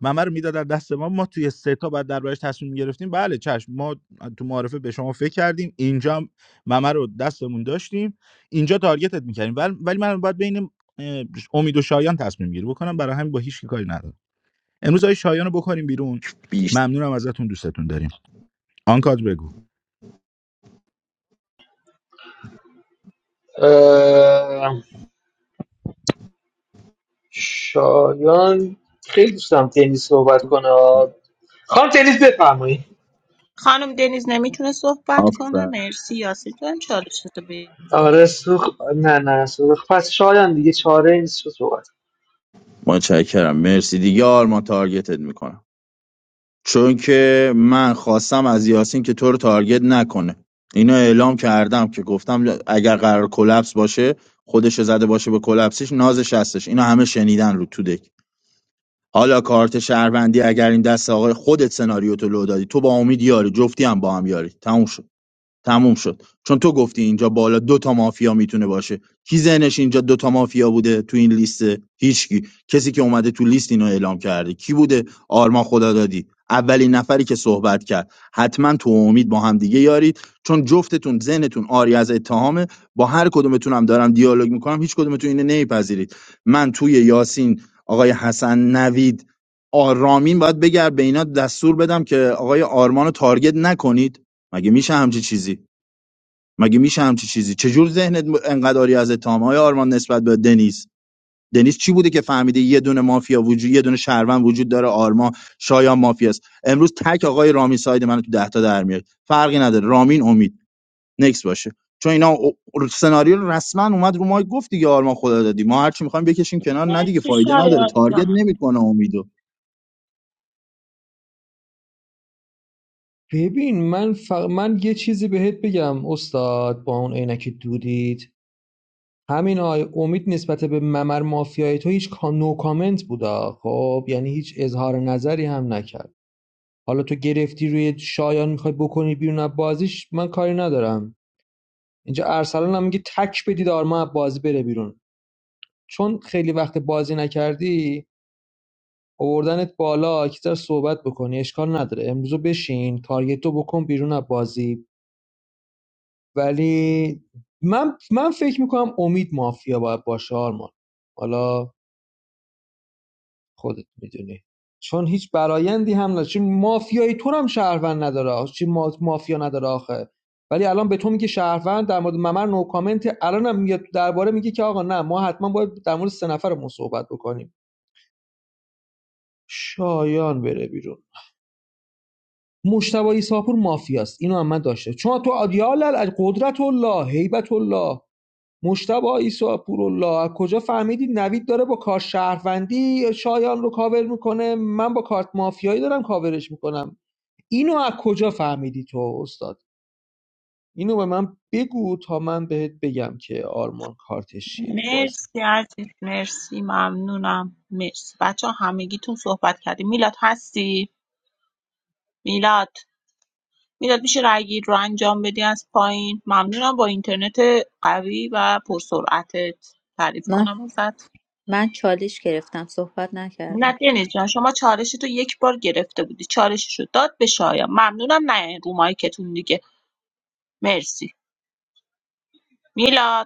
Speaker 7: ممر رو میدادن دست ما ما توی سه تا بعد دربارش تصمیم گرفتیم بله چشم ما تو معارفه به شما فکر کردیم اینجا هم ممر رو دستمون داشتیم اینجا تارگتت میکردیم ولی ولی من باید بین اه، امید و شایان تصمیم گیری بکنم برای همین با هیچ کی کاری ندارم امروز آقای شایان رو بکنیم بیرون
Speaker 1: بیش
Speaker 7: ممنونم ازتون دوستتون داریم آنکاد بگو
Speaker 8: شایان خیلی دوست دارم تنیس صحبت کنه خانم تنیس بفرمایید
Speaker 3: خانم دنیز نمیتونه صحبت کنه
Speaker 1: آفر
Speaker 3: مرسی یاسین تو هم چالش تو بگیر
Speaker 8: آره سوخ نه نه سوخ پس شایان دیگه چاره ای نیست صحبت
Speaker 1: متشکرم مرسی دیگه آرمان تارگتت میکنم چون که من خواستم از یاسین که تو رو تارگت نکنه اینو اعلام کردم که گفتم اگر قرار کلپس باشه خودش زده باشه به کلپسش نازش هستش اینو همه شنیدن رو تو دک حالا کارت شهروندی اگر این دست آقای خودت سناریو تو لو دادی تو با امید یاری جفتی هم با هم یاری تموم شد تموم شد چون تو گفتی اینجا بالا دو تا مافیا میتونه باشه کی ذهنش اینجا دو تا مافیا بوده تو این لیست هیچکی کسی که اومده تو لیست اینو اعلام کرده کی بوده آرمان خدا دادی اولین نفری که صحبت کرد حتما تو و امید با هم دیگه یارید چون جفتتون ذهنتون آری از اتهامه با هر کدومتون هم دارم دیالوگ میکنم هیچ کدومتون اینو نمیپذیرید من توی یاسین آقای حسن نوید آرامین باید بگر به اینا دستور بدم که آقای آرمانو تارگت نکنید مگه میشه همچی چیزی مگه میشه همچی چیزی چجور ذهنت م- انقدر آری از اتهام آرمان نسبت به دنیز دنیز چی بوده که فهمیده یه دونه مافیا وجود یه دونه شهروند وجود داره آرما شایان مافیاست امروز تک آقای رامین ساید منو تو ده تا در میاد فرقی نداره رامین امید نکس باشه چون اینا او- سناریو رسما اومد رو ما گفت دیگه آرما خدا دادی ما هرچی میخوایم بکشیم کنار نه دیگه
Speaker 3: مرسی
Speaker 1: فایده نداره
Speaker 3: شایان
Speaker 1: تارگت
Speaker 3: جان
Speaker 1: نمیکنه امیدو
Speaker 8: ببین من ف من یه چیزی بهت بگم استاد با اون عینک دودیت همین همینا امید نسبت به ممر مافیای تو هیچ کا- نو کامنت بودا خب یعنی هیچ اظهار نظری هم نکرد حالا تو گرفتی روی شایان میخوای بکنی بیرون از بازیش من کاری ندارم اینجا ارسلان هم میگه تک بدید آرما از بازی بره بیرون چون خیلی وقت بازی نکردی آوردنت بالا که صحبت بکنی اشکال نداره امروزو بشین تارگتو بکن بیرون از بازی ولی من من فکر میکنم امید مافیا باید باشه آرمان حالا خودت میدونی چون هیچ برایندی هم نداره چون مافیایی تو هم شهروند نداره چی ما... مافیا نداره آخه ولی الان به تو میگه شهروند در مورد ممر نو کامنت الان میاد درباره میگه که آقا نه ما حتما باید در مورد سه نفرمون صحبت بکنیم شایان بره بیرون مشتبه ایساپور مافیاست اینو هم من داشته چون تو آدیال قدرت الله هیبت الله مجتبی عیسی پورالله از کجا فهمیدید نوید داره با کار شهروندی شایان رو کاور میکنه من با کارت مافیایی دارم کاورش میکنم اینو از کجا فهمیدی تو استاد اینو به من بگو تا من بهت بگم که آرمان کارتش چیه تو بازی
Speaker 3: مرسی عزیز مرسی ممنونم مرسی بچه ها همگیتون صحبت کردیم میلاد هستی میلاد میلاد میشه رای گیری رو انجام بدی از پایین ممنونم با اینترنت قوی و پرسرعتت تعریف
Speaker 4: من
Speaker 3: کنم ازت
Speaker 4: من چالش گرفتم صحبت
Speaker 3: نه
Speaker 4: نکردم
Speaker 3: دنیز جان شما چالش تو یک بار گرفته بودی چالشش رو داد به شایان ممنونم نه رو مایکتون دیگه مرسی میلاد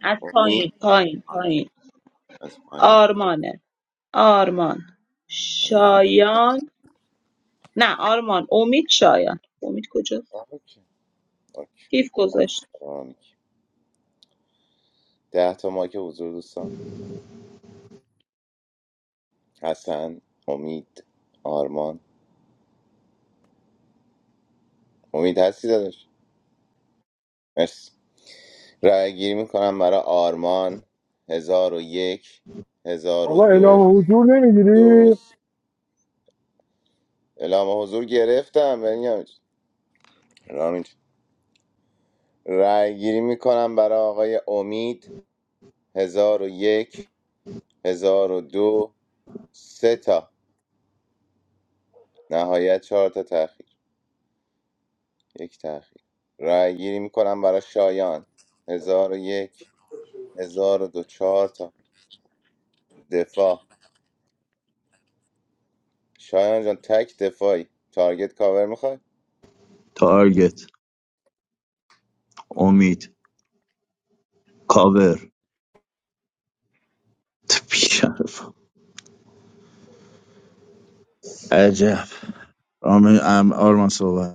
Speaker 3: از پایین پایین پایین آرمانه آرمان شایان نه آرمان امید شایان امید کجاست کیف گذاشت
Speaker 6: آقا اعلام حضور نمیگیری؟
Speaker 1: تارگت امید کاور تپیشرف عجب رامین ام- آرمان صحبت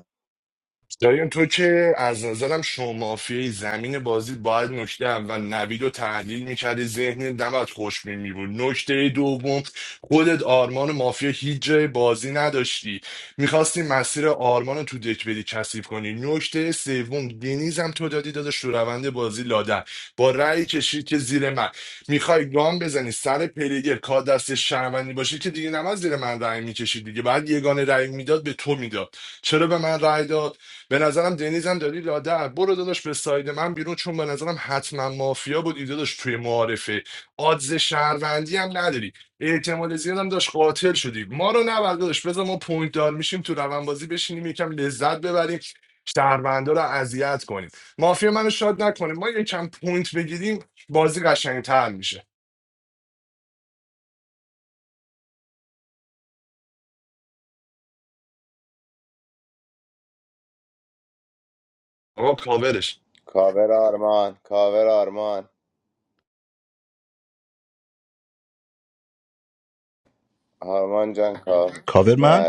Speaker 10: داریم تو که از نظرم شما مافیای زمین بازی باید نکته اول نوید رو تحلیل میکردی ذهن نباید خوش می بود نکته دوم خودت آرمان مافیا هیچ جای بازی نداشتی میخواستی مسیر آرمان رو تو دک بدی کثیف کنی نکته سوم دنیزم تو دادی داداش تو روند بازی لادر با رأی کشید که زیر من میخوای گام بزنی سر پلیگر کار دست شهروندی باشی که دیگه نماز زیر من رأی میکشید دیگه بعد یگانه رأی میداد به تو میداد چرا به من رأی داد به نظرم دنیزم داری لادر برو داداش به ساید من بیرون چون به نظرم حتما مافیا بود ایده داشت توی معارفه آدز شهروندی هم نداری احتمال زیادم داشت قاتل شدی ما رو نبرد داداش بذار ما پوینت دار میشیم تو روانبازی بشینیم یکم لذت ببریم شهروندا رو اذیت کنیم مافیا منو شاد نکنه ما یکم پوینت بگیریم بازی قشنگتر میشه آقا کاورش
Speaker 7: کاور من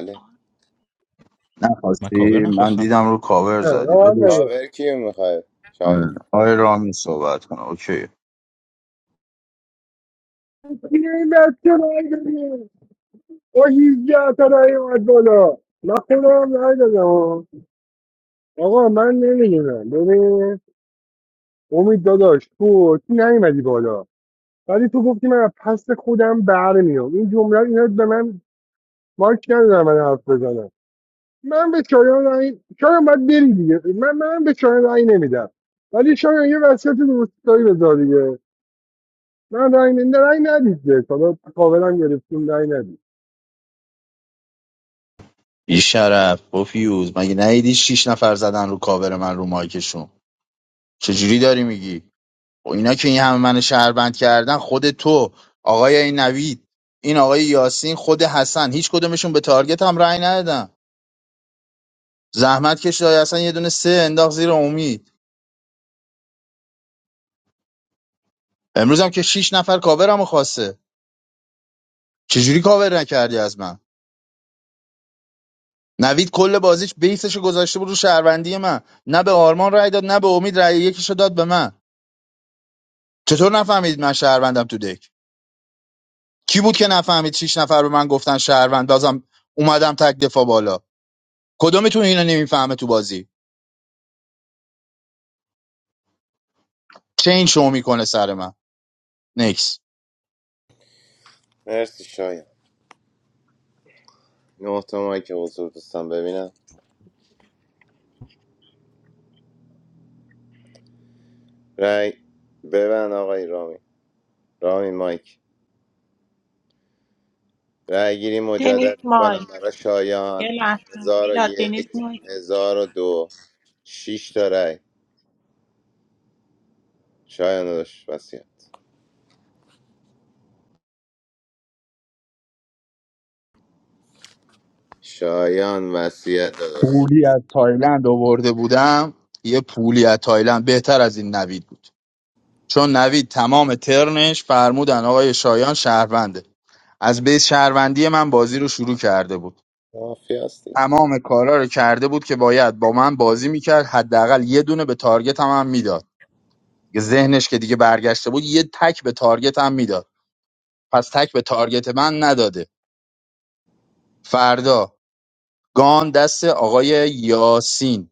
Speaker 7: من
Speaker 1: نخواستی
Speaker 7: کاور
Speaker 1: من
Speaker 7: نخواستم
Speaker 1: دیدم رو کاور
Speaker 6: نه نه،
Speaker 1: زدی
Speaker 6: من
Speaker 1: بدش
Speaker 6: نبر
Speaker 1: آره آقای رامی صحبت کنه اوکی
Speaker 6: این بچه رای بده. با 18 تا رای اومد بالا من خودم رای دادم ها. آقا من نمیدونم ببین امید داداش تو تو نیومدی بالا ولی تو گفتی من از پس خودم برمیام این جمله رو- اینا به من مارک ندادم من حرف بزنم من به شایان رای شایان باید بری دیگه من من به شایان رای نمیدم ولی شایان یه وصیت درستایی بذار دیگه من رای نمیدم رای ندید دیگه. حالا کاورم گرفتیم رای ندید
Speaker 1: بی شرف پوفیوز مگه ندیدی شیش نفر زدن رو کاور من رو مایکشون چجوری داری میگی و اینا که این همه من شهروند کردن خود تو آقای این نوید این آقای یاسین خود حسن هیچ کدومشون به تارگت هم رأی ندادن زحمت کشید آقای حسن یه دونه سه انداخت زیر امید امروز هم که شیش نفر کاورمو خواسته چجوری کاور نکردی از من نوید کل بازیش بیسش گذاشته بود رو شهروندی من نه به آرمان رأی داد نه به امید رأی یکیشو داد به من چطور نفهمید من شهروندم تو دک کی بود که نفهمید شیش نفر به من گفتن شهروند بازم اومدم تک دفاع بالا کدومتون اینو نمیفهمه تو بازی چه این شو میکنه سر من نکس
Speaker 3: دنیز مایک یه لحظه میلاد دنیز مایک
Speaker 1: پولی از تایلند آورده بودم یه پولی از تایلند بهتر از این نوید بود چون نوید تمام ترنش فرمودن آقای شایان شهرونده از بیس شهروندی من بازی رو شروع کرده بود تمام کارا رو کرده بود که باید با من بازی میکرد حداقل یه دونه به تارگت هم, هم میداد ذهنش که دیگه برگشته بود یه تک به تارگت هم میداد پس تک به تارگت من نداده فردا گان دست آقای یاسین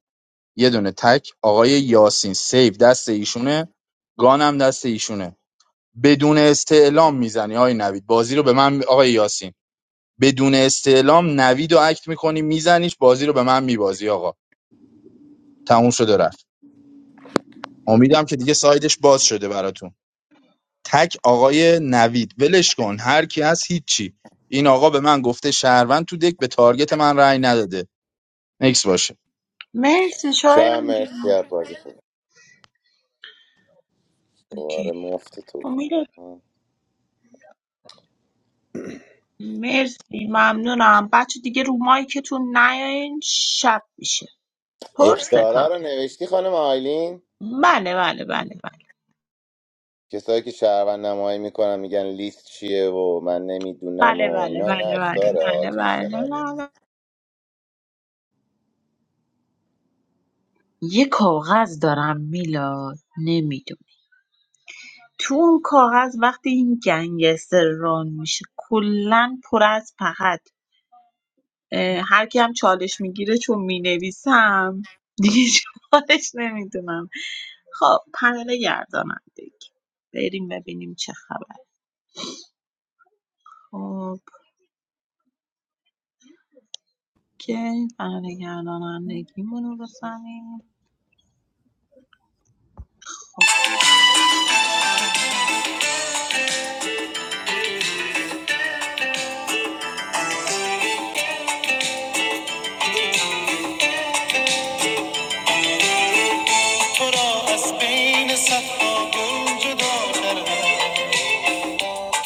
Speaker 1: یه دونه تک آقای یاسین سیف دست ایشونه گانم دست ایشونه بدون استعلام میزنی آقای نوید بازی رو به من آقای یاسین بدون استعلام نوید و اکت میکنی میزنیش بازی رو به من میبازی آقا تموم شد و رفت امیدم که دیگه سایدش باز شده براتون تک آقای نوید ولش کن هر کی هست هیچی این آقا به من گفته شهروند تو دک به تارگت من رأی نداده نکس باشه
Speaker 3: مرسی شایان جان اوکی خب میلاد مرسی ممنونم بچه دیگه رو مایکتون نیاین شب میشه پر ستاره بله بله بله بله بله بله بله بله بله بله بله. یه کاغذ دارم میلاد تو اون کاغذ وقتی این گنگستر ران میشه کلا پر از فقط هر کی هم چالش میگیره چون مینویسم دیگه چالش نمیدونم خب پنل گردانندگی بریم ببینیم چه خبر خب که پنل گردانندگیمونو بزنیم خب
Speaker 15: تو را از بین صفا گل جدا کردم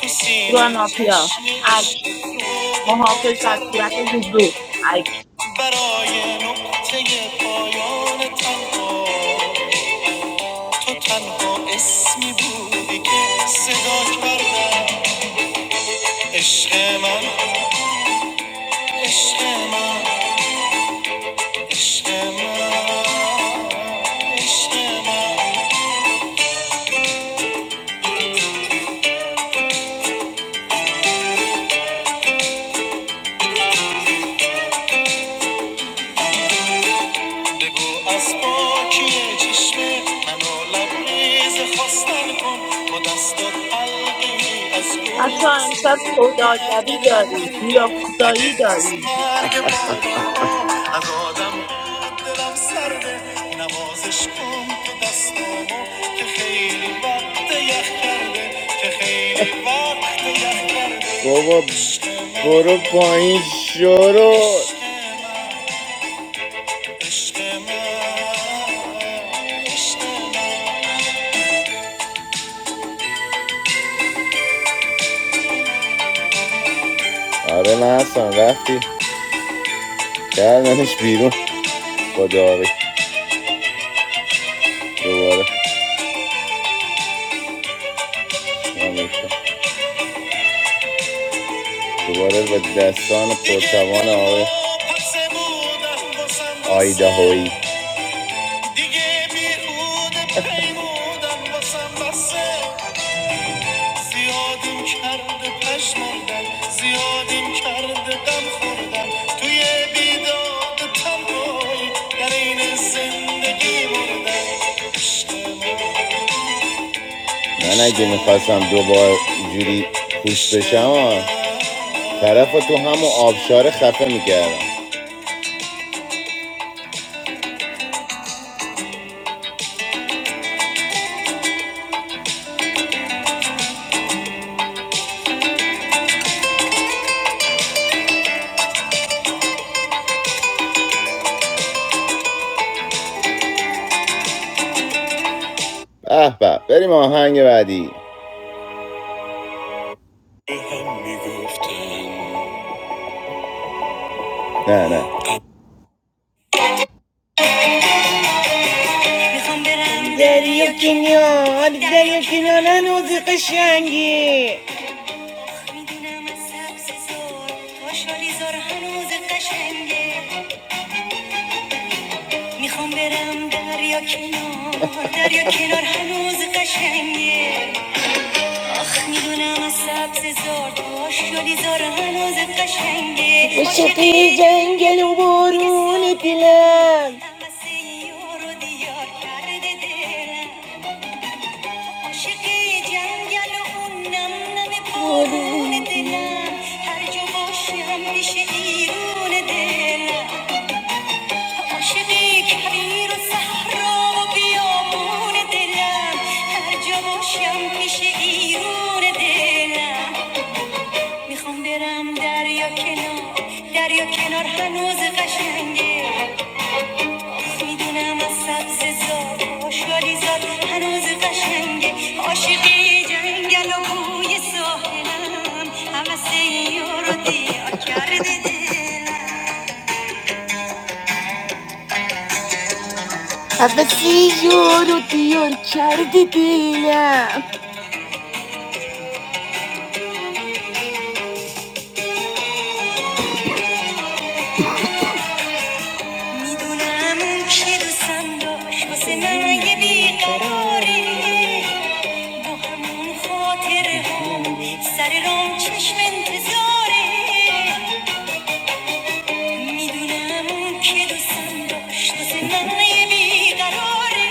Speaker 15: تو سینه
Speaker 3: گراناپیا
Speaker 15: جشن
Speaker 3: اک
Speaker 15: عشق رو به پا
Speaker 3: محافظ در صورت
Speaker 15: کردم
Speaker 3: حضور اک
Speaker 15: برای نقطه پایان تنها تو تنها اسمی بودی که صدا کردم عشق من عشق من عشق من عشق من بگو از پاکی چشم منو لبریز خواستن کن با دستات قلبی از گل
Speaker 3: بچه ها امشب سوداگری
Speaker 15: گردن
Speaker 3: داریم
Speaker 15: من کن اگه
Speaker 3: یاکوزایی
Speaker 15: از
Speaker 3: داریم
Speaker 15: مرگ بابا از آدم دلم سرده نوازش کن تو دستامو که خیلی وقت یخ کرده که خیلی وقت یخ کرده عشق عشق من عشق من دیگه بیهوده پیمودم باسم بسه زیادیم کرده پشمردم زیادیم کرده غم خوردم توی بیداد تنهایی در این زندگی مردم عشقم به هم میگفتن میخوام برم دریا کنار دریا کنیا نوزی قشنگی میدونم از سبز زار خوشحالی زار هنوز قشنگه میخوام برم دریا کنار دریا کنار هنوز قشنگه میدونم از سبز زار خوشحالی زار هنوز قشنگه عشقی عاشقی جنگل و که بارون دلم هوس یار و دیار کرده دلم عاشق جنگل هر جا باشم میشه هر جا باشم میشه میخوام برم دریا کنار دریا کنار هنوز قشنگه میدونم از سبز زار شالی زاد هنوز قشنگه عاشقی جنگل و بوی ساحلم همه سیارو دیار کرده دلم همه سیار رو دیار کردی دلم میدونم اون که دوستم داشت واسه من یه بیقراریه با همون خاطره هم سر رام چشم انتظاره میدونم که دوستم داشت واسه من یه بیقراره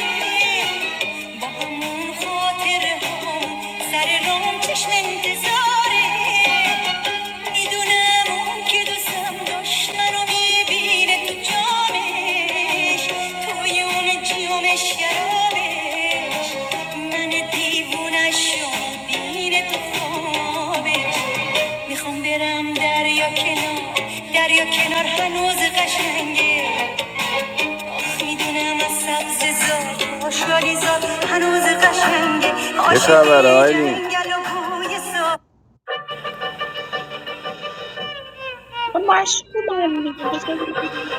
Speaker 15: با همون خاطره هم سر رام چشم انتظاره میدونم که دوستم داشت منو تو جامش توی اون جیومش گرامش من دیوونش رو میبینه تو خوابش میخوام برم دریا کنار دریا کنار هنوز قشنگه میدونم از سبز زار آشالی زار هنوز قشنگه آنگل و
Speaker 3: خب مشغولن دیگه بذار ببینیم.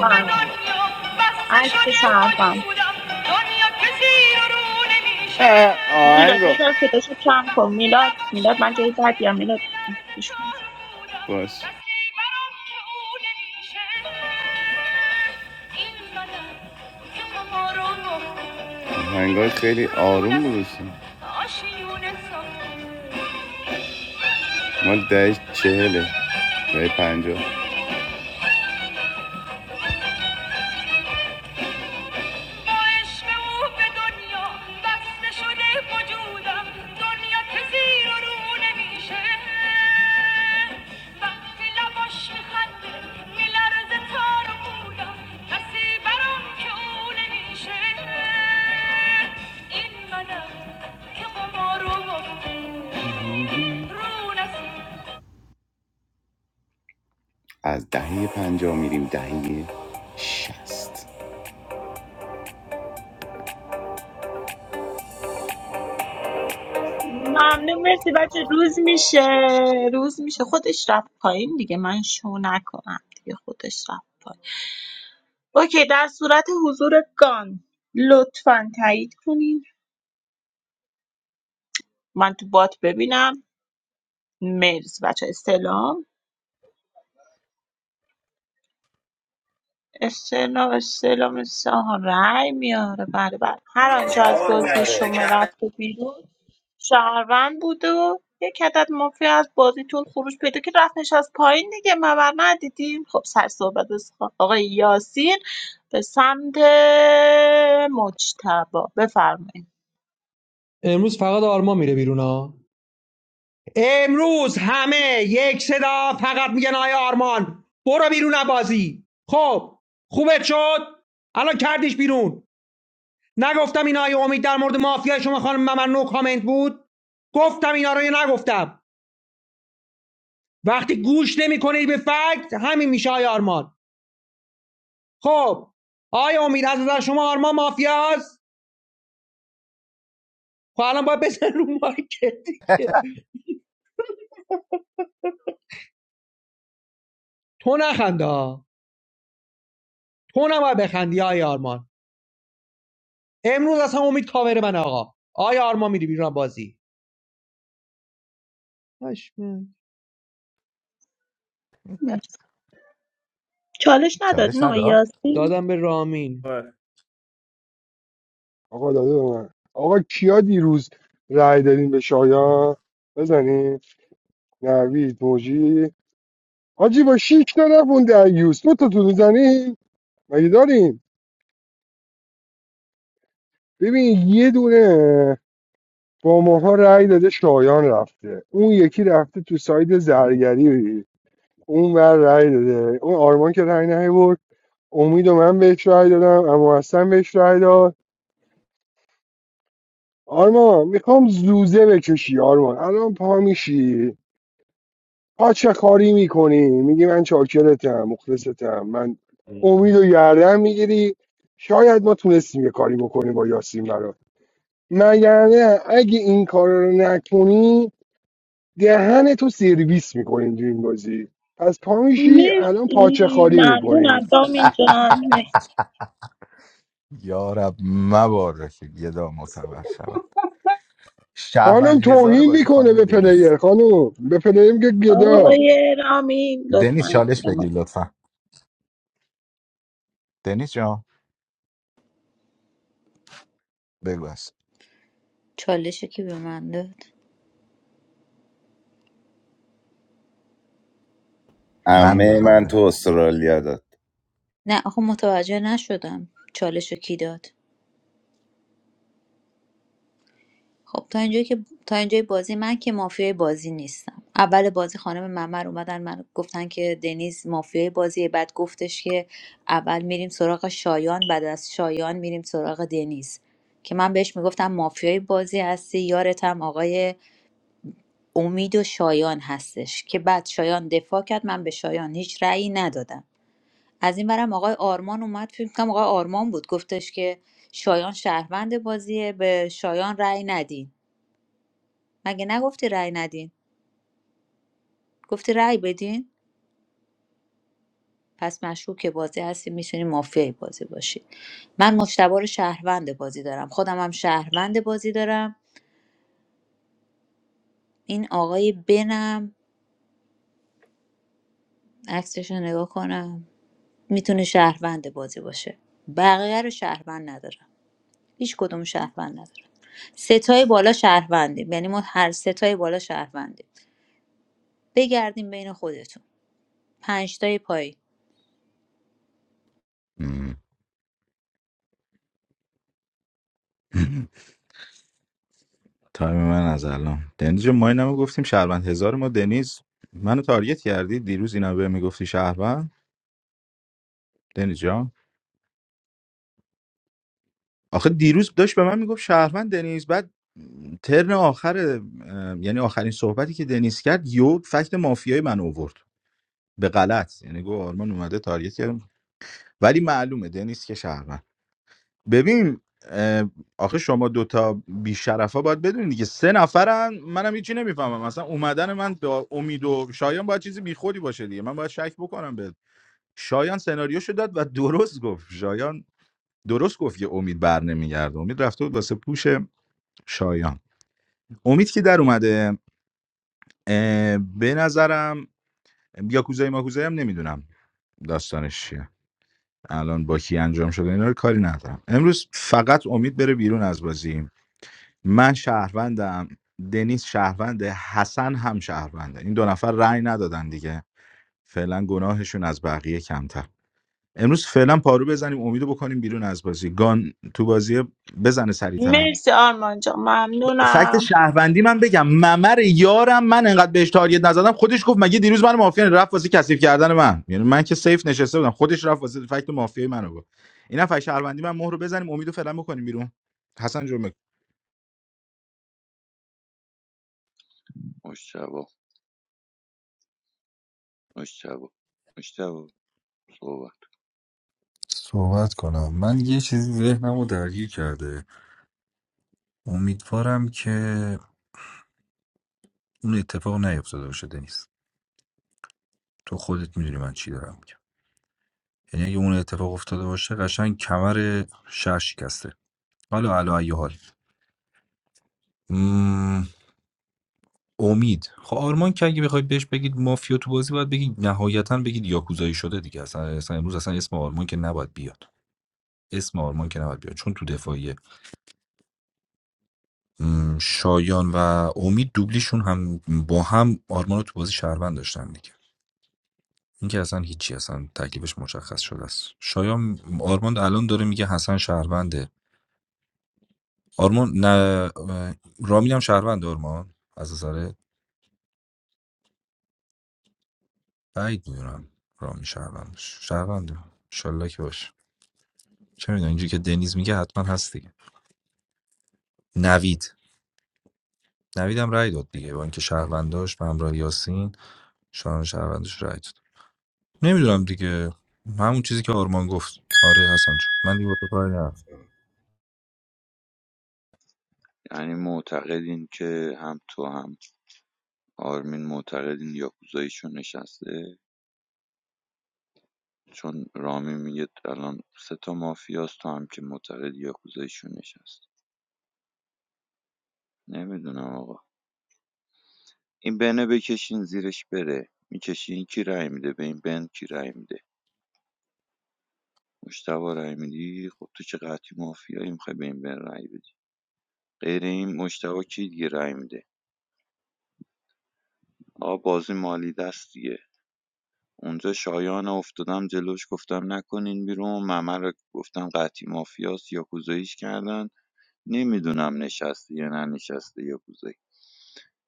Speaker 3: حرفم عکسش حرفم میلاد یه ذره صداشو کم کن میلاد میلاد من جایی بدیم میلاد گوش کن. ممنون مرسی بچه روز میشه روز میشه خودش رفت پایین دیگه من شو نکنم دیگه خودش رفت پایین اوکی در صورت حضور گان لطفا تایید کنین من تو بات ببینم مرسی بچه سلام استعلام استعلام سهام رأی میاره بله بله هر آنچه از بازی شما رفته بیرون شهروند بوده و یک عدد مافیا از بازیتون خروج پیدا که رفتش از پایین دیگه مبر ندیدیم خب سر صحبت از آقای یاسین به سمت مجتبا بفرمایید
Speaker 8: امروز فقط آرمان میره بیرون ها امروز همه یک صدا فقط میگن آیا آرمان برو بیرون بازی خب خوبت شد الان کردیش بیرون نگفتم این آیه امید در مورد مافیا شما خانم ممنوع کامنت بود گفتم اینا رو یا نگفتم وقتی گوش نمیکنید به فکت همین میشه آیه آرمان خب آیا امید از نظر شما آرمان مافیاست خب الان باید بزن رو مارکت دیگه تو نخنده ها. تو نباید بخندی آیه آرمان امروز اصلا امید کاور من آقا آیا آرمان میری بیرون بازی پشمک.
Speaker 3: مرسی. چالش
Speaker 7: چالش
Speaker 3: ندادین آقای
Speaker 7: نداد
Speaker 3: یاسین
Speaker 8: دادم به رامین
Speaker 5: آره.
Speaker 6: آقا داده به من آقا کیا دیروز رأی دادین به شایان بزنین نوید موجی حاجی با شیک نرفون در یوز تو تو میزنین مگه داریم ببین یه دونه با ماها رأی داده شایان رفته اون یکی رفته تو ساید زرگری اون بر رأی داده اون آرمان که رأی نهی امید و من بهش رای دادم اما حسن بهش رای داد آرمان میخوام زوزه بکشی آرمان الان پا میشی پا کاری میکنی میگی من چاکرتم مخلصتم من امید و گردن میگیری شاید ما تونستیم یه کاری بکنیم با یاسین برات مگر نه اگه این کار رو نکنی دهن تو سرویس میکنیم تو این بازی پس پا میشی الان پاچه
Speaker 3: مرسی
Speaker 6: خاری میکنی
Speaker 3: ممنونم دامین جان مرسی
Speaker 7: یارب مبارک گدا معتبر شود شهروند
Speaker 6: خانم
Speaker 7: هزار
Speaker 6: توهین
Speaker 7: بازی
Speaker 6: میکنه
Speaker 7: خانم
Speaker 6: به
Speaker 7: دنیس
Speaker 6: پلیر خانم به پلیر میگه گدا
Speaker 3: آقای رامین
Speaker 7: دنیس
Speaker 3: لطفا
Speaker 7: چالش
Speaker 3: زیر مایک.
Speaker 7: بگیر لطفا دنیس جان بگو است
Speaker 4: چالش کی به من داد
Speaker 7: من
Speaker 4: خب
Speaker 7: دادم دنیس
Speaker 4: نه آخه متوجه نشدم چالش کی داد خب تا اینجایی که تا اینجای بازی من که مافیای بازی نیستم اول بازی خانم ممر اومدن من گفتن که دنیز مافیای بازی بعد گفتش که اول میریم سراغ شایان بعد از شایان میریم سراغ دنیز که من بهش میگفتم مافیای بازی هستی یارتم آقای امید و شایان هستش که بعد شایان دفاع کرد من به شایان هیچ رأیی ندادم از این برم آقای آرمان اومد فکر کنم آقای آرمان بود گفتش که شایان شهروند بازیه به شایان رأی ندین مگه نگفتی رأی ندین گفتی رأی بدین پس مشکوک بازی هستی میتونی مافیای بازی باشی من مشتبه رو شهروند بازی دارم خودم هم شهروند بازی دارم این آقای بنم عکسش رو نگاه کنم میتونه شهروند بازی باشه بقیه رو شهروند ندارم هیچ کدوم شهروند ندارم ستای بالا شهروندیم یعنی ما هر ستای بالا شهروندیم بگردیم بین خودتون پنجتای پایین
Speaker 7: مم. تایم من از الان دنیز جون، ما اینم گفتیم شهروند هزار ما دنیز منو تارگت کردی دیروز اینا به میگفتی شهروند دنیز جان آخه دیروز داشت به من میگفت شهروند دنیز بعد ترن آخر اه، یعنی آخرین صحبتی که دنیز کرد یو فکت مافیای من اوورد به غلط یعنی گفت آرمان اومده تارگت کرد ولی معلومه دنیس که شهروند ببین اه، آخه شما دوتا بیشرف ها باید بدونید دیگه سه نفرن منم هیچی نمیفهمم مثلا اومدن من به امید و شایان باید چیزی بیخودی باشه دیگه من باید شک بکنم به شایان سناریوشو داد و درست گفت شایان درست گفت یه امید بر نمیگرده امید رفته بود واسه پوش شایان امید که در اومده اه، به نظرم یاکوزای ماکوزایی هم نمیدونم داستانش چیه الان با کی انجام شده اینا رو کاری ندارم امروز فقط امید بره بیرون از بازی من شهروندم دنیس شهرونده حسن هم شهرونده این دو نفر رأی ندادن دیگه فعلا گناهشون از بقیه کمتر امروز فعلا پارو بزنیم امیدو بکنیم بیرون از بازی گان تو بازی بزنه سریعتر
Speaker 3: مرسی آرمان جان
Speaker 7: فکت
Speaker 3: ممنونم
Speaker 7: شهروندی من بگم ممر یارم من انقدر بهش تارگت نزدم خودش گفت مگه دیروز من مافیا رفت واسه کثیف کردن من یعنی من که سیف نشسته بودم خودش رفت واسه فکت مافیای منو گفت اینا فکت شهروندی من مهر رو بزنیم امیدو فعلا بکنیم بیرون حسن جون بگو.
Speaker 13: مشتبه مشتبه مشتبه صحبت
Speaker 2: صحبت کنم من یه چیزی ذهنم رو درگیر کرده امیدوارم که اون اتفاق نیفتاده باشه دنیز تو خودت میدونی من چی دارم میگم یعنی اگه اون اتفاق افتاده باشه قشنگ کمر شهر شکسته حالا علا ای حال مم، امید خب آرمان که اگه بخواید بهش بگید مافیا تو بازی باید بگید نهایتا بگید یاکوزایی شده دیگه اصلا, اصلا امروز اصلا اسم آرمان که نباید بیاد اسم آرمان که نباید بیاد چون تو دفاعیه م، شایان و امید دوبلیشون هم با هم آرمان رو تو بازی شهروند داشتن دیگه این که اصلا هیچی اصلا تکلیفش مشخص شده است شایان آرمان الان داره میگه حسن شهرونده آرمان نه رامین هم شهروند آرمان از نظر بعید میدونم رامین شهروند شهرونده انشالله که باشه چه میدونم اینجوری که دنیز میگه حتما هست دیگه نوید نوید هم رأی داد دیگه با اینکه شهرونداش به همراه یاسین شایان شهروندش رأی داد. نمیدونم دیگه همون چیزی که آرمان گفت آره حسن جون من دیگه با تو کاری ندارم.
Speaker 13: یعنی معتقدین که هم تو هم آرمین معتقدین یاکوزاییشون نشسته چون رامی میگه الان سه تا مافیاست تو هم که معتقد یاکوزاییشون نشسته نمیدونم آقا این بنه بکشین زیرش بره میکشین کی رای میده به این بن کی رای میده مجتبی رای میدی خب تو که قطعی مافیایی میخوای به این بن رأی بدی غیر این مجتبی کی دیگه رأی میده آقا بازی مالی دست دیگه اونجا شایان افتادم جلوش گفتم نکنین بیرون ممر رو گفتم قطعی مافیاست یا کوزاییش کردن نمیدونم نشسته یا ننشسته یا کوزایی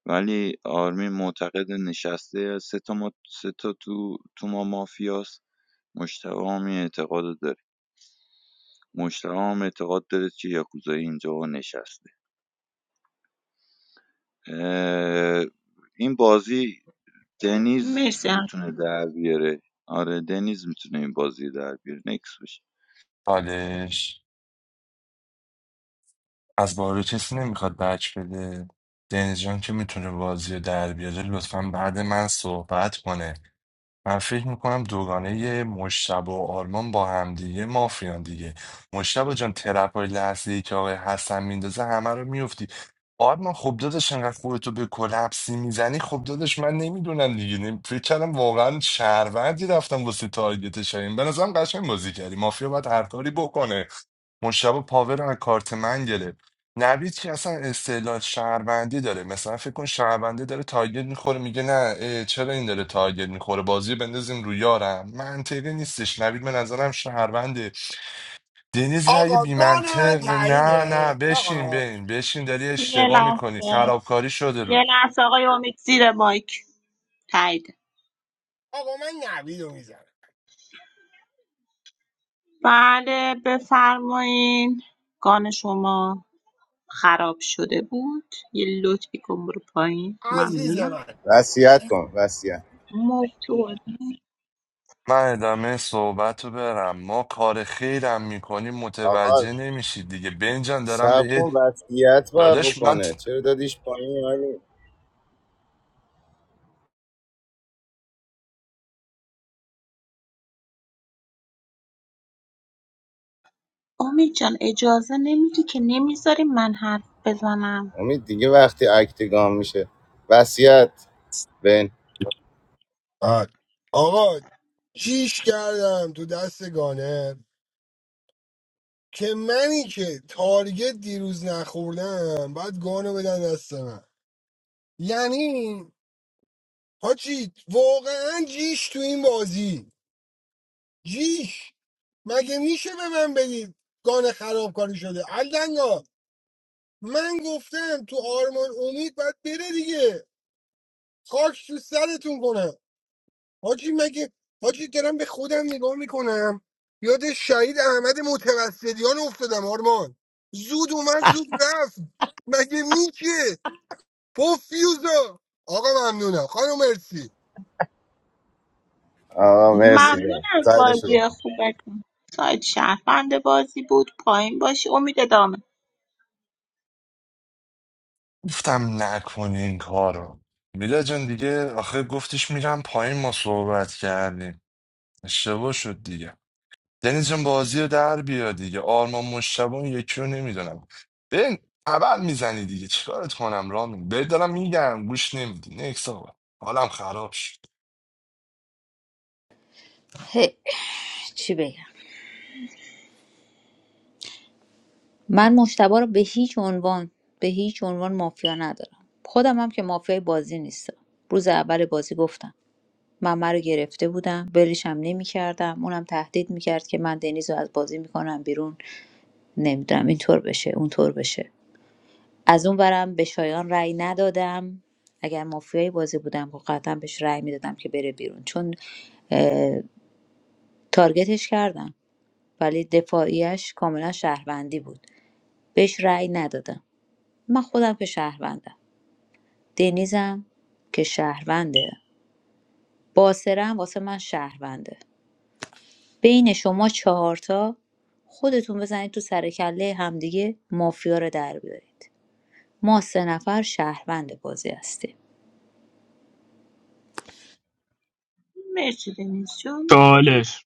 Speaker 13: ولی آرمین معتقد نشسته سه تا, ما... سه تا تو... تو ما مافیاست مجتبی هم این اعتقاد رو داره مجتبی هم اعتقاد داره که یاکوزایی اینجا نشسته اه، این بازی دنیز
Speaker 3: مرسی
Speaker 13: میتونه در بیاره آره دنیز میتونه این بازی در بیاره نکس بشه
Speaker 10: چالش از بارو کسی نمیخواد بک بده دنیز جان که میتونه بازی رو در بیاره لطفا بعد من صحبت کنه من فکر میکنم دوگانه مشتبه و آرمان با همدیگه مافیان دیگه مشتبه جان ترپای لحظه ای که آقای حسن میندازه همه رو میفتی آرمان خب داداش انقدر خودتو به کلپسی میزنی خب داداش من نمیدونم دیگه نمی- فکر کردم واقعا شهروندی رفتم واسه تارگت شایم به نظرم قشنگ بازی کردی مافیا باید هر کاری بکنه مشتبه پاور رو از کارت من گرفت نوید که اصلا استعلال شهروندی داره مثلا فکر کن شهرونده داره تارگت میخوره میگه نه اه، چرا این داره تارگت میخوره بازی رو بندازیم رو یارم منطقی نیستش نوید به نظرم شهرونده دنیز رأی بیمنطق نه نه بشین بین بشین داری
Speaker 3: یه
Speaker 10: اشتباه میکنی
Speaker 3: لحظه
Speaker 10: خرابکاری شده
Speaker 3: یه
Speaker 10: رو
Speaker 3: لحظه آقای امید زیر مایک تایید بله بفرمایین گان شما خراب شده بود یه لطفی کن برو پایین ممنونم مرتوب
Speaker 10: من ادامه صحبت رو برم ما کار خیرم میکنیم متوجه نمیشید دیگه بنجان دارم بهت داداش من
Speaker 3: امید جان اجازه نمیدی که نمیذاری من حرف بزنم ممنون از بازی خوبتون سایت شهروند بازی بود پایین باشی امید ادامه
Speaker 10: گفتم نکنی این کارو میلا جان دیگه آخه گفتیش میرم پایین ما صحبت کردیم اشتباه شد دیگه دنیز جان بازی رو در بیا دیگه آرمان مشتبه اون یکی رو نمیدونم ببین ابل میزنی دیگه چیکارت کنم رامین بهت دارم میگم گوش نمیدی نکس آقا حالم خراب شد
Speaker 4: هی، چی بگم من مشتبه رو به هیچ عنوان به هیچ عنوان مافیا ندارم خودم هم که مافیای بازی نیستم روز اول بازی گفتم من من رو گرفته بودم ولش هم نمیکردم اونم تهدید میکرد که من دنیز رو از بازی میکنم بیرون نمیدونم اینطور بشه اونطور بشه از اون برم به شایان رأی ندادم اگر مافیای بازی بودم خب قطعا بهش رأی میدادم که بره بیرون چون اه، تارگتش کردم ولی دفاعیش کاملا شهروندی بود بهش رأی ندادم من خودم که شهروندم دنیزم که شهرونده باسره هم واسه من شهرونده بین شما چهارتا خودتون بزنید تو سر کله همدیگه مافیا رو در بیارید ما سه نفر شهروند بازی هستیم
Speaker 3: مرسی دنیز جون
Speaker 5: چالش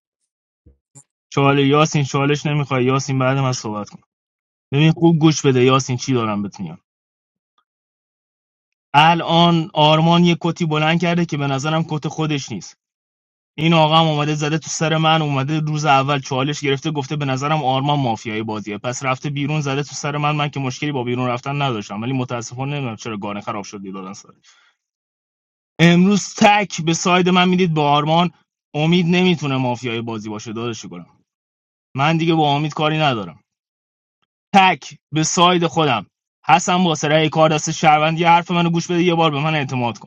Speaker 5: چاله یاسین چالش نمیخوای یاسین بعد من صحبت کن ببین خوب گوش بده یاسین چی دارم بهت میگم الان آرمان یه کتی بلند کرده که به نظرم کت خودش نیست این آقا هم اومده زده تو سر من اومده روز اول چالش گرفته گفته به نظرم آرمان مافیایی بازیه پس رفته بیرون زده تو سر من من که مشکلی با بیرون رفتن نداشتم ولی متاسفانه نمیدونم چرا گانه خراب شد دیگه دادن سر امروز تک به ساید من میدید به آرمان امید نمیتونه مافیای بازی باشه داداش گلم من دیگه با امید کاری ندارم تک به ساید خودم حسن با سرای کار دست شهروندی حرف منو گوش بده یه بار به من اعتماد کن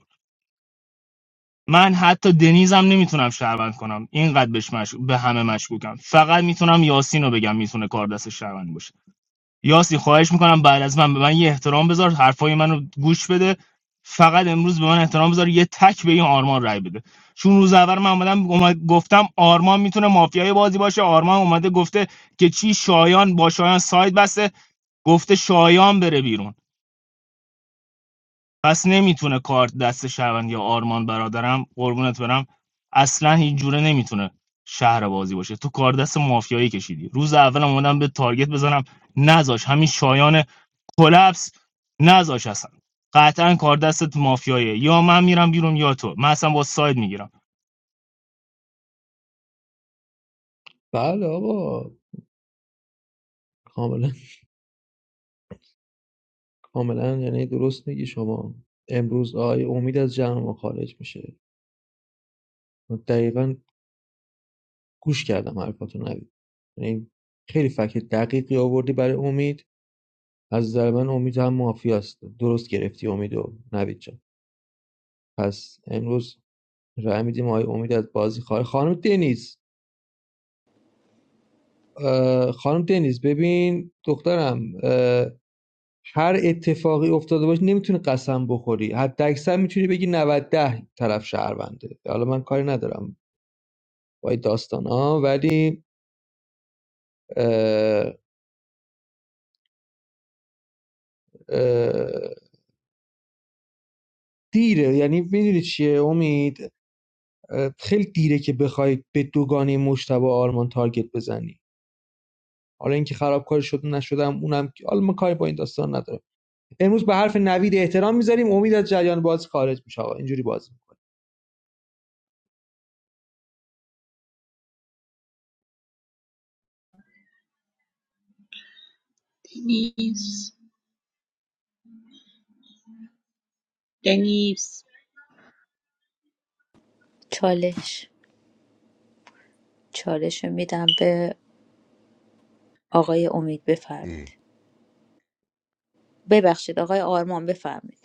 Speaker 5: من حتی دنیزم نمیتونم شهروند کنم اینقدر بهش مش... به همه مشکوکم فقط میتونم یاسین رو بگم میتونه کار دست شهروند باشه یاسین خواهش میکنم بعد از من به من یه احترام بذار حرفای منو گوش بده فقط امروز به من احترام بذار یه تک به این آرمان رای بده چون روز اول من اومدم اومد- گفتم آرمان میتونه مافیای بازی باشه آرمان اومده گفته که چی شایان با شایان ساید بسته گفته شایان بره بیرون پس نمیتونه کارت دست شهروند یا آرمان برادرم قربونت برم اصلا هیچ جوره نمیتونه شهر بازی باشه تو کار دست مافیایی کشیدی روز اول اومدم به تارگت بزنم نذاش همین شایان کلپس نذاش اصلا قطعا کار دستت مافیاییه یا من میرم بیرون یا تو من اصلا با ساید میگیرم
Speaker 8: بله آقا کاملا کاملا یعنی درست میگی شما امروز آقای امید از جمع ما خارج میشه من دقیقا گوش کردم حرفاتو نوید یعنی خیلی فکر دقیقی آوردی برای امید از نظر من امید هم مافیاست درست گرفتی امیدو و نوید جان پس امروز رای میدیم آقای امید از بازی خارج خانم دنیز خانم دنیز ببین دخترم هر اتفاقی افتاده باشه نمیتونی قسم بخوری حتی اکثر میتونی بگی 90 ده طرف شهرونده حالا من کاری ندارم با این داستان ها ولی اه، اه، دیره یعنی میدونی چیه امید اه، خیلی دیره که بخوای به دوگانه مشتبه آرمان تارگت بزنی حالا اینکه خرابکاری شد نشدم اونم که- حالا من کاری با این داستان ندارم امروز به حرف نوید احترام میذاریم امید از جریان باز خارج میشه آقا. اینجوری باز
Speaker 3: دنیس دنیس
Speaker 4: چالش چالش رو میدم به آقای امید
Speaker 7: ای
Speaker 4: بفرمید ببخشید آقای آرمان بفرمید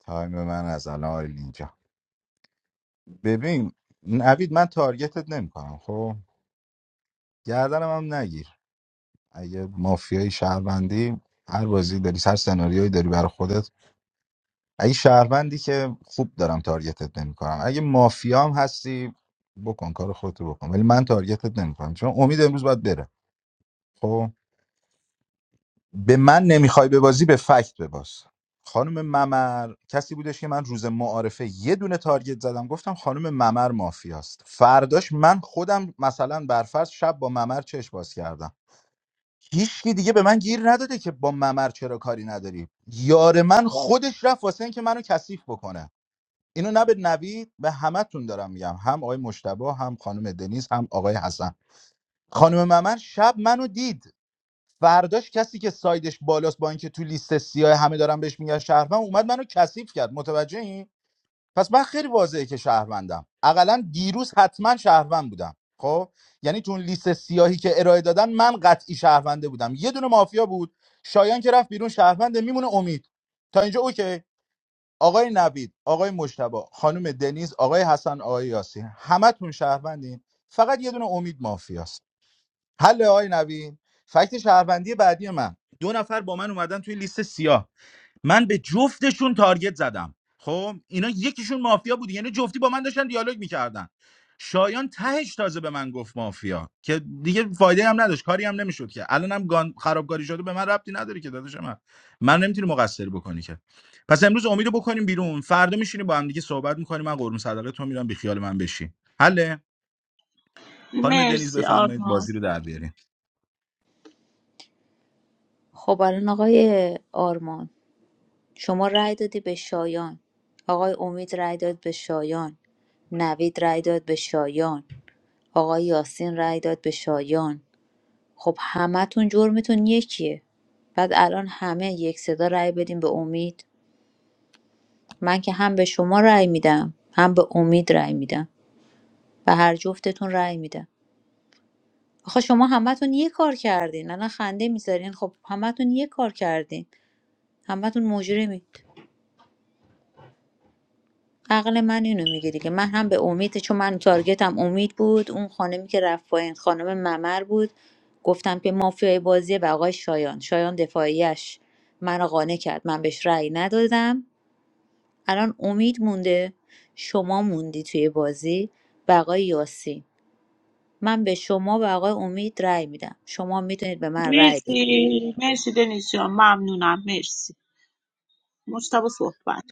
Speaker 7: تایم من از الان اینجا ببین نوید من تارگتت نمیکنم خب گردنم هم نگیر اگه مافیای شهروندی هر بازی داری هر سناریویی داری برای خودت اگه شهروندی که خوب دارم تارگتت نمیکنم اگه مافیام هستی بکن کار خودتو بکن ولی من تارگتت نمیکنم چون امید امروز باید بره خب به من نمیخوای ببازی به فکت بباز خانم ممر کسی بودش که من روز معارفه یه دونه تارگت زدم گفتم خانم ممر مافیاست فرداش من خودم مثلا برفرض شب با ممر چش باز کردم هیچکی دیگه به من گیر نداده که با ممر چرا کاری نداری یار من خودش رفت واسه اینکه منو کثیف بکنه اینو نه به نوید به همتون دارم میگم هم آقای مشتبه هم خانم دنیز هم آقای حسن خانم ممن شب منو دید فرداش کسی که سایدش بالاست با اینکه تو لیست سیاه همه دارم بهش میگن شهروند اومد منو کثیف کرد متوجه این پس من خیلی واضحه که شهروندم اقلا دیروز حتما شهروند بودم خب یعنی تو اون لیست سیاهی که ارائه دادن من قطعی شهرونده بودم یه دونه مافیا بود شایان که رفت بیرون شهرونده میمونه امید تا اینجا اوکی آقای نوید آقای مجتبی خانم دنیز آقای حسن آقای یاسی همتون شهروندین فقط یه دونه امید مافیاست حل آقای نوید فکت شهروندی بعدی من دو نفر با من اومدن توی لیست سیاه من به جفتشون تارگت زدم خب اینا یکیشون مافیا بود یعنی جفتی با من داشتن دیالوگ میکردن شایان تهش تازه به من گفت مافیا که دیگه فایده هم نداشت کاری هم نمیشد که الانم گان خرابکاری شده به من ربطی نداره که داداش من من نمیتونی مقصر بکنی که پس امروز امیدو بکنیم بیرون فردا میشینیم با هم دیگه صحبت میکنیم من قرم صدقه تو میرم بی خیال من بشی حله خانم دنیز
Speaker 3: مرسی
Speaker 7: بفرمایید
Speaker 3: آرمان
Speaker 7: بازی رو در بیارین
Speaker 4: خب الان آقای آرمان شما رأی دادی به شایان آقای امید رأی داد به شایان نوید رأی داد به شایان آقای یاسین رأی داد به شایان خب همتون جرمتون یکیه بعد الان همه یک صدا رأی بدیم به امید من که هم به شما رأی میدم هم به امید رأی میدم به هر جفتتون رأی میدم آخه شما همتون یه کار کردین الان خنده میذارین خب همتون یه کار کردین همتون مجرمین عقل من اینو میگه دیگه من هم به امید چون من تارگتم امید بود اون خانمی که رفت پایین خانم ممر بود گفتم که مافیای بازیه و آقای شایان شایان دفاعیش منو قانع کرد من بهش رأی ندادم الان امید مونده شما موندی توی بازی و آقای یاسی من به شما و آقای امید رأی میدم شما میتونید به من رأی بدید
Speaker 3: مرسی مرسی دنیس جان ممنونم مرسی مجتبا صحبت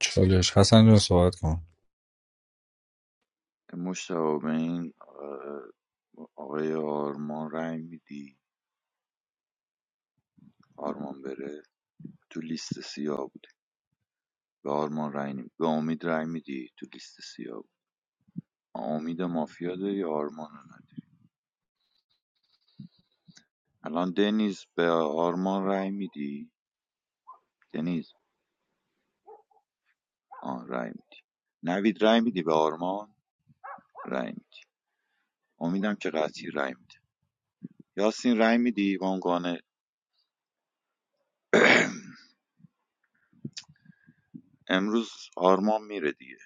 Speaker 2: چالش حسن جان صحبت کن
Speaker 13: مشتاق به این اه، آقای آرمان رای میدی آرمان بره تو لیست سیاه بود به آرمان رای نمی به امید رای میدی تو لیست سیاه بود امید مافیا داری یا آرمان رو نداری الان دنیز به آرمان رای میدی دنیز آن رای میدی نوید رای میدی به آرمان رای میدی امیدم که قطعی رای میده یاسین رای میدی به عنوان امروز آرمان میره دیگه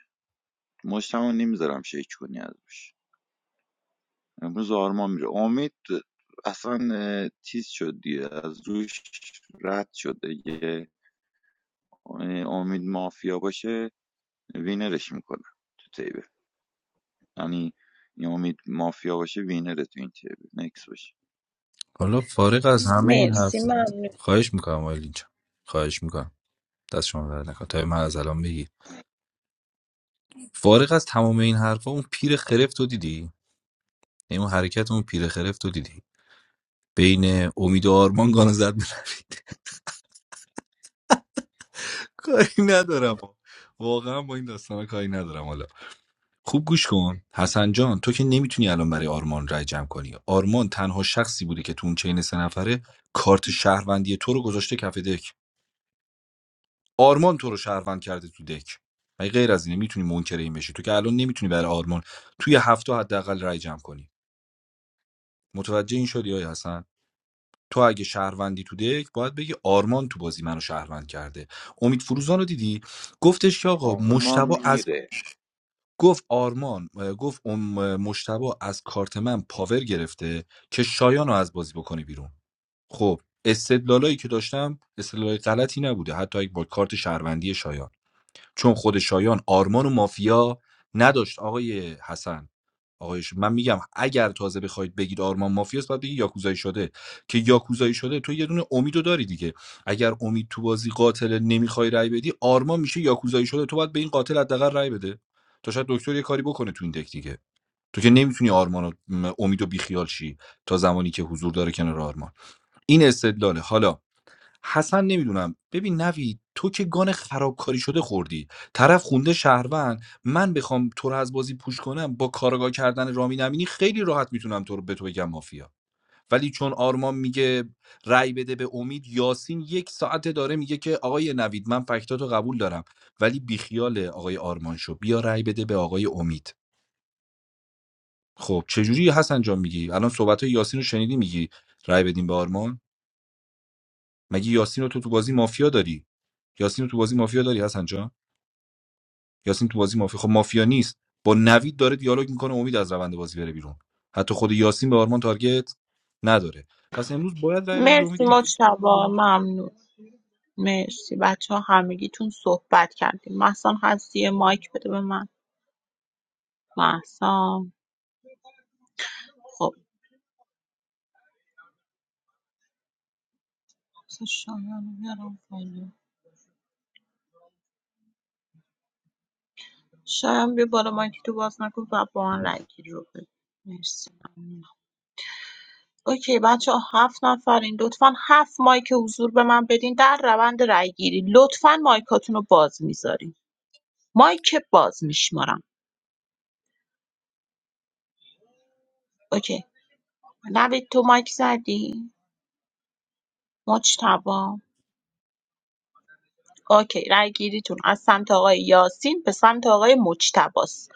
Speaker 13: مشتمو نمیذارم شیک کنی ازش امروز آرمان میره امید اصلا تیز شد دیگه از روش رد شد دیگه اه، امید مافیا باشه وینرش میکنه تو تیبه یعنی این امید مافیا باشه وینره تو این تیبه نکس باشه
Speaker 2: حالا فارغ از همه این حرف
Speaker 3: مرسی ممنون
Speaker 2: خواهش میکنم آیلین اینجا خواهش میکنم دست شما درد نکنه تا من از الان بگی فارغ از تمام این حرفا اون پیر خرفت رو دیدی یعنی اون حرکت اون پیر خرفت رو دیدی بین امید و آرمان گانو زد کاری ندارم واقعا با این داستانا کاری ندارم حالا خوب گوش کن حسن جان تو که نمیتونی الان برای آرمان رای جمع کنی آرمان تنها شخصی بوده که تو اون چین سه نفره کارت شهروندی تو رو گذاشته کف دک آرمان تو رو شهروند کرده تو دک مگه غیر از اینه میتونی منکر این بشی تو که الان نمیتونی برای آرمان توی هفته حداقل رای جمع کنی متوجه این شدی آیا حسن تو اگه شهروندی تو دک باید بگی آرمان تو بازی منو شهروند کرده امید فروزان رو دیدی گفتش که آقا
Speaker 13: آرمان
Speaker 2: مشتبه از
Speaker 13: میره
Speaker 2: گفت آرمان اه، گفت اون مشتبا از کارت من پاور گرفته که شایان رو از بازی بکنه بیرون خب استدلالایی که داشتم استدلال غلطی نبوده حتی اگه با کارت شهروندی شایان چون خود شایان آرمان و مافیا نداشت آقای حسن آقای ش- من میگم اگر تازه بخواید بگید آرمان مافیاست باید بگید یاکوزایی شده که یاکوزایی شده تو یه دونه امیدو داری دیگه اگر امید تو بازی قاتل نمیخوای رای بدی آرمان میشه یاکوزایی شده تو باید به این قاتل حداقل رای بده تا شاید دکتر یه کاری بکنه تو این دک دیگه تو که نمیتونی آرمان و م، امید بیخیال شی تا زمانی که حضور داره کنار آرمان این استدلاله حالا حسن نمیدونم ببین نوید تو که گان خرابکاری شده خوردی طرف خونده شهروند من بخوام تو رو از بازی پوش کنم با کارگاه کردن رامین امینی خیلی راحت میتونم تو رو به تو بگم مافیا ولی چون آرمان میگه رأی بده به امید یاسین یک ساعته داره میگه که آقای نوید من فکتاتو قبول دارم ولی بیخیال آقای آرمان شو بیا رأی بده به آقای امید خب چجوری حسن جان میگی الان صحبت یاسین رو شنیدی میگی رأی بدیم به آرمان مگه یاسین رو تو تو بازی مافیا داری یاسین رو تو بازی مافیا داری حسن جان یاسین تو بازی مافیا خب مافیا نیست با نوید داره دیالوگ میکنه امید از روند بازی بره بیرون حتی خود یاسین به آرمان تارگت نداره پس امروز باید رای بدید امید
Speaker 3: مرسی
Speaker 2: دیگه
Speaker 3: مجتبا ممنون مرسی بچه ها همگیتون صحبت کردیم محسن هستی یه مایک بده به من محسن خب مثلا شایان رو بیارم بالا. شایان بیا بالا مایک تو باز نکن و با من رای گیری رو بده مرسی اوکی بچه هفت نفرین لطفا هفت مایک حضور به من بدین در روند رای گیری لطفا مایکاتون رو باز میذارین مایک باز میشمارم اوکی نوید تو مایک زدی مجتبا اوکی رای گیریتون از سمت آقای یاسین به سمت آقای مجتباست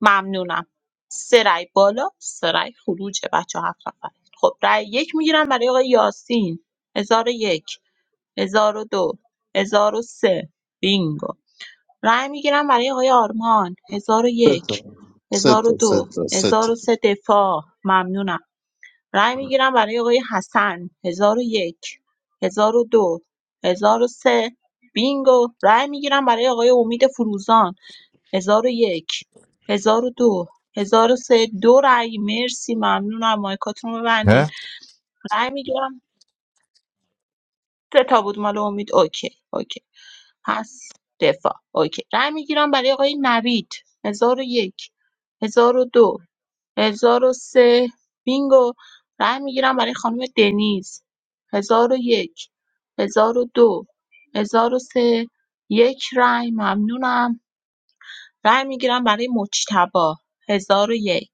Speaker 3: ممنونم سه رای بالا سه رای خروج بچه هفت نفر خب رای یک میگیرم برای آقای یاسین هزار و یک هزار و دو هزار و سه بینگو رای میگیرم برای آقای آرمان
Speaker 1: سه
Speaker 3: 1001
Speaker 1: تا سه تا سه
Speaker 3: 1002
Speaker 1: تا سه تا
Speaker 3: 1003 دفاع ممنونم. رای میگیرم برای آقای حسن 1001 1002 1003 بینگو. رای میگیرم برای آقای امید فروزان 1001 1002 1003 دو هزار و سه. دو رای مرسی ممنونم مایکاتون رو ببندین.
Speaker 7: نه
Speaker 3: رای میگیرم سه تا بود مال امید اوکی اوکی پس دفاع اوکی رأی میگیرم برای آقای نوید 1001 1002 سه. بینگو رأی میگیرم برای خانم دنیز 1001 1002 سه. یک رأی ممنونم رأی میگیرم برای مجتبی 1001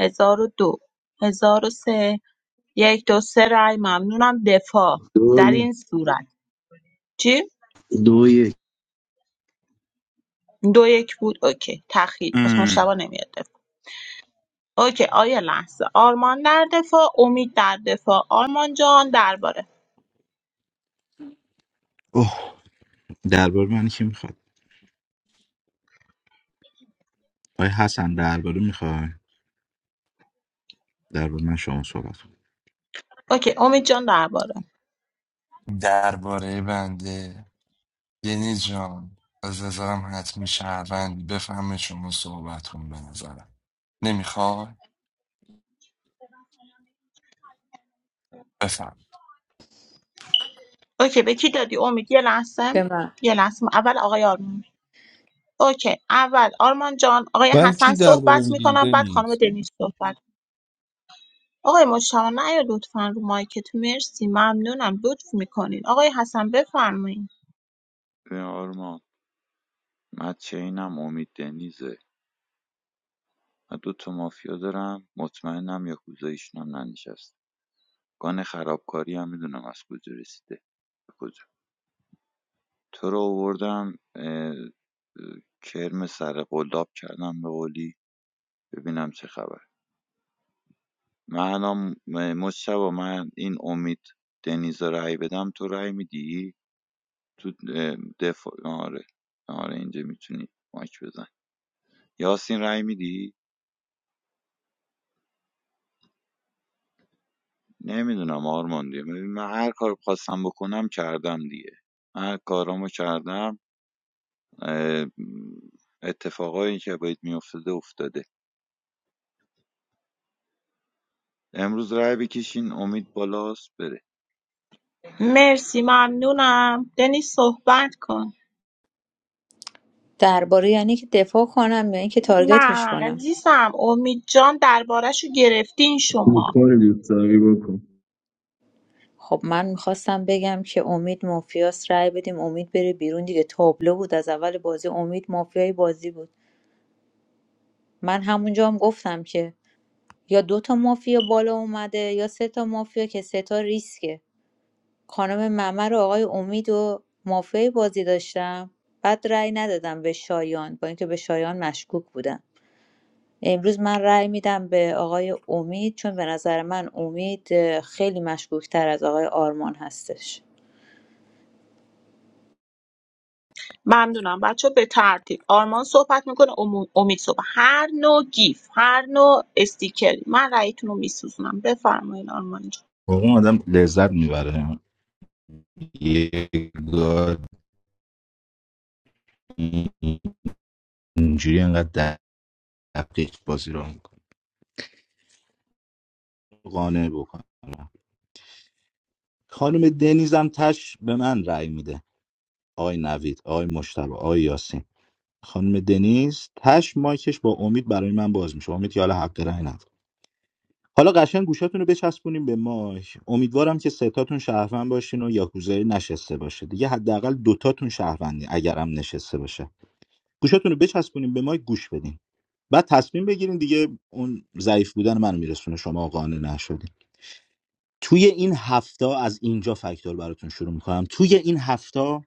Speaker 3: 1002 1003 یک دو سه رأی ممنونم دفاع
Speaker 1: دو
Speaker 3: در
Speaker 1: یک.
Speaker 3: این صورت چی؟
Speaker 1: دو یک
Speaker 3: دو یک بود اوکی تخیل پس
Speaker 10: ام.
Speaker 3: مشتبه نمیاد دفاع اوکی آیا لحظه آرمان در دفاع امید در دفاع آرمان جان درباره
Speaker 7: اوه درباره من کی میخواد آیا حسن درباره میخوای درباره من شما صحبت کن.
Speaker 3: اوکی امید جان درباره
Speaker 10: درباره بنده دنیز جان از نظرم حتمی شهروندی بفهمه شما صحبت کن به نظرم نمیخوای
Speaker 3: اوکی به کی دادی امید یه لحظه
Speaker 4: به من
Speaker 3: یه لحظه اول آقای آرمان اوکی اول آرمان جان آقای
Speaker 2: برای چی
Speaker 3: حسن
Speaker 2: درباره
Speaker 3: صحبت
Speaker 2: میگیری
Speaker 3: میکنم بعد خانم
Speaker 2: دنیز
Speaker 3: دنیز صحبت آقای مجتمع نیا لطفا رو مایکت مرسی ممنونم لطف میکنین آقای حسن بفرمایین
Speaker 13: به آرمان من چینم امید دنیزه من دو مافیا دارم مطمئنم یا کوزایشون هم ننشسته گان خرابکاری هم میدونم از کجا رسیده کجا تو رو آوردم اه، اه، کرم سر قلاب کردم به قولی ببینم چه خبر من الان م- مشتبه من این امید دنیز رای بدم تو رای میدی تو اه، دفاع آره آره اینجا میتونی مایک بزن یاسین رای میدی نمیدونم آرمان دیگه ببین، من هر کار خواستم بکنم کردم دیگه من هر کارامو کردم اتفاقایی که باید میافتاده افتاده امروز رای بکشین امید بالاست بره
Speaker 3: مرسی ممنونم دنیز صحبت کن
Speaker 4: درباره یعنی که دفاع کنم یا اینکه تارگتش
Speaker 3: نه
Speaker 4: کنم
Speaker 3: عزیزم امید جان دربارهشو گرفتین
Speaker 1: این
Speaker 3: شما
Speaker 1: کار بیفتاری بکن
Speaker 4: خب من میخواستم بگم که امید مافیاس رأی بدیم امید بره بیرون دیگه تابلو بود از اول بازی امید مافیای بازی بود من همونجا هم گفتم که یا دو تا مافیا بالا اومده یا سه تا مافیا که سه تا ریسکه خانم ممر و آقای امید و مافیای بازی داشتم بعد رای ندادم به شایان با اینکه به شایان مشکوک بودم امروز من رای میدم به آقای امید چون به نظر من امید اه، خیلی مشکوک تر از آقای آرمان هستش
Speaker 3: ممنونم بچه به ترتیب آرمان صحبت میکنه امید صحبت هر نوع گیف هر نوع استیکری من رأیتون رو میسوزونم بفرمایین آرمان جان
Speaker 7: واقعا آدم لذت میبره یه گار اینجوری انقدر دقیق بازی رو میکنه قانع بکنه خانم دنیز هم تش به من رأی میده آقای نوید آقای مشتبه آقای یاسین خانم دنیز تش مایکش با امید برای من باز میشه امید که حالا حق رأی نداره حالا قشنگ گوشاتون رو بچسبونیم به مایک امیدوارم که ستاتون شهروند باشین و یاکوزایی نشسته باشه دیگه حداقل دوتاتون شهروندی اگرم نشسته باشه گوشتون رو بچسبونین به ما گوش بدین بعد تصمیم بگیرین دیگه اون ضعیف بودن من میرسونه شما قانع نشدین توی این هفته از اینجا فکتور براتون شروع میکنم توی این هفته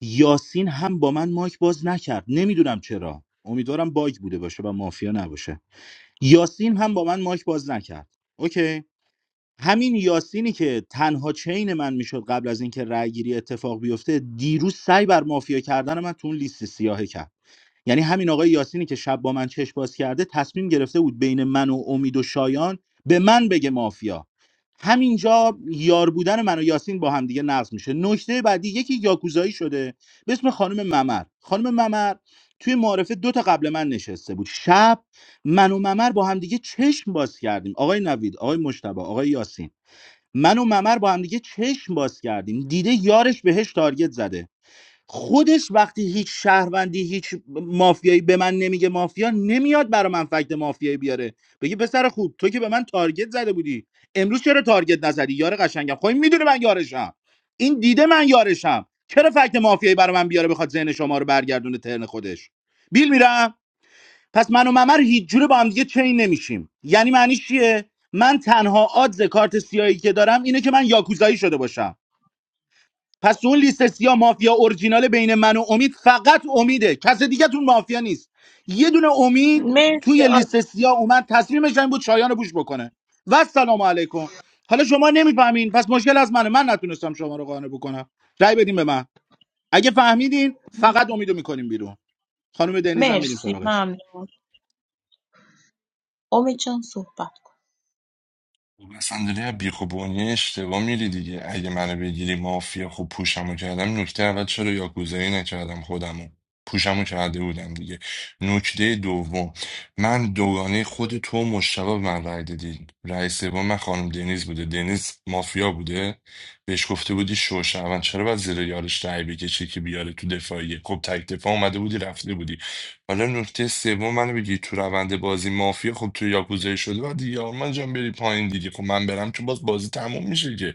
Speaker 7: یاسین هم با من مایک باز نکرد نمیدونم چرا امیدوارم باگ بوده باشه و مافیا نباشه یاسین هم با من مایک باز نکرد اوکی همین یاسینی که تنها چین من میشد قبل از اینکه رأیگیری اتفاق بیفته دیروز سعی بر مافیا کردن من تو اون لیست سیاهه کرد یعنی همین آقای یاسینی که شب با من چشم باز کرده تصمیم گرفته بود بین من و امید و شایان به من بگه مافیا همینجا یار بودن من و یاسین با هم دیگه نقض میشه نکته بعدی یکی یاکوزایی شده به اسم خانم ممر خانم ممر توی معارفه دو تا قبل من نشسته بود شب من و ممر با هم دیگه چشم باز کردیم آقای نوید آقای مشتبه آقای یاسین من و ممر با هم دیگه چشم باز کردیم دیده یارش بهش تارگت زده خودش وقتی هیچ شهروندی هیچ مافیایی به من نمیگه مافیا نمیاد برا من فکت مافیایی بیاره بگی پسر خوب تو که به من تارگت زده بودی امروز چرا تارگت نزدی یار قشنگم خب این میدونه من یارشم این دیده من یارشم چرا فکت مافیایی برا من بیاره بخواد ذهن شما رو برگردونه ترن خودش بیل میرم پس من و ممر هیچ جوره با هم دیگه چین نمیشیم یعنی معنیش چیه من تنها آدز کارت سیاهی که دارم اینه که من یاکوزایی شده باشم پس اون لیست سیا مافیا اورجینال بین من و امید فقط امیده کس دیگه تون مافیا نیست یه دونه امید
Speaker 3: مرسی
Speaker 7: توی لیست
Speaker 3: آرمان
Speaker 7: سیا اومد تصمیمش این بود شایان رو بوش بکنه و سلام علیکم حالا شما نمیفهمین پس مشکل از منه من نتونستم شما رو قانع بکنم رأی بدین به من اگه فهمیدین فقط امیدو میکنیم بیرون خانم دنیزم میریم
Speaker 3: مرسی
Speaker 7: سراغش
Speaker 3: ممنون امید جان صحبت کن
Speaker 10: خب اصلا داری از بیخ و اشتباه میری دیگه اگه منو بگیری مافیا خب پوشمو کردم نکته اول چرا یاکوزایی نکردم خودمو پوشمو کرده بودم دیگه نکته دوم من دوگانه خود تو و مشتبه به من رای دادی رئیس سوم من خانم دنیز بوده دنیز مافیا بوده بهش گفته بودی شوشون چرا باید زیر یارش رای بکشی که بیاره تو دفاعیه خب تک دفاع اومده بودی رفته بودی حالا نکته سوم منو بگی تو روند بازی مافیا خب تو یاکوزایی شده و دیگه آرمان جان بری پایین دیگه خب من برم که باز بازی تموم میشه که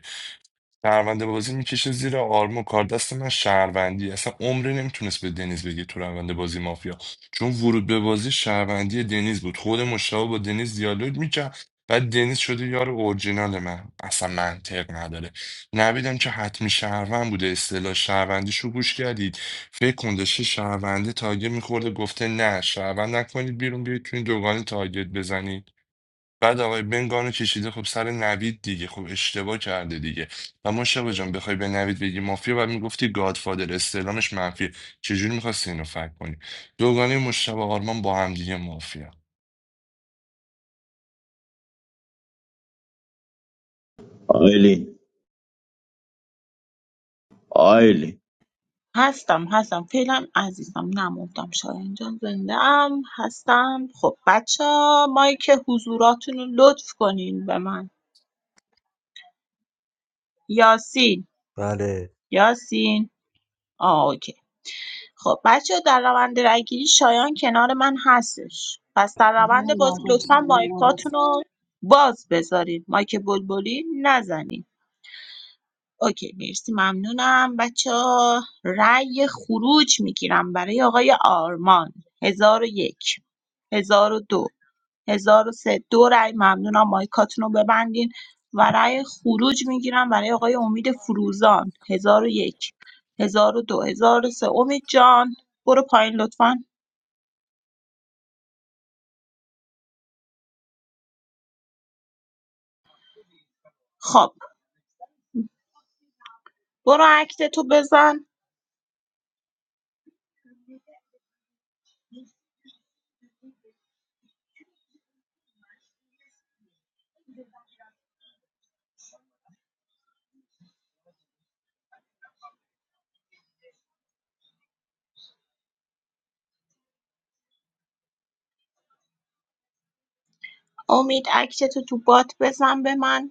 Speaker 10: شهرونده بازی میکشه زیر آرمو کار دست من شهروندی اصلا عمری نمیتونست به دنیز بگه تو روند بازی مافیا چون ورود به بازی شهروندی دنیز بود خود مشتاق با دنیز دیالوگ میکرد بعد دنیز شده یار اورجینال من اصلا منطق نداره نویدم که حتمی شهروند بوده اصطلاح شهروندیش رو گوش کردید فکر کن داشته شهرونده تارگت میخورده گفته نه شهروند نکنید بیرون بیاید تو این دوگانی تارگت بزنید بعد آقای بنگانو کشیده خب سر نوید دیگه خب اشتباه کرده دیگه و مشتبه جان بخوای به نوید بگی مافیا بعد میگفتی گادفادر استعلامش منفی چجوری میخواستی اینو فکر کنی دوگانه مشتبه آرمان با هم دیگه مافیا
Speaker 1: آیلین آیلین
Speaker 3: هستم هستم فعلا عزیزم نموندم شاید جان زنده ام هستم خب بچه مایک حضوراتون رو لطف کنین به من یاسین یاسین آه اوکی خب بچه‌ها در روند رگیری شایان کنار من هستش پس در روند بازی لطفا مایکاتون رو باز بذارید مایک بلبلی نزنید اوکی مرسی ممنونم بچه ها رأی خروج میگیرم برای آقای آرمان هزار و یک هزار و دو هزار و سه دو رای ممنونم مایکاتون رو ببندین و رای خروج میگیرم برای آقای امید فروزان 1001 1002 سه امید جان برو پایین لطفا خب برو اکتتو بزن امید اکتتو تو بات بزن به من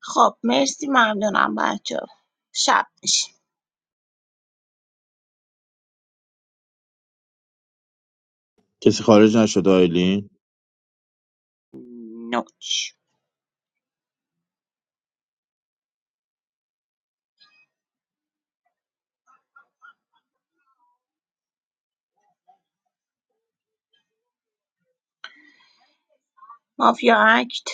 Speaker 3: خب مرسی ممنونم بچه شب میشه
Speaker 1: کسی خارج نشد آیلین
Speaker 3: نوچ مافیا اکت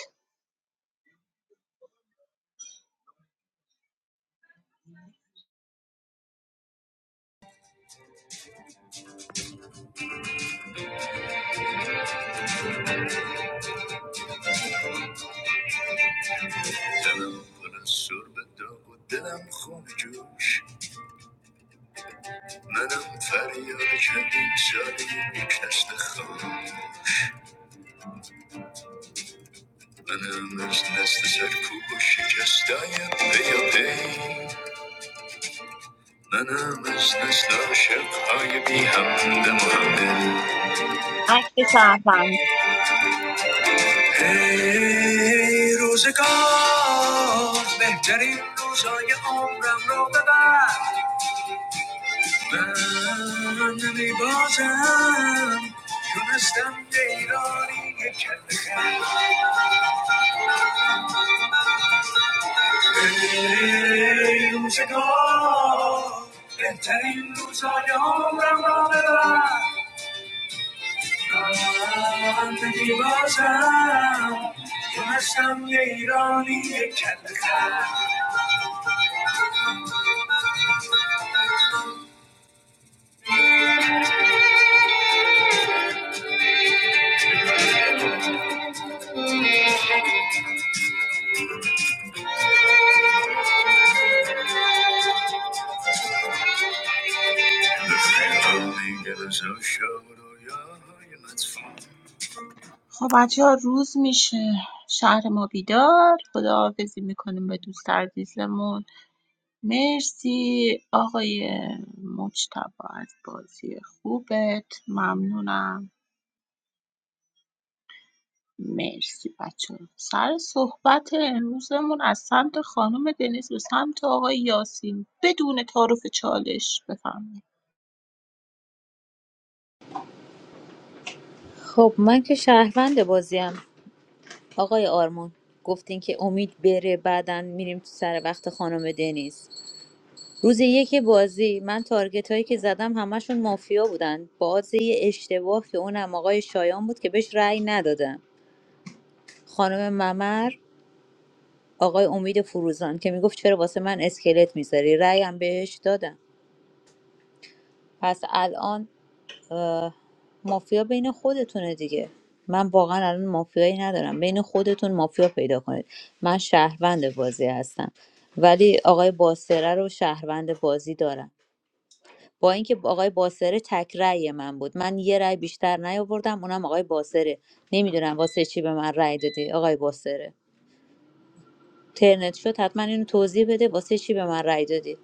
Speaker 14: دلم پر از به داغ و دلم خون جوش منم فریاد چندین ساله یک نسل خاموش منم از نسل سرکوب و شکستای پی و پی منم از نسل عاشقهای بی همدم و همدل
Speaker 3: اکت شهروندی.
Speaker 14: ای روزگار بهترین روزای عمرم رو ببر من می بازم تونستم دیرانی کل خیلی ای روزگار بهترین روزای عمرم را ببر من می بازم تونستم دیرانی کل خیلی به خیلی گرزا شد و یاهای مدفون
Speaker 3: خب بچه ها روز میشه شهر ما بیدار خداحافظی میکنیم به دوست عزیزمون مرسی آقای مجتبا از بازی خوبت ممنونم مرسی بچه ها. سر صحبت امروزمون از سمت خانم دنیز به سمت آقای یاسین بدون تعارف چالش بفرمایید
Speaker 4: خب من که شهروند بازیم آقای آرمان گفتین که امید بره بعدا میریم تو سر وقت خانم دنیز روز یک بازی من تارگت هایی که زدم همشون مافیا بودن باز یه اشتباه که اونم آقای شایان بود که بهش رأی ندادم خانم ممر آقای امید فروزان که میگفت چرا واسه من اسکلت میذاری رأی هم بهش دادم پس الان اه، مافیا بین خودتونه دیگه من واقعا الان مافیایی ندارم بین خودتون مافیا پیدا کنید من شهروند بازی هستم ولی آقای باسره رو شهروند بازی دارم با اینکه آقای باسره تک رأی من بود من یه رأی بیشتر نیاوردم اونم آقای باسره نمیدونم واسه چی به من رأی دادی آقای باسره ترنت شد حتما اینو توضیح بده واسه چی به من رأی دادی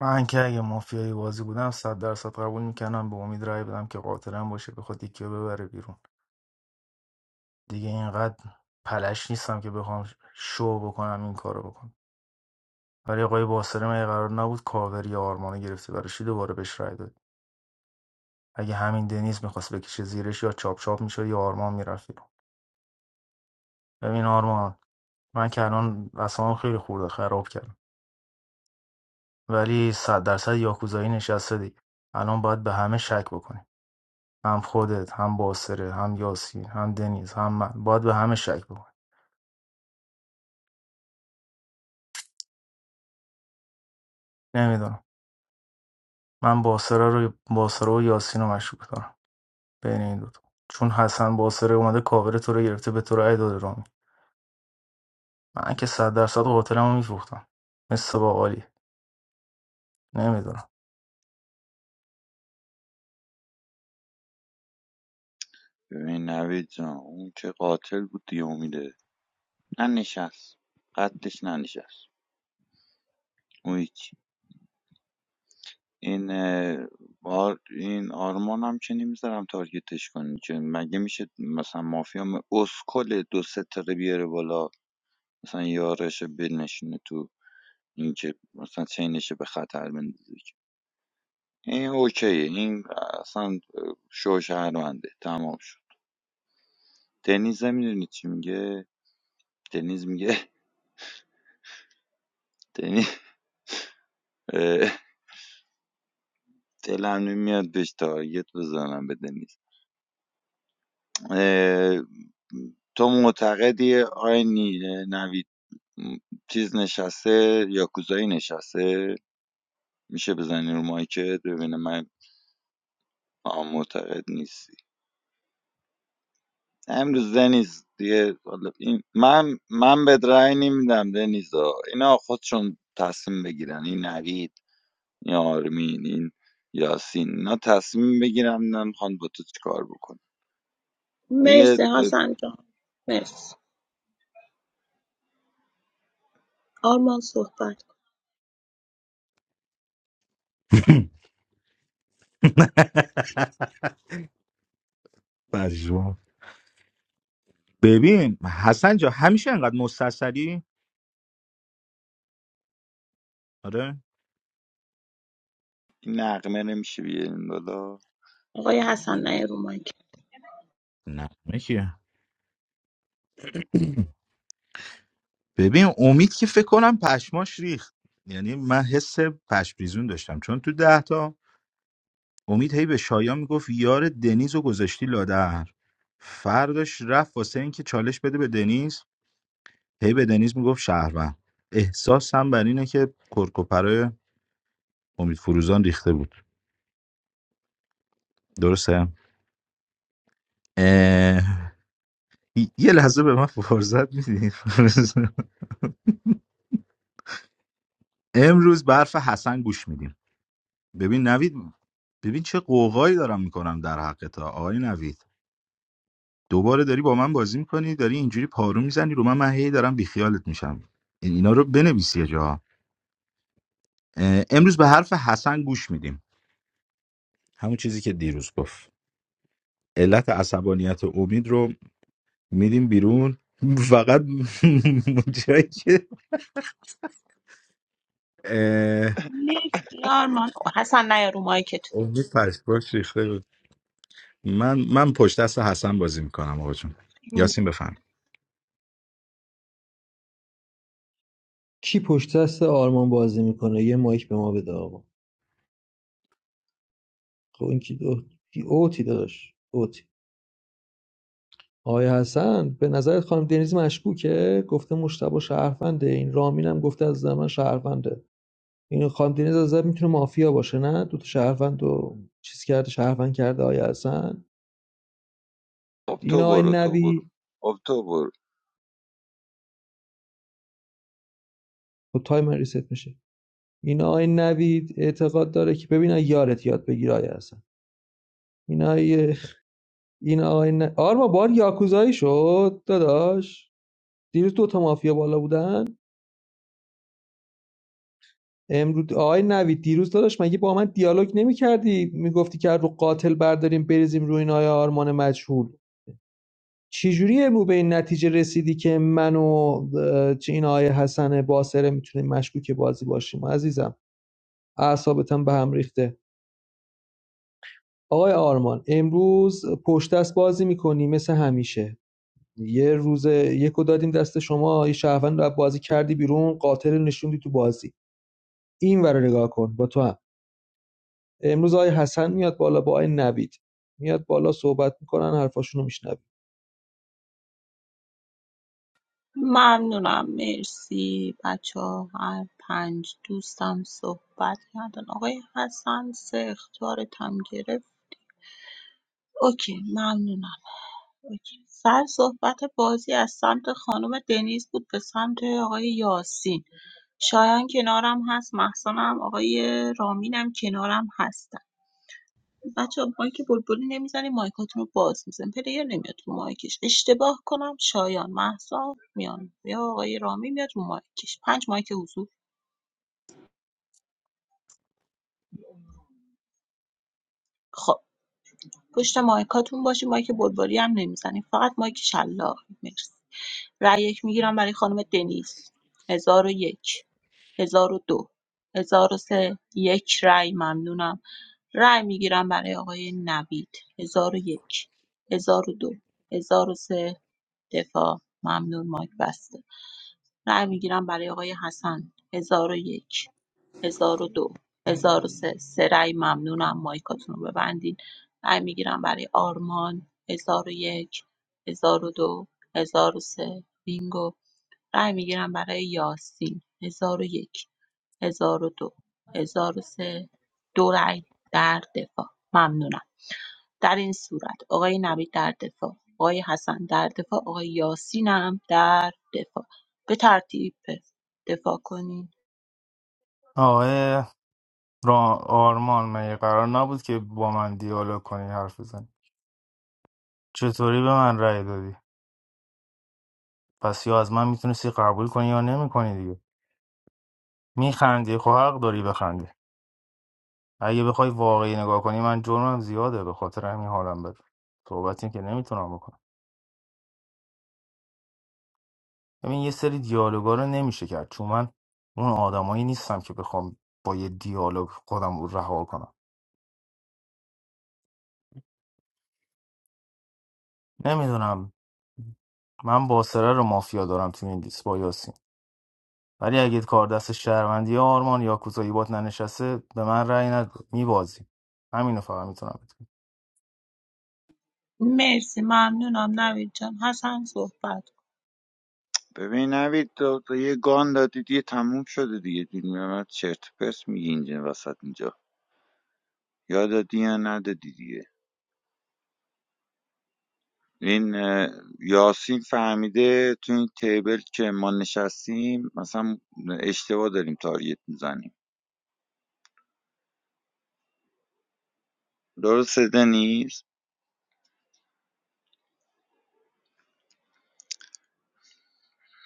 Speaker 5: من که اگه مافیایی بازی بودم صد درصد قبول میکنم به امید رای بدم که قاتلم باشه بخواد یکی رو ببره بیرون دیگه اینقدر پلش نیستم که بخوام شو بکنم این کارو بکنم ولی آقای باسرم اگه قرار نبود کاور یا آرمانو گرفته برای چی دوباره بهش رای داد اگه همین دنیز میخواست بکشه زیرش یا چاپ چاپ میشد یا آرمان میرفت ببین آرمان من که الان اصلا خیلی خورده خراب کردم ولی صد درصد یاکوزایی نشسته دیگه الان باید به همه شک بکنی هم خودت هم باسره هم یاسین هم دنیز هم من باید به همه شک بکنی نمیدونم من باسره رو باسره و یاسین رو مشکوک دارم بین این دوتا چون حسن باسره اومده کاور تو رو گرفته به تو رای داده رامین من که صد درصد قاتلمو میفروختم مثل باقالی نمیدونم
Speaker 13: ببین نوید جان اون چه قاتل بود دیگه امیده ننشست قدش ننشست اون هیچ این بار این آرمان هم که نمیذارم تارگتش کنی چون مگه میشه مثلا مافیا م- اسکل دو سه تقه بیاره بالا مثلا یارش بنشینه تو این که مثلا چینش به خطر بندازه این اوکیه این اصلا شو شهرونده تمام شد دنیز میدونی چی میگه دنیز میگه دنیز اه، دلم نمیاد بهش تارگت بزنم به دنیز اه، تو معتقدی آی نی- نوید م، چیز نشسته یا کوزایی نشسته میشه بزنی رو مایکت ببینه من آه، معتقد نیستی امروز دنیز دیگه حالا این من من به رأی نمیدم دنیزا اینا خودشون تصمیم بگیرن این نوید این آرمین این یاسین اینا تصمیم بگیرن نه میخوان با تو چیکار بکن دیگه
Speaker 3: مرسی
Speaker 13: اه،
Speaker 3: حسن جان مرسی آرمان صحبت کن.
Speaker 7: مجروح. ببین حسن جا همیشه انقدر مستصری آره
Speaker 13: این نقمه نمیشه بیارین بالا
Speaker 3: آقای حسن نیا رو مایک
Speaker 7: نه ببین امید که فکر کنم پشماش ریخت یعنی من حس پشپریزون داشتم چون تو ده تا امید هی به شایان میگفت یار دنیز رو گذاشتی لادر فرداش رفت واسه اینکه چالش بده به دنیز هی به دنیز میگفت شهروند احساسم بر اینه که کرکوپرای امید فروزان ریخته بود درسته اه، یه لحظه به من فرصت میدین امروز برف حسن گوش میدیم ببین نوید ببین چه قوقایی دارم میکنم در حق تا آقای نوید دوباره داری با من بازی میکنی داری اینجوری پارو میزنی رو من من هی دارم بیخیالت میشم اینا رو بنویسی یه جا اه، امروز به حرف حسن گوش میدیم همون چیزی که دیروز گفت علت عصبانیت امید رو میدیم بیرون فقط جایی که اه،
Speaker 3: مرسی آرمان حسن نیا رو مایک
Speaker 7: امید پشتباش ریخته بود من من پشت دست حسن بازی میکنم آقا جون یاسین بفهم
Speaker 8: کی پشت دست آرمان بازی میکنه یه مایک به ما بده آقا خب این کی دو... کی اوتی داداش اوتی آقای حسن به نظرت خانم دنیز مشکوکه گفته مشتبه شهرفنده این رامین هم گفته از زمان من این خانم دنیز از نظر میتونه مافیا باشه نه دو تا شهروند و چیز کرده شهروند کرده آقای حسن
Speaker 13: خب
Speaker 8: این
Speaker 13: تو
Speaker 8: آقای
Speaker 13: برو تو برو
Speaker 8: نوید
Speaker 13: خب تو برو
Speaker 8: خب تایم ریست میشه این آقای نوید اعتقاد داره که ببین یارت یاد بگیر آقای حسن این آقای این آقای ن... آرما بار یاکوزایی شد داداش دیروز دو تا مافیا بالا بودن امروز آی نوید دیروز داداش مگه با من دیالوگ نمیکردی میگفتی که رو قاتل برداریم بریزیم روی نای آرمان مجهول چجوری امروز به این نتیجه رسیدی که من و چه این آقای حسن باسره میتونیم مشکوک بازی باشیم عزیزم اعصابتم به هم ریخته آقای آرمان امروز پشت دست بازی میکنی مثل همیشه یه روز یکو دادیم دست شما یه شهروند رو بازی کردی بیرون قاتل رو نشوندی تو بازی این ور رو نگاه کن با تو هم. امروز آقای حسن میاد بالا با آقای نوید میاد بالا صحبت میکنن حرفاشونو میشنویم
Speaker 3: ممنونم مرسی بچه ها. هر پنج دوستم صحبت کردن آقای حسن سه اختارتم گرفت اوکی ممنونم اوکی. سر صحبت بازی از سمت خانم دنیز بود به سمت آقای یاسین شایان کنارم هست محسنم آقای رامینم کنارم هستن بچه مایک بلبلی نمیزنیم مایکاتون رو باز میزن پلیر نمیاد رو مایکش اشتباه کنم شایان محسا میان یا آقای رامی میاد رو مایکش پنج مایک حضور خب پشت مایکاتون باشیم مایک بلبلی هم نمیزنیم فقط مایک شلاق مرسی رأی یک میگیرم برای خانم دنیز هزار و یک هزار و دو هزار و سه یک رأی ممنونم رأی میگیرم برای آقای نوید هزار و یک هزار و دو هزار و سه دفاع ممنون مایک بسته رأی میگیرم برای آقای حسن 1001 1002 1003 سه سه رأی ممنونم مایکاتون رو ببندین رأی میگیرم برای آرمان 1001 1002 سه. بینگو رأی میگیرم برای یاسین 1001 1002 1003 دو هزار و سه. دو رأی در دفاع ممنونم در این صورت آقای نوید در دفاع آقای حسن در دفاع آقای یاسین هم در دفاع به ترتیب دفاع کنین
Speaker 5: آقای را آرمان مگه قرار نبود که با من دیالوگ کنی حرف بزنی چطوری به من رأی دادی پس یا از من میتونستی قبول کنی یا نمیکنی دیگه میخندی خب حق داری بخندی اگه بخوای واقعی نگاه کنی من جرمم زیاده به خاطر همین حالم بده صحبتی که نمیتونم بکنم ببین یه سری دیالوگا رو نمیشه کرد چون من اون آدمایی نیستم که بخوام با یه دیالوگ خودم رو رها کنم نمیدونم من باسره رو مافیا دارم تو این لیست با یاسین ولی اگه کار دست شهروندی آرمان یا کوزایی بات ننشسته به من رأی ند میبازی همینو فقط میتونم بتونم
Speaker 3: مرسی ممنونم نوید جان حسن صحبت کن.
Speaker 13: ببین نوید تو, تو یه گان دادی دیگه تموم شده دیگه دیگه من چرت و پرت میگی اینجا وسط اینجا یا دادی یا ندادی دیگه این اه، یاسین فهمیده تو این تیبل که ما نشستیم مثلا اشتباه داریم تارگت میزنیم درسته دنیز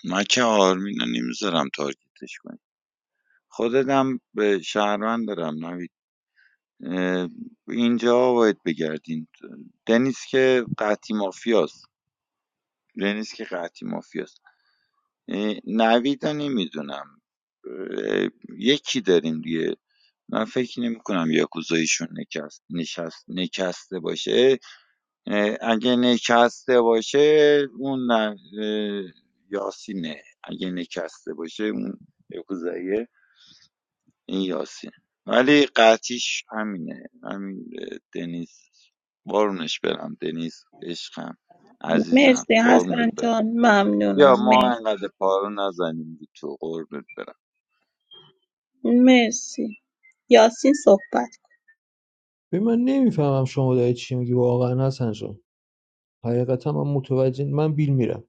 Speaker 13: من که آرمین رو نمیذارم تارگتش کنیم خودتم به شهروند دارم نوید اه، اینجا باید بگردین دنیز که قطعی مافیاست دنیز که قطعی مافیاست اه، نویدو نمیدونم یکی داریم دیگه من فکر نمی کنم یاکوزاییشون نکست نشست نکسته باشه اگه نکسته باشه اون ن- اه، یاسینه اگه نکسته باشه اون یاکوزاییه این یاسین ولی قطعیش همینه همین اه، دنیز قربونش برم دنیز عشقم عزیزم
Speaker 3: مرسی
Speaker 13: قربونت
Speaker 3: حسن
Speaker 13: برم
Speaker 3: جان
Speaker 13: یا
Speaker 3: ممنونم
Speaker 13: ما
Speaker 3: مرسی
Speaker 13: انقدر پارو نزنیم رو تو قربت برم
Speaker 3: مرسی یاسین صحبت
Speaker 8: ببین من نمیفهمم شما داری چی میگی واقعا حسن جان حقیقتا من متوجه من بیل میرم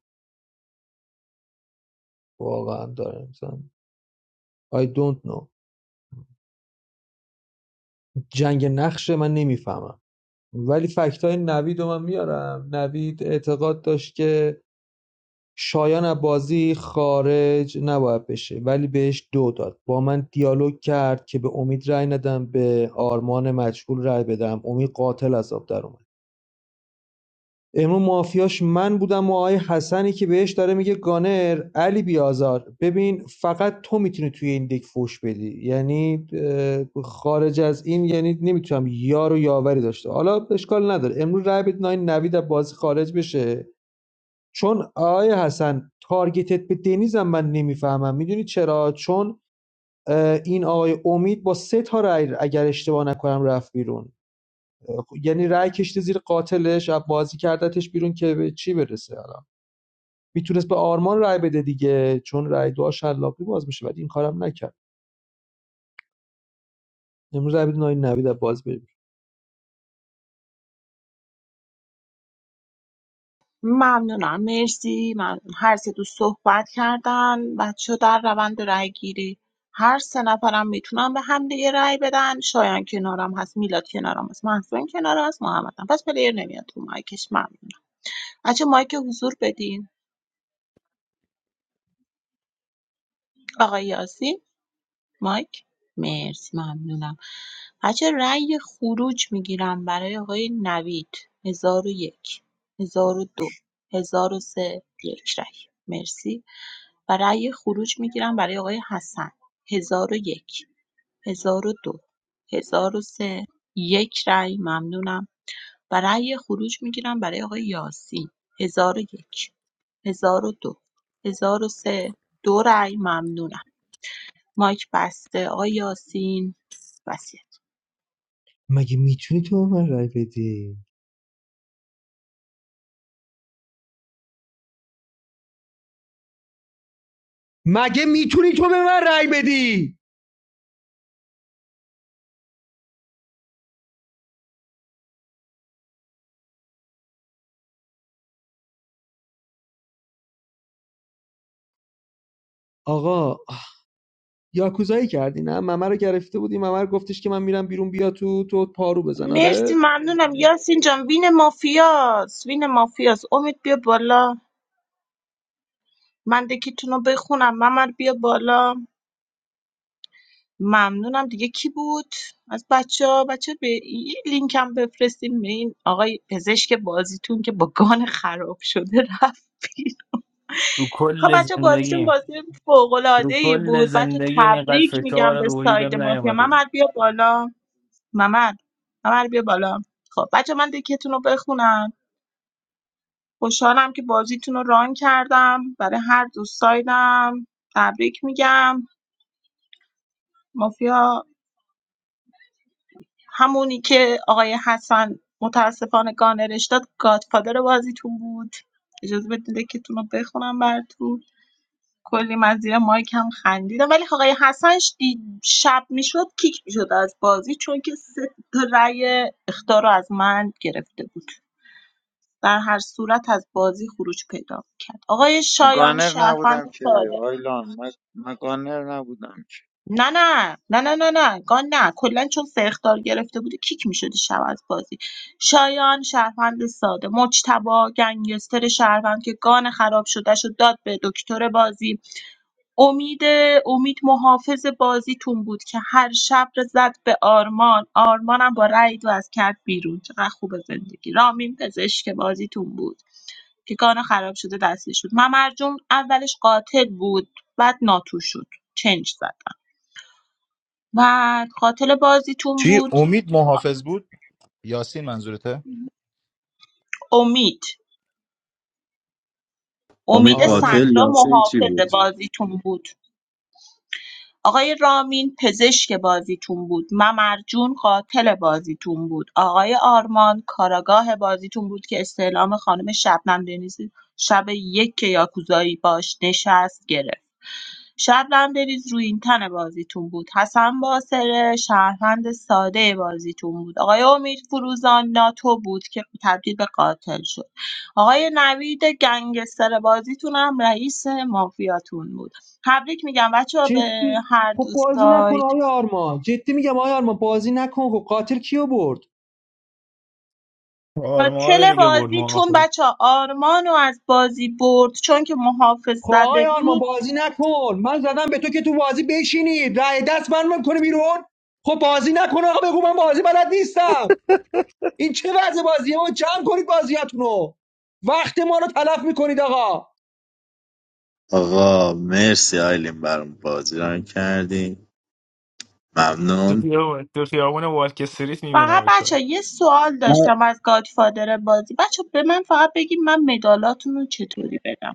Speaker 8: واقعا دارم مثلا I don't know جنگ نقشه من نمیفهمم ولی فکت های نوید رو من میارم نوید اعتقاد داشت که شایان از بازی خارج نباید بشه ولی بهش دو داد با من دیالوگ کرد که به امید رأی ندم به آرمان مجهول رأی بدم امید قاتل از در اومد. امروز مافیاش من بودم و آقای حسنی که بهش داره میگه گانر علی بیازار ببین فقط تو میتونی توی این دک فوش بدی یعنی اه، خارج از این یعنی نمیتونم یار و یاوری داشته حالا اشکال نداره امروز رای بدین آقای نوید از بازی خارج بشه چون آقای حسن تارگتت به دنیزم من نمیفهمم میدونی چرا چون اه، این آقای امید با سه تا رای اگر اشتباه نکنم رفت بیرون یعنی رأی کشته زیر قاتلش از بازی کردتش بیرون که به چی برسه الان میتونست به آرمان رأی بده دیگه چون رأی دعا شلاقی باز میشه ولی این کارم نکرد امروز رأی بده ناین نوید باز بریم
Speaker 3: ممنونم مرسی من هر سه دوست صحبت کردن بچه در روند رای گیری هر سه نفرم میتونم به هم دیگه رای بدن شایان کنارم هست میلاد کنارم هست محسن کنار هست محمدم پس پلیر نمیاد تو مایکش ممنونم بچه مایک حضور بدین آقای یاسی مایک مرسی ممنونم بچه رای خروج میگیرم برای آقای نوید هزار و یک هزار و دو هزار و سه یک رای مرسی و رای خروج میگیرم برای آقای حسن 1001 1002 1003 یک رای ممنونم و رای خروج میگیرم برای آقای یاسین 1001 1002 1003 دو هزار و سه، دو رای ممنونم مایک بسته آقای یاسین وصیت
Speaker 8: مگه میتونی تو به من رای بدی مگه میتونی تو به من رأی بدی آقا یاکوزایی کردی نه ممر رو گرفته بودی ممر گفتش که من میرم بیرون بیا تو تو پارو بزن
Speaker 3: مرسی
Speaker 8: آره
Speaker 3: ممنونم یاسین جان وین مافیاس وین مافیاس امید بیا بالا من دکتون رو بخونم ممر بیا بالا ممنونم دیگه کی بود از بچه ها بچه به این لینک هم بفرستیم به این آقای پزشک بازیتون که با گان خراب شده رفت بیرون.
Speaker 5: تو
Speaker 3: خب
Speaker 5: کل
Speaker 3: بچه بازیتون
Speaker 5: زندگی،
Speaker 3: بازی فوق
Speaker 5: تو
Speaker 3: العاده ای
Speaker 5: کل
Speaker 3: بود بچه
Speaker 5: زندگیم اینقدر
Speaker 3: تبریک میگم
Speaker 5: فشار
Speaker 3: به
Speaker 5: روحی
Speaker 3: ساید
Speaker 5: بهم
Speaker 3: مافیا
Speaker 5: نیومده بود
Speaker 3: ممر بیا بالا ممر ممر بیا بالا خب بچه من دکتون رو بخونم خوشحالم که بازیتون رو ران کردم برای هر دو سایدم تبریک میگم مافیا همونی که آقای حسن متاسفانه گانرش داد گادفادر بازیتون بود اجازه بدید که تون رو بخونم براتون کلی من زیر مایک هم خندیدم ولی آقای حسن ش- دی- شب میشد کیک میشد از بازی چون که سه تا رأی اخطار رو از من گرفته بود در هر صورت از بازی خروج پیدا کرد آقای
Speaker 13: من
Speaker 3: شایان
Speaker 13: گانر
Speaker 3: شهروند
Speaker 13: نبودم که
Speaker 3: ساده
Speaker 13: آیلان من من گانر نبودم که
Speaker 3: نه نه نه نه نه نه گان نه کلا چون سرخدار گرفته بوده کیک میشدی شب از بازی شایان شهروند ساده مجتبا گنگستر شهروند که گان خراب شده شد داد به دکتر بازی امید امید محافظ بازیتون بود که هر شب رو زد به آرمان آرمانم با رأی دو از کرد بیرون چقدر خوب زندگی رامین پزشک بازیتون بود که گان خراب شده دستش شد ممرجون اولش قاتل بود بعد ناتو شد چنج زد و قاتل بازیتون
Speaker 7: چی
Speaker 3: بود
Speaker 7: امید محافظ بود یاسین منظورته
Speaker 3: امید
Speaker 1: امید
Speaker 3: امید
Speaker 8: آره
Speaker 1: قاتل
Speaker 8: من
Speaker 3: صدرا
Speaker 1: یاسین چی
Speaker 3: محافظ
Speaker 1: بود
Speaker 3: بازیتون بود آقای رامین پزشک بازیتون بود ممرجون قاتل بازیتون بود آقای آرمان کاراگاه بازیتون بود که استعلام خانم شبنم دنیزی شب یک که یاکوزایی باش نشست گرفت شبنم بریز روی این تن بازیتون بود حسن باسره شهروند ساده بازیتون بود آقای امید فروزان ناتو بود که تبدیل به قاتل شد آقای نوید گنگستر بازیتون هم رئیس مافیاتون بود تبریک میگم بچه ها به
Speaker 8: جدی
Speaker 3: هر
Speaker 8: خب
Speaker 3: دو
Speaker 8: بازی نکن
Speaker 3: سایت
Speaker 8: آیا آرمان جدی میگم آیا آرمان بازی نکن خب قاتل کیو برد
Speaker 5: آرمان
Speaker 3: قاتل
Speaker 5: دیگه برد ما
Speaker 3: بازیتون بچه ها آرمانو از بازی برد چون که محافظ
Speaker 8: خب آقای
Speaker 3: زده بود
Speaker 8: آرمان بازی نکن من زدم به تو که تو بازی بشینی رای دست من میکنه بیرون خب بازی نکن آقا بگو من بازی بلد نیستم این چه وضع بازیه ما جمع کنید بازیاتونو وقت ما رو تلف میکنید آقا
Speaker 1: آقا مرسی آیلین برام بازی ران کردی
Speaker 5: تو
Speaker 1: ممنون
Speaker 5: خیابون تو خیابون والک استریت
Speaker 3: فقط
Speaker 5: میبینم چرا
Speaker 3: بچه یه سوال داشتم از گادفادر بازی بچه به من فقط بگید من مدالاتون رو چطوری بدم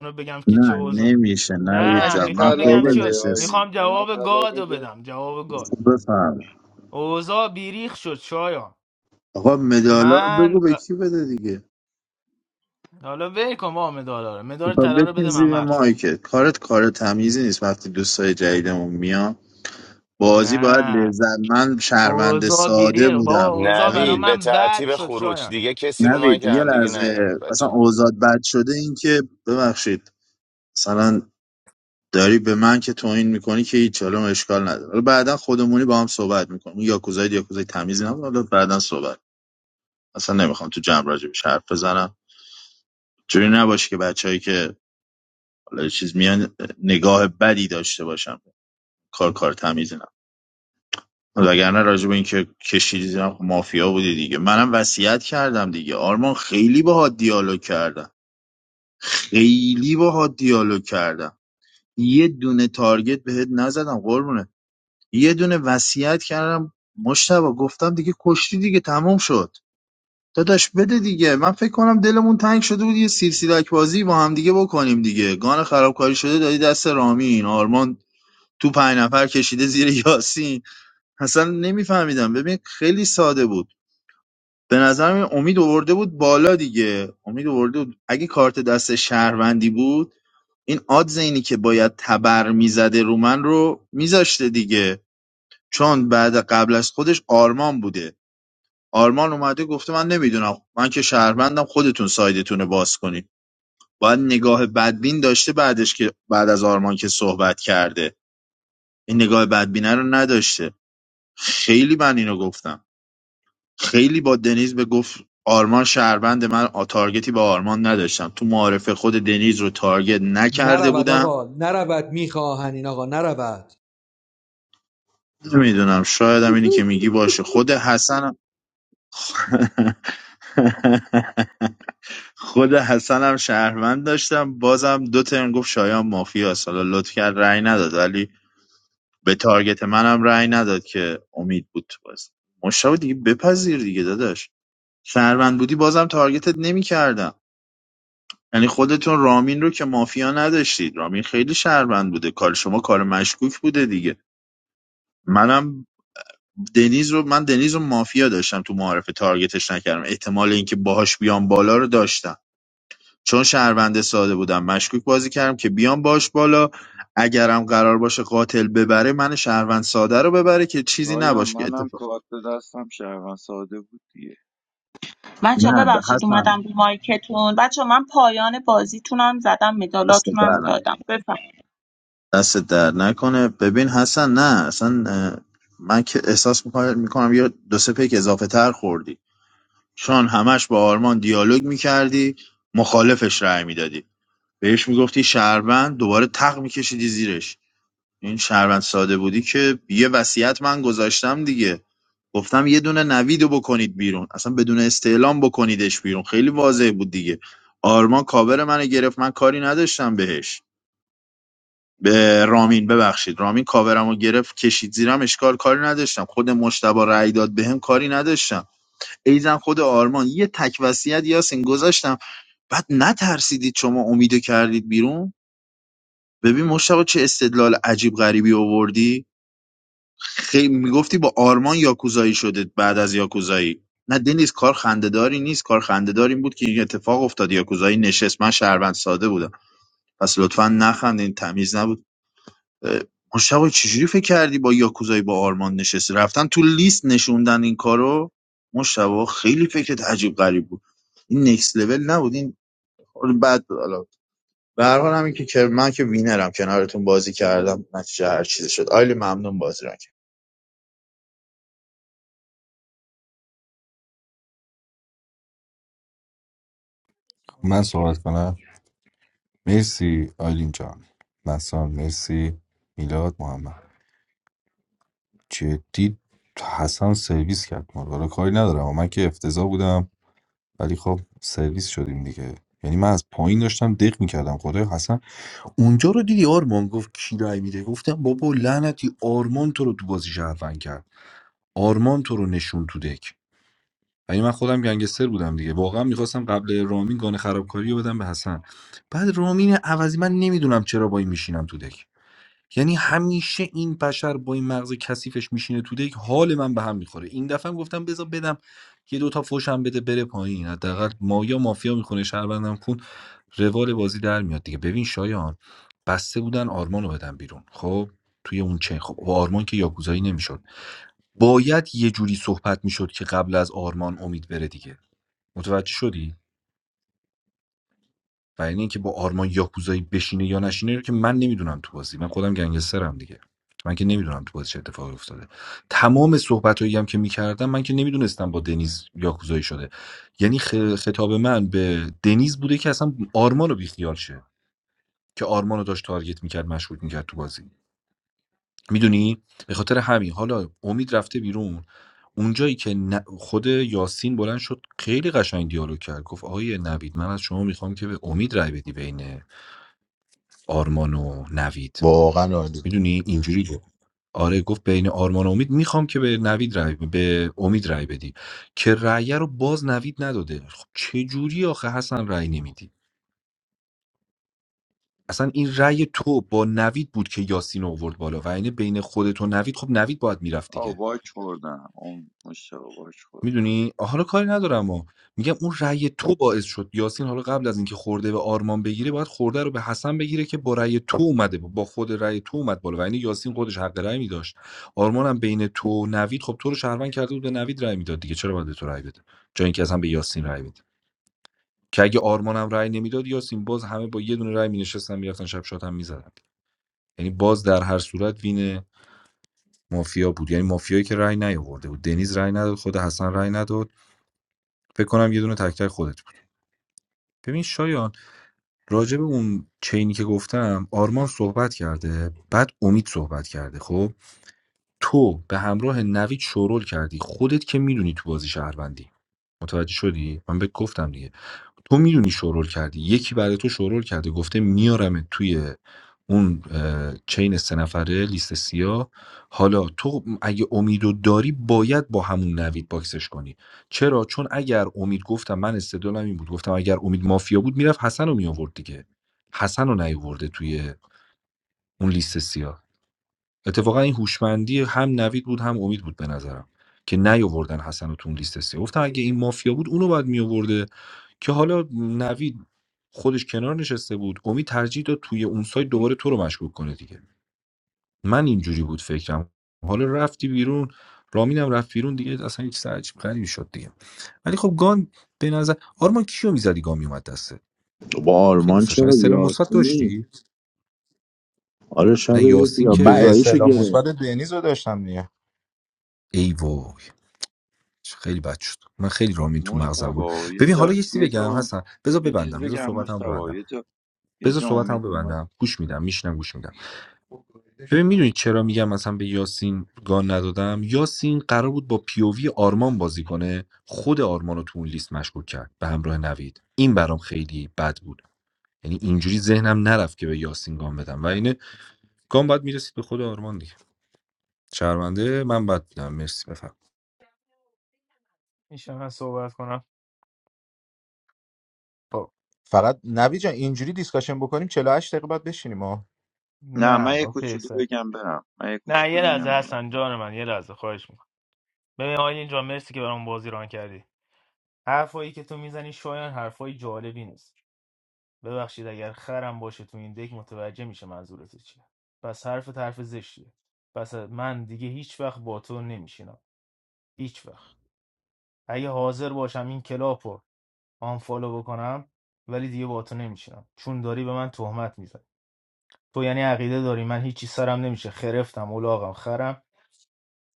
Speaker 5: اونو بگم که چه
Speaker 1: نه
Speaker 5: اوضاع
Speaker 1: نمیشه
Speaker 13: به
Speaker 1: نوید
Speaker 13: من
Speaker 5: نه
Speaker 13: که
Speaker 1: جان من
Speaker 5: میخوام
Speaker 13: طلا
Speaker 5: بگم
Speaker 1: خیلی
Speaker 5: چی
Speaker 13: بده
Speaker 1: نشستم
Speaker 13: آیلین
Speaker 5: میخوام
Speaker 13: به من
Speaker 5: جواب
Speaker 13: طلا
Speaker 5: گادو
Speaker 13: بده
Speaker 5: بدم جواب گاد
Speaker 1: بفهم
Speaker 5: اوضاع بیریخ شد شایان
Speaker 1: آقا مدالا رو
Speaker 5: من
Speaker 1: بگو به کی بده دیگه
Speaker 5: حالا ول کن با مدالا رو مدال
Speaker 1: خب
Speaker 5: طلا رو
Speaker 1: بکن
Speaker 5: بده
Speaker 1: زیر
Speaker 5: ممر چون
Speaker 1: مایکت کارت کار تمیزی نیست وقتی دوستای جدیدمون میان بازی باید
Speaker 5: نه
Speaker 1: لذت من شهروند
Speaker 5: اوضاع
Speaker 1: ساده
Speaker 5: بیریق بابا
Speaker 1: بودم
Speaker 5: اوضاع برا
Speaker 1: نوید
Speaker 5: من بد شد شایان
Speaker 1: نوید یه لحظه اصلا اوزاد بد شده این که ببخشید مثلا داری به من که توهین میکنی که هیچ حالا اشکال نداره حالا بعدا خودمونی با هم صحبت میکنیم یا کوزای یا کوزای تمیزی نبود حالا بعدا صحبت اصلا نمیخوام تو جمع راجبش حرف بزنم جوری نباشه که بچههایی که حالا یه چیز میان نگاه بدی داشته باشم کار کار تمیزی نه وگرنه راجب اینکه کشیدی زیرم، خب مافیا بودی دیگه منم وصیت کردم دیگه آرمان خیلی باهات دیالوگ کردم خیلی باهات دیالوگ کردم یه دونه تارگت بهت نزدم قربونه یه دونه وصیت کردم مشتبه گفتم دیگه کشتی دیگه تموم شد داداش بده دیگه من فکر کنم دلمون تنگ شده بود یه سیرسیرک بازی با هم دیگه بکنیم دیگه گان خرابکاری شده دادی دست رامین آرمان تو پنج نفر کشیده زیر یاسین اصلا نمیفهمیدم ببین خیلی ساده بود به نظرم این امید آورده بود بالا دیگه امید آورده بود اگه کارت دست شهروندی بود این آدز اینی که باید تبر میزده رو من رو میذاشته دیگه چون بعد قبل از خودش آرمان بوده آرمان اومده گفته من نمیدونم من که شهروندم خودتون سایدتون رو باز کنید باید نگاه بدبین داشته بعدش که بعد از آرمان که صحبت کرده این نگاه بدبینه رو نداشته خیلی من اینو گفتم خیلی با دنیز به گفت آرمان شهروند من آ- تارگتی به آرمان نداشتم تو معارف خود دنیز رو تارگت نکرده
Speaker 8: نرود
Speaker 1: بودم
Speaker 8: آقا نرود میخواهن این آقا نرود
Speaker 1: نمیدونم شاید هم اینی که میگی باشه خود حسن هم خود حسنم شهروند داشتم بازم دو ترم گفت شایان مافیاست حالا لطف کرد رأی نداد ولی به تارگت منم رأی نداد که امید بود تو باز مشتاق دیگه بپذیر دیگه داداش شهروند بودی بازم تارگتت نمیکردم یعنی خودتون رامین رو که مافیا نداشتید رامین خیلی شهروند بوده کار شما کار مشکوک بوده دیگه منم دنیز رو من دنیز رو مافیا داشتم تو معارف تارگتش نکردم احتمال اینکه باهاش بیام بالا رو داشتم چون شهرونده ساده بودم مشکوک بازی کردم که بیام باش بالا اگرم قرار باشه قاتل ببره من شهروند ساده رو ببره که چیزی
Speaker 13: آیان
Speaker 1: نباشه که
Speaker 13: منم
Speaker 1: اتفاق
Speaker 13: کارت دستم شهروند ساده بود دیگه
Speaker 3: بچه
Speaker 1: نه ب-
Speaker 3: ببخشید
Speaker 1: حسن
Speaker 3: اومدم رو مایکتون بچه من پایان بازیتونم زدم
Speaker 1: دست در
Speaker 3: مدالاتونم
Speaker 1: نکن.
Speaker 3: دادم بفهم
Speaker 1: دست در نکنه ببین حسن نه اصلا اه، من که احساس میکنم, میکنم یا دو سه پیک اضافه تر خوردی چون همش با آرمان دیالوگ میکردی مخالفش رأی میدادی بهش میگفتی شهروند دوباره تق میکشیدی زیرش این شهروند ساده بودی که یه وصیت من گذاشتم دیگه گفتم یه دونه نویدو بکنید بیرون اصلا بدون استعلام بکنیدش بیرون خیلی واضح بود دیگه آرمان کاور منو گرفت من کاری نداشتم بهش به رامین ببخشید رامین کاورمو گرفت کشید زیرم اشکال کاری نداشتم خود مشتبا رأی داد بهم کاری نداشتم ایزن خود آرمان یه تک وصیت یاسین گذاشتم بعد نترسیدید شما امیدو کردید بیرون ببین مشتبا چه استدلال عجیب غریبی آوردی خیلی میگفتی با آرمان یاکوزایی شده بعد از یاکوزایی نه دنیز کار خندهداری نیست کار خندهدار این بود که این اتفاق افتاد یاکوزایی نشست من شهروند ساده بودم پس لطفا نخندین تمیز نبود اه، مشتاق چجوری فکر کردی با یاکوزایی با آرمان نشستی رفتن تو لیست نشوندن این کارو مشتاق خیلی فکرت عجیب غریب بود این نکس لول نبود این کار بد بود حالا به هر حال همین که که- من که وینرم کنارتون بازی کردم نتیجه هر چیزی شد آیلی ممنون بازی را
Speaker 2: من صحبت کنم مرسی آیلین جان مثلا مرسی میلاد محمد جدی حسن سرویس کرد ما رو حالا کاری ندارم من که افتضاح بودم ولی خب سرویس شدیم دیگه یعنی من از پایین داشتم دق میکردم خدای حسن اونجا رو دیدی آرمان گفت کی رای میده گفتم بابا لعنتی آرمان تو رو تو بازی شهروند کرد آرمان تو رو نشون تو دک یعنی من خودم گنگستر بودم دیگه واقعا میخواستم قبل رامین گانه خرابکاری رو بدم به حسن بعد رامین عوضی من نمیدونم چرا با این میشینم تو دک یعنی همیشه این بشر با این مغز کثیفش میشینه تو دک حال من به هم میخوره این دفعه هم گفتم بذار بدم یه دو تا فوشم بده بره پایین حداقل ما یا مافیا میخونه شهروندم کن روال بازی در میاد دیگه ببین شایان بسته بودن آرمان رو بدن بیرون خب توی اون چه خب و آرمان که یاکوزایی نمیشد باید یه جوری صحبت میشد که قبل از آرمان امید بره دیگه متوجه شدی و یعنی اینکه با آرمان یاکوزایی بشینه یا نشینه رو که من نمیدونم تو بازی من خودم گنگسترم دیگه من که نمیدونم تو بازی چه اتفاقی افتاده تمام صحبت هم که میکردم من که نمیدونستم با دنیز یاکوزایی شده یعنی خ- خطاب من به دنیز بوده که اصلا آرمان رو بیخیال شه که آرمان رو داشت تارگت میکرد مشغول میکرد تو بازی میدونی به خاطر همین حالا امید رفته بیرون اونجایی که ن- خود یاسین بلند شد خیلی قشنگ دیالوگ کرد گفت آقای نوید من از شما میخوام که به امید رای بدی بین آرمان و نوید
Speaker 7: واقعا عالی بود
Speaker 2: میدونی اینجوری گفت آره گفت بین آرمان و امید میخوام که به نوید رای به امید رای بدی که رأی رو باز نوید نداده خب چه جوری آخه حسن رأی نمیدی اصلا این رأی تو با نوید بود که یاسین رو آورد بالا و اینه بین خودت و نوید خب نوید باید میرفت دیگه
Speaker 13: آه باک خوردم اون مشتبه باک خوردم
Speaker 2: میدونی؟ حالا کاری ندارم و میگم اون رأی تو باعث شد یاسین حالا قبل از اینکه خورده به آرمان بگیره باید خورده رو به حسن بگیره که با رأی تو اومده با خود رأی تو اومد بالا و یعنی یاسین خودش حق رأی میداشت آرمان هم بین تو و نوید خب تو رو شهروند کرده بود به نوید رأی میداد دیگه چرا باید به تو رأی بده جای اینکه اصلا به یاسین رأی بده که اگه آرمان هم رأی نمیداد یاسین باز همه با یه دونه رأی مینشستن میرفتن شب شات هم میزدن یعنی باز در هر صورت وین مافیا بود یعنی مافیایی که رأی نیاورده بود دنیز رأی نداد خود حسن رأی نداد فکر کنم یه دونه تک تک خودت بود ببین شایان راجع به اون چینی که گفتم آرمان صحبت کرده بعد امید صحبت کرده خب تو به همراه نوید شورول کردی خودت که میدونی تو بازی شهروندی متوجه شدی؟ من بهت گفتم دیگه تو میدونی شورول کردی یکی بعد تو شورول کرده گفته میارمت توی اون اه، چین سه نفره لیست سیاه حالا تو اگه امیدو داری باید با همون نوید باکسش کنی چرا چون اگر امید گفتم من استدلالم این بود گفتم اگر امید مافیا بود میرفت حسن رو میآورد دیگه حسن رو نیاورده توی اون لیست سیاه اتفاقا این هوشمندی هم نوید بود هم امید بود به نظرم که نیاوردن حسن رو تو اون لیست سه گفتم اگه این مافیا بود اونو باید میآورده که حالا نوید خودش کنار نشسته بود امید ترجیح داد توی اون سایت دوباره تو رو مشکوک کنه دیگه من اینجوری بود فکرم حالا رفتی بیرون رامینم رفت بیرون دیگه اصلا هیچ عجیب غریبی شد دیگه ولی خب گان به نظر آرمان کیو میزدی گان میومد دسته
Speaker 1: با
Speaker 2: خیلی
Speaker 1: آرمان
Speaker 2: دوست داشتم
Speaker 1: چرا
Speaker 2: استلام مثبت
Speaker 1: یاسمین
Speaker 2: داشتی
Speaker 1: آره شب
Speaker 2: نه
Speaker 1: یک
Speaker 2: یاسین
Speaker 7: من
Speaker 2: که
Speaker 1: یاکوزاییشو
Speaker 7: اصطلاح مثبت
Speaker 1: گرفت
Speaker 7: دنیز رو داشتم
Speaker 2: ایوا خیلی بد شد من خیلی رامین تو مغزم بود
Speaker 13: مشتبه یه
Speaker 2: ببین حالا
Speaker 13: جا
Speaker 2: یه چیزی
Speaker 13: یه جا
Speaker 2: بگم
Speaker 13: اون-
Speaker 2: حسن بذار
Speaker 13: یه چیز
Speaker 2: ببندم بذار
Speaker 13: بگم
Speaker 2: صحبتمو
Speaker 13: مشتبه
Speaker 2: ببندم
Speaker 13: یه جا یه
Speaker 2: بذار
Speaker 13: جا
Speaker 2: صحبتمو
Speaker 13: امید اومد
Speaker 2: ببندم گوش میدم میشنم گوش میدم ببین میدونی چرا میگم مثلا به یاسین گان ندادم یاسین قرار بود با پیووی آرمان بازی کنه خود آرمان رو تو اون لیست مشکوک کرد به همراه نوید این برام خیلی بد بود یعنی اینجوری ذهنم نرفت که به یاسین گام بدم و اینه گام باید میرسید به خود آرمان دیگه شرمنده من بد بودم مرسی بفرم
Speaker 5: میشه من صحبت کنم خب
Speaker 7: فقط نوی جان اینجوری دیسکاشن بکنیم 48 دقیقه بعد بشینیم ها
Speaker 13: نه من
Speaker 5: نه
Speaker 13: یه
Speaker 5: اوکی
Speaker 13: کوچولو
Speaker 5: سه
Speaker 13: بگم برم من یه
Speaker 5: نه یه
Speaker 13: کوچولو
Speaker 5: لحظه
Speaker 13: بگم برم
Speaker 5: هستن جان من یه لحظه خواهش میکنم ببین آیلین اینجا مرسی که برام بازی ران کردی حرفایی که تو میزنی شایان حرفای جالبی نیست ببخشید اگر خرم باشه تو این دک متوجه میشه منظورت چیه پس حرف حرف زشتیه پس من دیگه هیچ وقت با تو نمیشینم هیچ وقت اگه حاضر باشم این کلاپ رو آنفالو بکنم ولی دیگه با تو نمیشینم چون داری به من تهمت میزنی تو یعنی عقیده داری من هیچی سرم نمیشه خرفتم الاغم خرم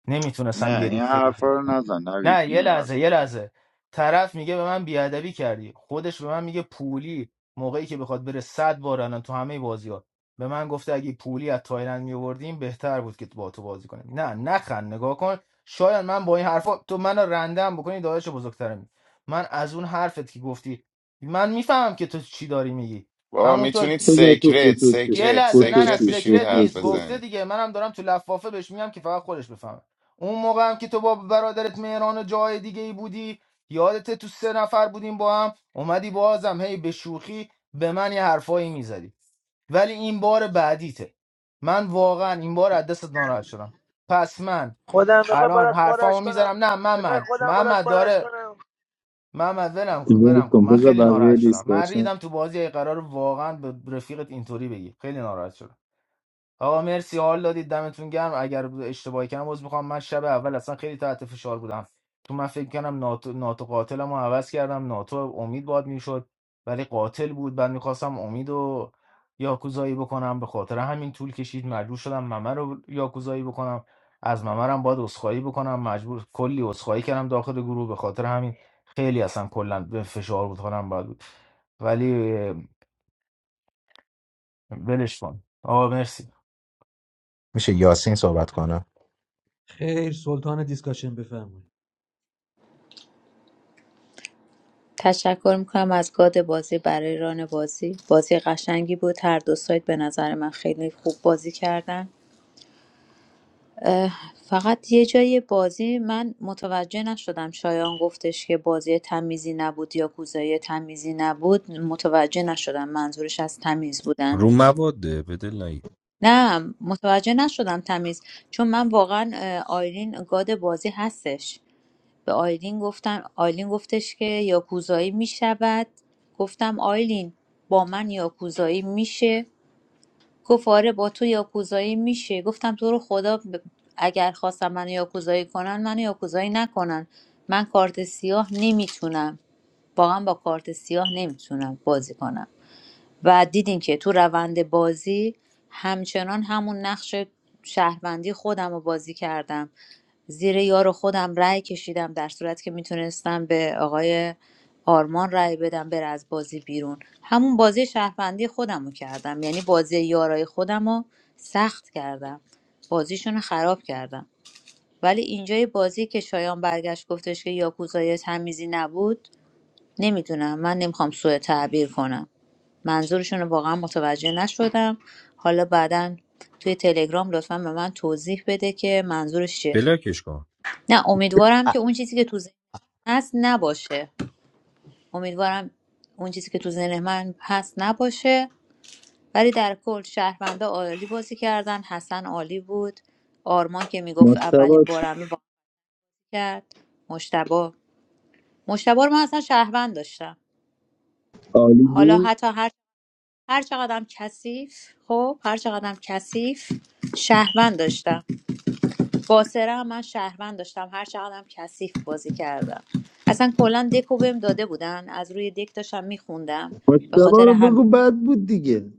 Speaker 5: نمیتونستم
Speaker 13: نه
Speaker 5: یه
Speaker 13: این
Speaker 5: ریز که
Speaker 13: حرفا
Speaker 5: ریزی
Speaker 13: رو
Speaker 5: کنم
Speaker 13: نزن نوید
Speaker 5: نه یه
Speaker 13: این
Speaker 5: لحظه یه لحظه طرف میگه به من بیادبی کردی خودش به من میگه پولی موقعی که بخواد بره صد بار الان تو همه بازی ها به من گفته اگه پولی از تایلند میوردیم بهتر بود که با تو بازی کنیم نه نخند نگاه کن شاید من با این حرفا تو منو رندم بکنی داداش بزرگترم من از اون حرفت که گفتی من میفهمم که تو چی داری میگی همونطور
Speaker 1: بذار تو خصوصی
Speaker 5: یه لحظه نه نه
Speaker 1: خصوصی
Speaker 5: سکرت نیست
Speaker 1: خصوصی
Speaker 5: گفته دیگه منم دارم تو لفافه بهش میگم که فقط خودش بفهمه اون موقع هم که تو با برادرت مهران و جای دیگه ای بودی یادت تو سه نفر بودیم با هم اومدی بازم هی به شوخی به من یه حرفایی میزدی ولی این بار بعدیته من واقعا این بار از دستت ناراحت شدم پس من
Speaker 16: خودم بخوای
Speaker 5: الان
Speaker 16: برات پارش
Speaker 5: حرفامو
Speaker 16: کنم
Speaker 5: میزنم نه
Speaker 16: بخوای
Speaker 5: محمد
Speaker 16: خودم برات
Speaker 5: محمد
Speaker 16: پارش
Speaker 5: داره
Speaker 16: کنم
Speaker 5: محمد ولم
Speaker 1: دیگه
Speaker 5: ولم کن
Speaker 1: کن
Speaker 5: من
Speaker 1: بذار
Speaker 5: خیلی ناراحت
Speaker 1: بقیه
Speaker 5: شدم من
Speaker 1: دیسکشن
Speaker 5: ریدم تو بازی ای قرار واقعا به رفیقت اینطوری بگی خیلی ناراحت شدم آقا مرسی حال دادید دمتون گرم اگر اشتباهی کردم عذر میخوام من شب اول اصلا خیلی تحت فشار بودم تو من فکر کنم ناتو, ناتو قاتلم رو عوض کردم ناتو امید باد میشد ولی قاتل بود بعد میخواستم امید و یاکوزایی بکنم به خاطر همین طول کشید مجبور شدم ممه رو یاکوزایی بکنم از ممرم باید عذرخواهی بکنم مجبور کلی عذرخواهی کردم داخل گروه به خاطر همین خیلی اصلا کلا به فشار بود حالم بد بود ولی اه، ولش کن آقا مرسی
Speaker 7: میشه یاسین صحبت کنه
Speaker 8: خیر سلطان دیسکاشن بفرمایید
Speaker 4: تشکر میکنم از گاد بازی برای ران بازی بازی قشنگی بود هر دو سایت به نظر من خیلی خوب بازی کردن فقط یه جای بازی من متوجه نشدم شایان گفتش که بازی تمیزی نبود یا کوزایی تمیزی نبود متوجه نشدم منظورش از تمیز بودن
Speaker 2: رو مواده به دل نگیر.
Speaker 4: نه متوجه نشدم تمیز چون من واقعا اه، آیلین گاد بازی هستش به آیلین گفتم آیلین گفتش که یاکوزایی میشود گفتم آیلین با من یاکوزایی میشه گفت آره با تو یاکوزایی میشه گفتم تو رو خدا ب- اگر خواستم منو یاکوزایی کنن منو یاکوزایی نکنن من کارت سیاه نمیتونم واقعا با کارت سیاه نمیتونم بازی کنم و دیدین که تو روند بازی همچنان همون نقش شهروندی خودم رو بازی کردم زیر یار خودم رأی کشیدم در صورتی که میتونستم به آقای آرمان رأی بدم بره از بازی بیرون همون بازی شهروندی خودم رو کردم یعنی بازی یارای خودم رو سخت کردم بازیشون رو خراب کردم ولی اینجای بازی که شایان برگشت گفتش که یاکوزای تمیزی نبود نمیدونم من نمیخوام سوء تعبیر کنم منظورشون رو واقعا متوجه نشدم حالا بعدا توی تلگرام لطفا به من توضیح بده که منظورش چیه
Speaker 2: بلاکش کن
Speaker 4: نه امیدوارم که اون چیزی که تو ذهن هست نباشه امیدوارم اون چیزی که تو ذهن من هست نباشه ولی در کل شهروندا عالی بازی کردن حسن عالی بود آرمان که میگفت اولین
Speaker 1: مشتبه چی؟
Speaker 4: بارمه بازی کرد مشتبه مشتبا رو من اصلا شهروند داشتم
Speaker 1: عالی
Speaker 4: حالا
Speaker 1: بود
Speaker 4: حتی هر هر چقدرم کثیف خب هر چقدرم کثیف شهروند داشتم باسره هم من شهروند داشتم هر چقدرم کثیف بازی کردم اصلا کلا دکو بهم داده بودن از روی دک داشتم میخوندم
Speaker 1: مشتبه
Speaker 4: به خاطر
Speaker 1: رو
Speaker 4: همین
Speaker 1: بگو بد بود دیگه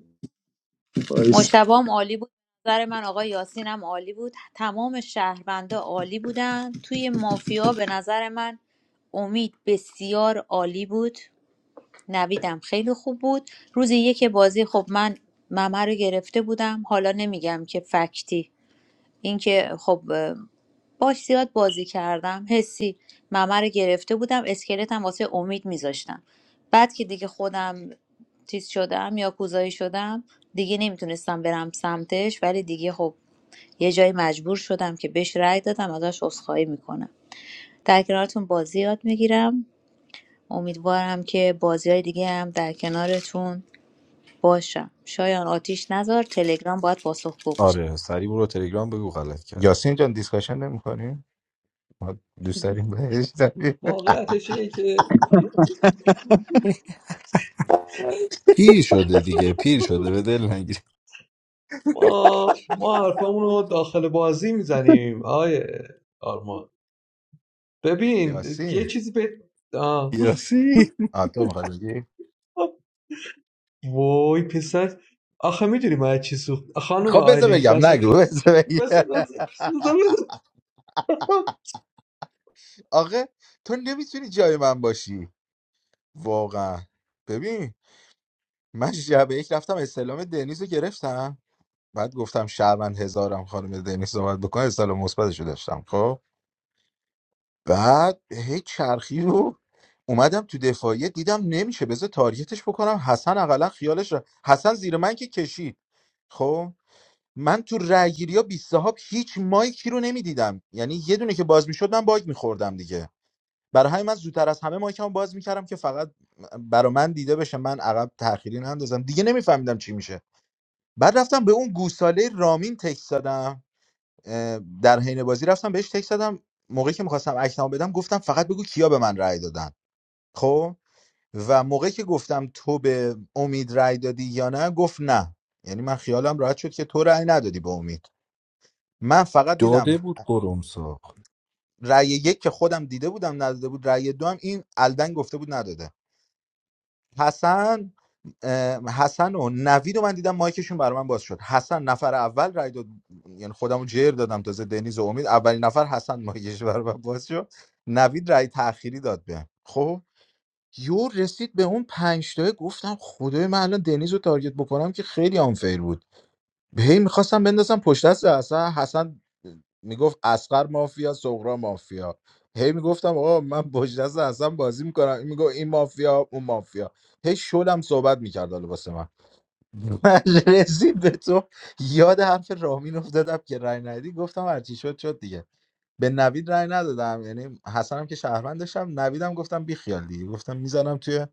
Speaker 1: باش
Speaker 4: مشتبام عالی بود نظر من آقای یاسین هم عالی بود تمام شهروندا عالی بودن توی مافیا به نظر من امید بسیار عالی بود نویدم خیلی خوب بود روز یک بازی خب من ممه رو گرفته بودم حالا نمیگم که فکتی اینکه خب اه، باش زیاد بازی کردم حسی ممه رو گرفته بودم اسکلتم واسه امید میذاشتم بعد که دیگه خودم چیز شدم یا کوزایی شدم دیگه نمیتونستم برم سمتش ولی دیگه خب یه جایی مجبور شدم که بهش رأی دادم ازش عذرخواهی میکنم در کنارتون بازی یاد میگیرم امیدوارم که بازی های دیگه هم در کنارتون باشم شایان آتیش نذار تلگرام باید پاسخگو باشه
Speaker 2: آره سری برو تلگرام بگو غلط کردم
Speaker 7: یاسین جان دیسکاشن نمی‌کنیم دوست داریم بهش داریم.
Speaker 8: واقعیتش اینه که
Speaker 2: پیر شده دیگه پیر شده به دل نگیری
Speaker 8: ما ما حرفمون رو داخل بازی میزنیم آقای آرمان ببین یه
Speaker 7: یاسین
Speaker 8: چیزی به آه.
Speaker 2: یاسی
Speaker 7: آ تو می‌خوای بگی
Speaker 8: وای پسر آخه میدونی من از چی سوخت خانم
Speaker 7: خب بذار
Speaker 8: آیلین
Speaker 7: بگم
Speaker 8: دست
Speaker 7: نگو بذار بگم
Speaker 8: بس بس بس- بس-
Speaker 7: آقا تو نمیتونی جای من باشی واقعا ببین من شب یک رفتم استعلام دنیز رو گرفتم بعد گفتم شهروند هزارم خانم دنیز صحبت بکنه استعلام مثبتش رو داشتم خب بعد هی چرخی رو اومدم تو دفاعیه دیدم نمیشه بذار تاریتش بکنم حسن اقلا خیالش را حسن زیر من که کشید خب من تو رأیگیری ها صاحب هیچ مایکی رو نمیدیدم یعنی یه دونه که باز میشد من باگ میخوردم دیگه برای همین من زودتر از همه مایکمو باز میکردم که فقط برا من دیده بشه من عقب تأخیری نندازم دیگه نمیفهمیدم چی میشه بعد رفتم به اون گوساله رامین تکس دادم در حین بازی رفتم بهش تک زدم موقعی که میخواستم اکتمو بدم گفتم فقط بگو کیا به من رأی دادن خب و موقعی که گفتم تو به امید رأی دادی یا نه گفت نه یعنی من خیالم راحت شد که تو رأی ندادی به امید من فقط دیدم
Speaker 2: داده بود قرم ساق
Speaker 7: رأی یک که خودم دیده بودم نداده بود رأی دو هم این الدن گفته بود نداده حسن اه، حسن و نوید رو من دیدم مایکشون برای من باز شد حسن نفر اول رای داد یعنی خودمو جر دادم تازه دنیز و امید اولین نفر حسن مایکش برای من باز شد نوید رای تأخیری داد به خب یور رسید به اون پنج تای گفتم خدای من الان دنیز رو تارگت بکنم که خیلی آنفیر بود هی میخواستم بندازم پشت دست حسن حسن میگفت اسقر مافیا سغرا مافیا هی میگفتم آقا من پشت دست حسن بازی میکنم این میگفت این مافیا اون مافیا هی شلم صحبت میکرد حالا واسه من من رسید به تو یاد حرف رامین افتادم که رای ندی گفتم هرچی شد شد دیگه به نوید رای ندادم یعنی حسنم که شهروند داشتم نویدم گفتم بی خیال دیگه گفتم میزنم توی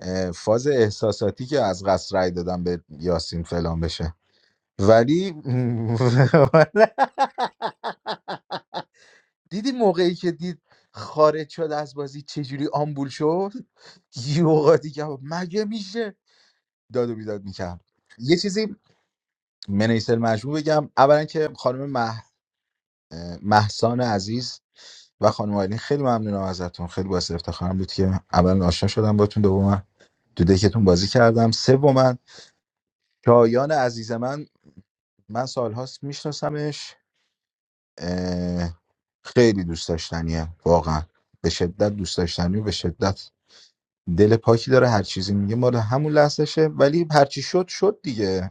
Speaker 7: اه، فاز احساساتی که از قصر رای دادم به یاسین فلان بشه ولی دیدی موقعی که دید خارج شد از بازی چجوری آمبول شد یه اوقات دیگه مگه میشه داد و بیداد میکرد یه چیزی منیسل مجموع بگم اولا که خانم مح... محسان عزیز و خانم آیلین خیلی ممنونم ازتون خیلی باعث افتخارم بود که اولا آشنا شدم باتون دوما تو دکتون بازی کردم سوم من شایان عزیز من من سالهاست میشناسمش اه، خیلی دوست داشتنیه واقعا به شدت دوست داشتنی و به شدت دل پاکی داره هر چیزی میگه مال همون لحظهشه ولی هر چی شد شد دیگه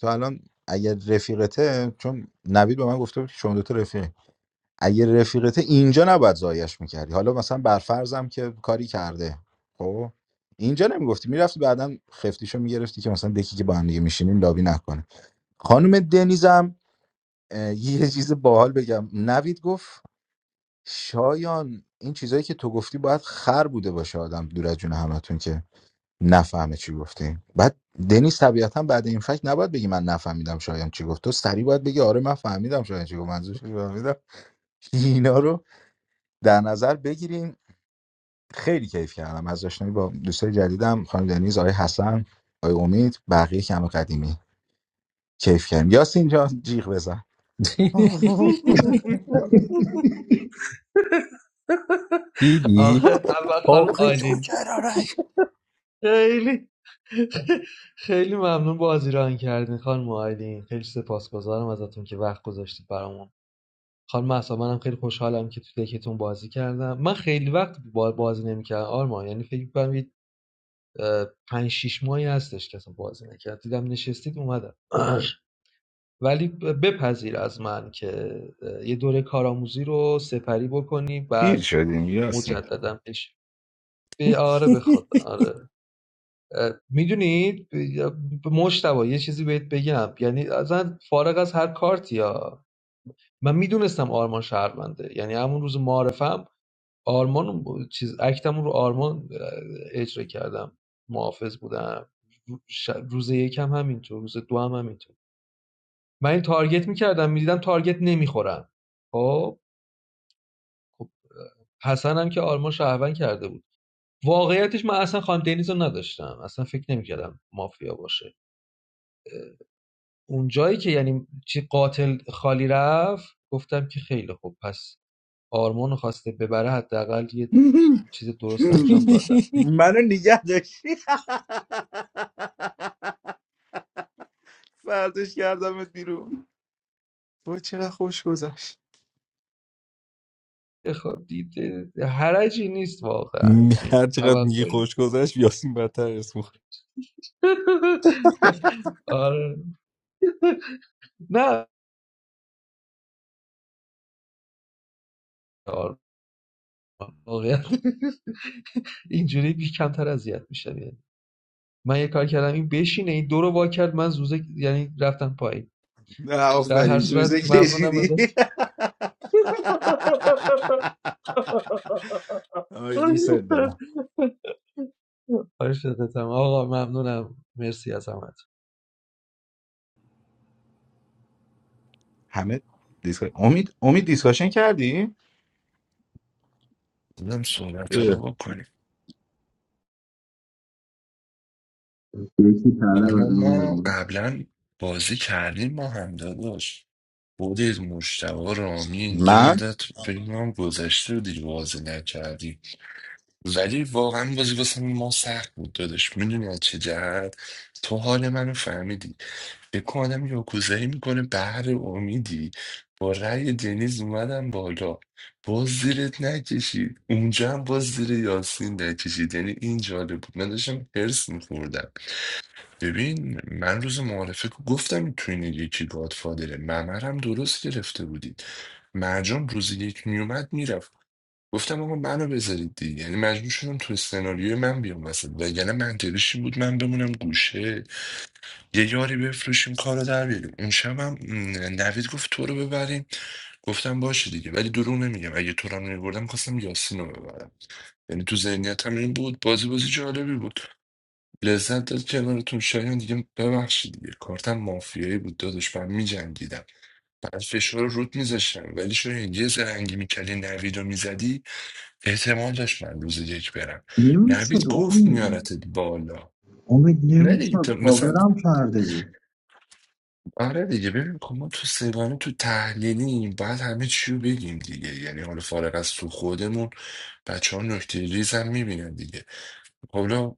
Speaker 7: تا الان اگر رفیقته چون نوید به من گفته بود که شما دوتا رفیقی اگه رفیقته اینجا نباید زایش میکردی حالا مثلا برفرضم که کاری کرده خب اینجا نمیگفتی میرفتی بعدا خفتیشو میگرفتی که مثلا دکی که با هم دیگه میشینیم لابی نکنه خانم دنیزم اه، یه چیز باحال بگم نوید گفت شایان این چیزایی که تو گفتی باید خر بوده باشه آدم دور از جون همتون که نفهمه چی گفتی بعد دنیز طبیعتا بعد این فکت نباید بگی من نفهمیدم شایان چی گفت تو سری باید بگی آره من فهمیدم شایان چی گفت منظورش چی بود، فهمیدم اینا رو در نظر بگیریم خیلی کیف کردم از آشنایی با دوستای جدیدم خانم دنیز آقای حسن آقای امید بقیه کم قدیمی کیف کردیم یاسین جان جیغ بزن
Speaker 2: دیدی
Speaker 8: آخه اول خانم
Speaker 2: آخه تو
Speaker 8: آیلین
Speaker 2: چرا رای
Speaker 8: خیلی خیلی ممنون بازی رو آن کردین خانم آیلین خیلی سپاسگزارم ازتون که وقت گذاشتید برامون خانم اصلا منم خیلی خوشحالم که تو دکتون بازی کردم من خیلی وقت با- بازی نمیکردم آرمان یعنی فکر کنم یه اه، پنج شیش ماهی هستش که اصلا بازی نکرد دیدم نشستید اومدم ولی بپذیر از من که یه دوره کارآموزی رو سپری بکنی
Speaker 7: پیر
Speaker 8: بعد
Speaker 7: شدیم یاسین
Speaker 8: مجددا بشی به آره به خدا آره میدونید مشتبه یه چیزی بهت بگم یعنی اصلا فارغ از هر کارتی ها من میدونستم آرمان شهرونده یعنی همون روز معارفم آرمان چیز اکتمون رو آرمان اه، اجرا کردم محافظ بودم ش- روز یکم همینطور روز دو هم همینطور من این تارگت میکردم میدیدم تارگت نمیخورن خب خب حسن هم که آرمان شهروند کرده بود واقعیتش من اصلا خانم دنیز رو نداشتم اصلا فکر نمیکردم مافیا باشه اون جایی که یعنی چی قاتل خالی رفت گفتم که خیلی خوب پس آرمان رو خواسته ببره حداقل یه چیز درست انجام دادم
Speaker 7: منو نگه فرداش کردمت بیرون خوش گذشت
Speaker 8: خب دید حرجی نیست واقعا یعنی
Speaker 2: هر چقدر میگی
Speaker 8: توقعی
Speaker 2: خوش گذشت یاسین بدتر اسم
Speaker 8: آره نه آره. واقعا اینجوری بی کمتر اذیت میشم یعنی من یه کار کردم این بشینه این دو رو وا کرد من زوزه یعنی رفتم پایین
Speaker 7: نه
Speaker 8: در
Speaker 7: آفرین
Speaker 8: هر صورت
Speaker 7: زوزه
Speaker 8: ممنونم
Speaker 7: کشیدی
Speaker 8: ازت
Speaker 7: آی دوست دارم
Speaker 8: آره شدتم آقا ممنونم مرسی از همه
Speaker 7: همه دیسکا... امید امید دیسکاشن کردی
Speaker 10: بودم صحبت رو
Speaker 7: اه.
Speaker 10: بکنیم
Speaker 1: یکی طلب از
Speaker 10: آرمان
Speaker 1: اون
Speaker 10: ما
Speaker 1: امید
Speaker 10: قبلا بازی کردیم ما هم داداش خودت مشتبه رامین یه
Speaker 7: من
Speaker 10: مدت فکر کنم گذشته بود دیگه بازی نکردیم ولی واقعا بازی واسه ما سخت بود دادش میدونی از چه جهت تو حال منو فهمیدی به آدم یاکوزایی میکنه بهر امیدی با رأی دنیز اومدم بالا باز زیرت نکشید اونجا هم باز زیر یاسین نکشید یعنی این جالب بود من داشتم هرس میخوردم ببین من روز معارفه که گفتم تو این یکی گادفادره ممرم درست گرفته بودید مرجان روز یک میومد میرفت گفتم آقا منو بذارید دیگه یعنی مجبور شدم تو سناریوی من بیام وسط وگرنه منطقیش این بود من بمونم گوشه یه یاری بفروشیم کارو در بیاریم اون شب هم م، نوید گفت تو رو ببریم گفتم باشه دیگه ولی دروغ نمیگم اگه تو رو میبردم میخواستم یاسین رو ببرم یعنی تو ذهنیتم این بود بازی بازی جالبی بود لذت داد کنارتون شایان دیگه ببخشید دیگه کارتم مافیایی بود داداش من میجنگیدم بعد فشار رو رود میذاشتم ولی شاید یه زرنگی میکردی نوید رو میزدی احتمال داشت من روز یک برم نوید
Speaker 1: نمیشد
Speaker 10: گفت
Speaker 1: امید
Speaker 10: میارتت بالا
Speaker 1: امید
Speaker 10: نه دیگه تو
Speaker 1: نمیشد
Speaker 10: مثلا
Speaker 1: کاورم کرده بود
Speaker 10: آره دیگه ببین که ما تو سگانه تو تحلیلیم باید همه چی رو بگیم دیگه یعنی حالا فارغ از تو خودمون بچه ها نکته ریز هم میبینن دیگه خب حالا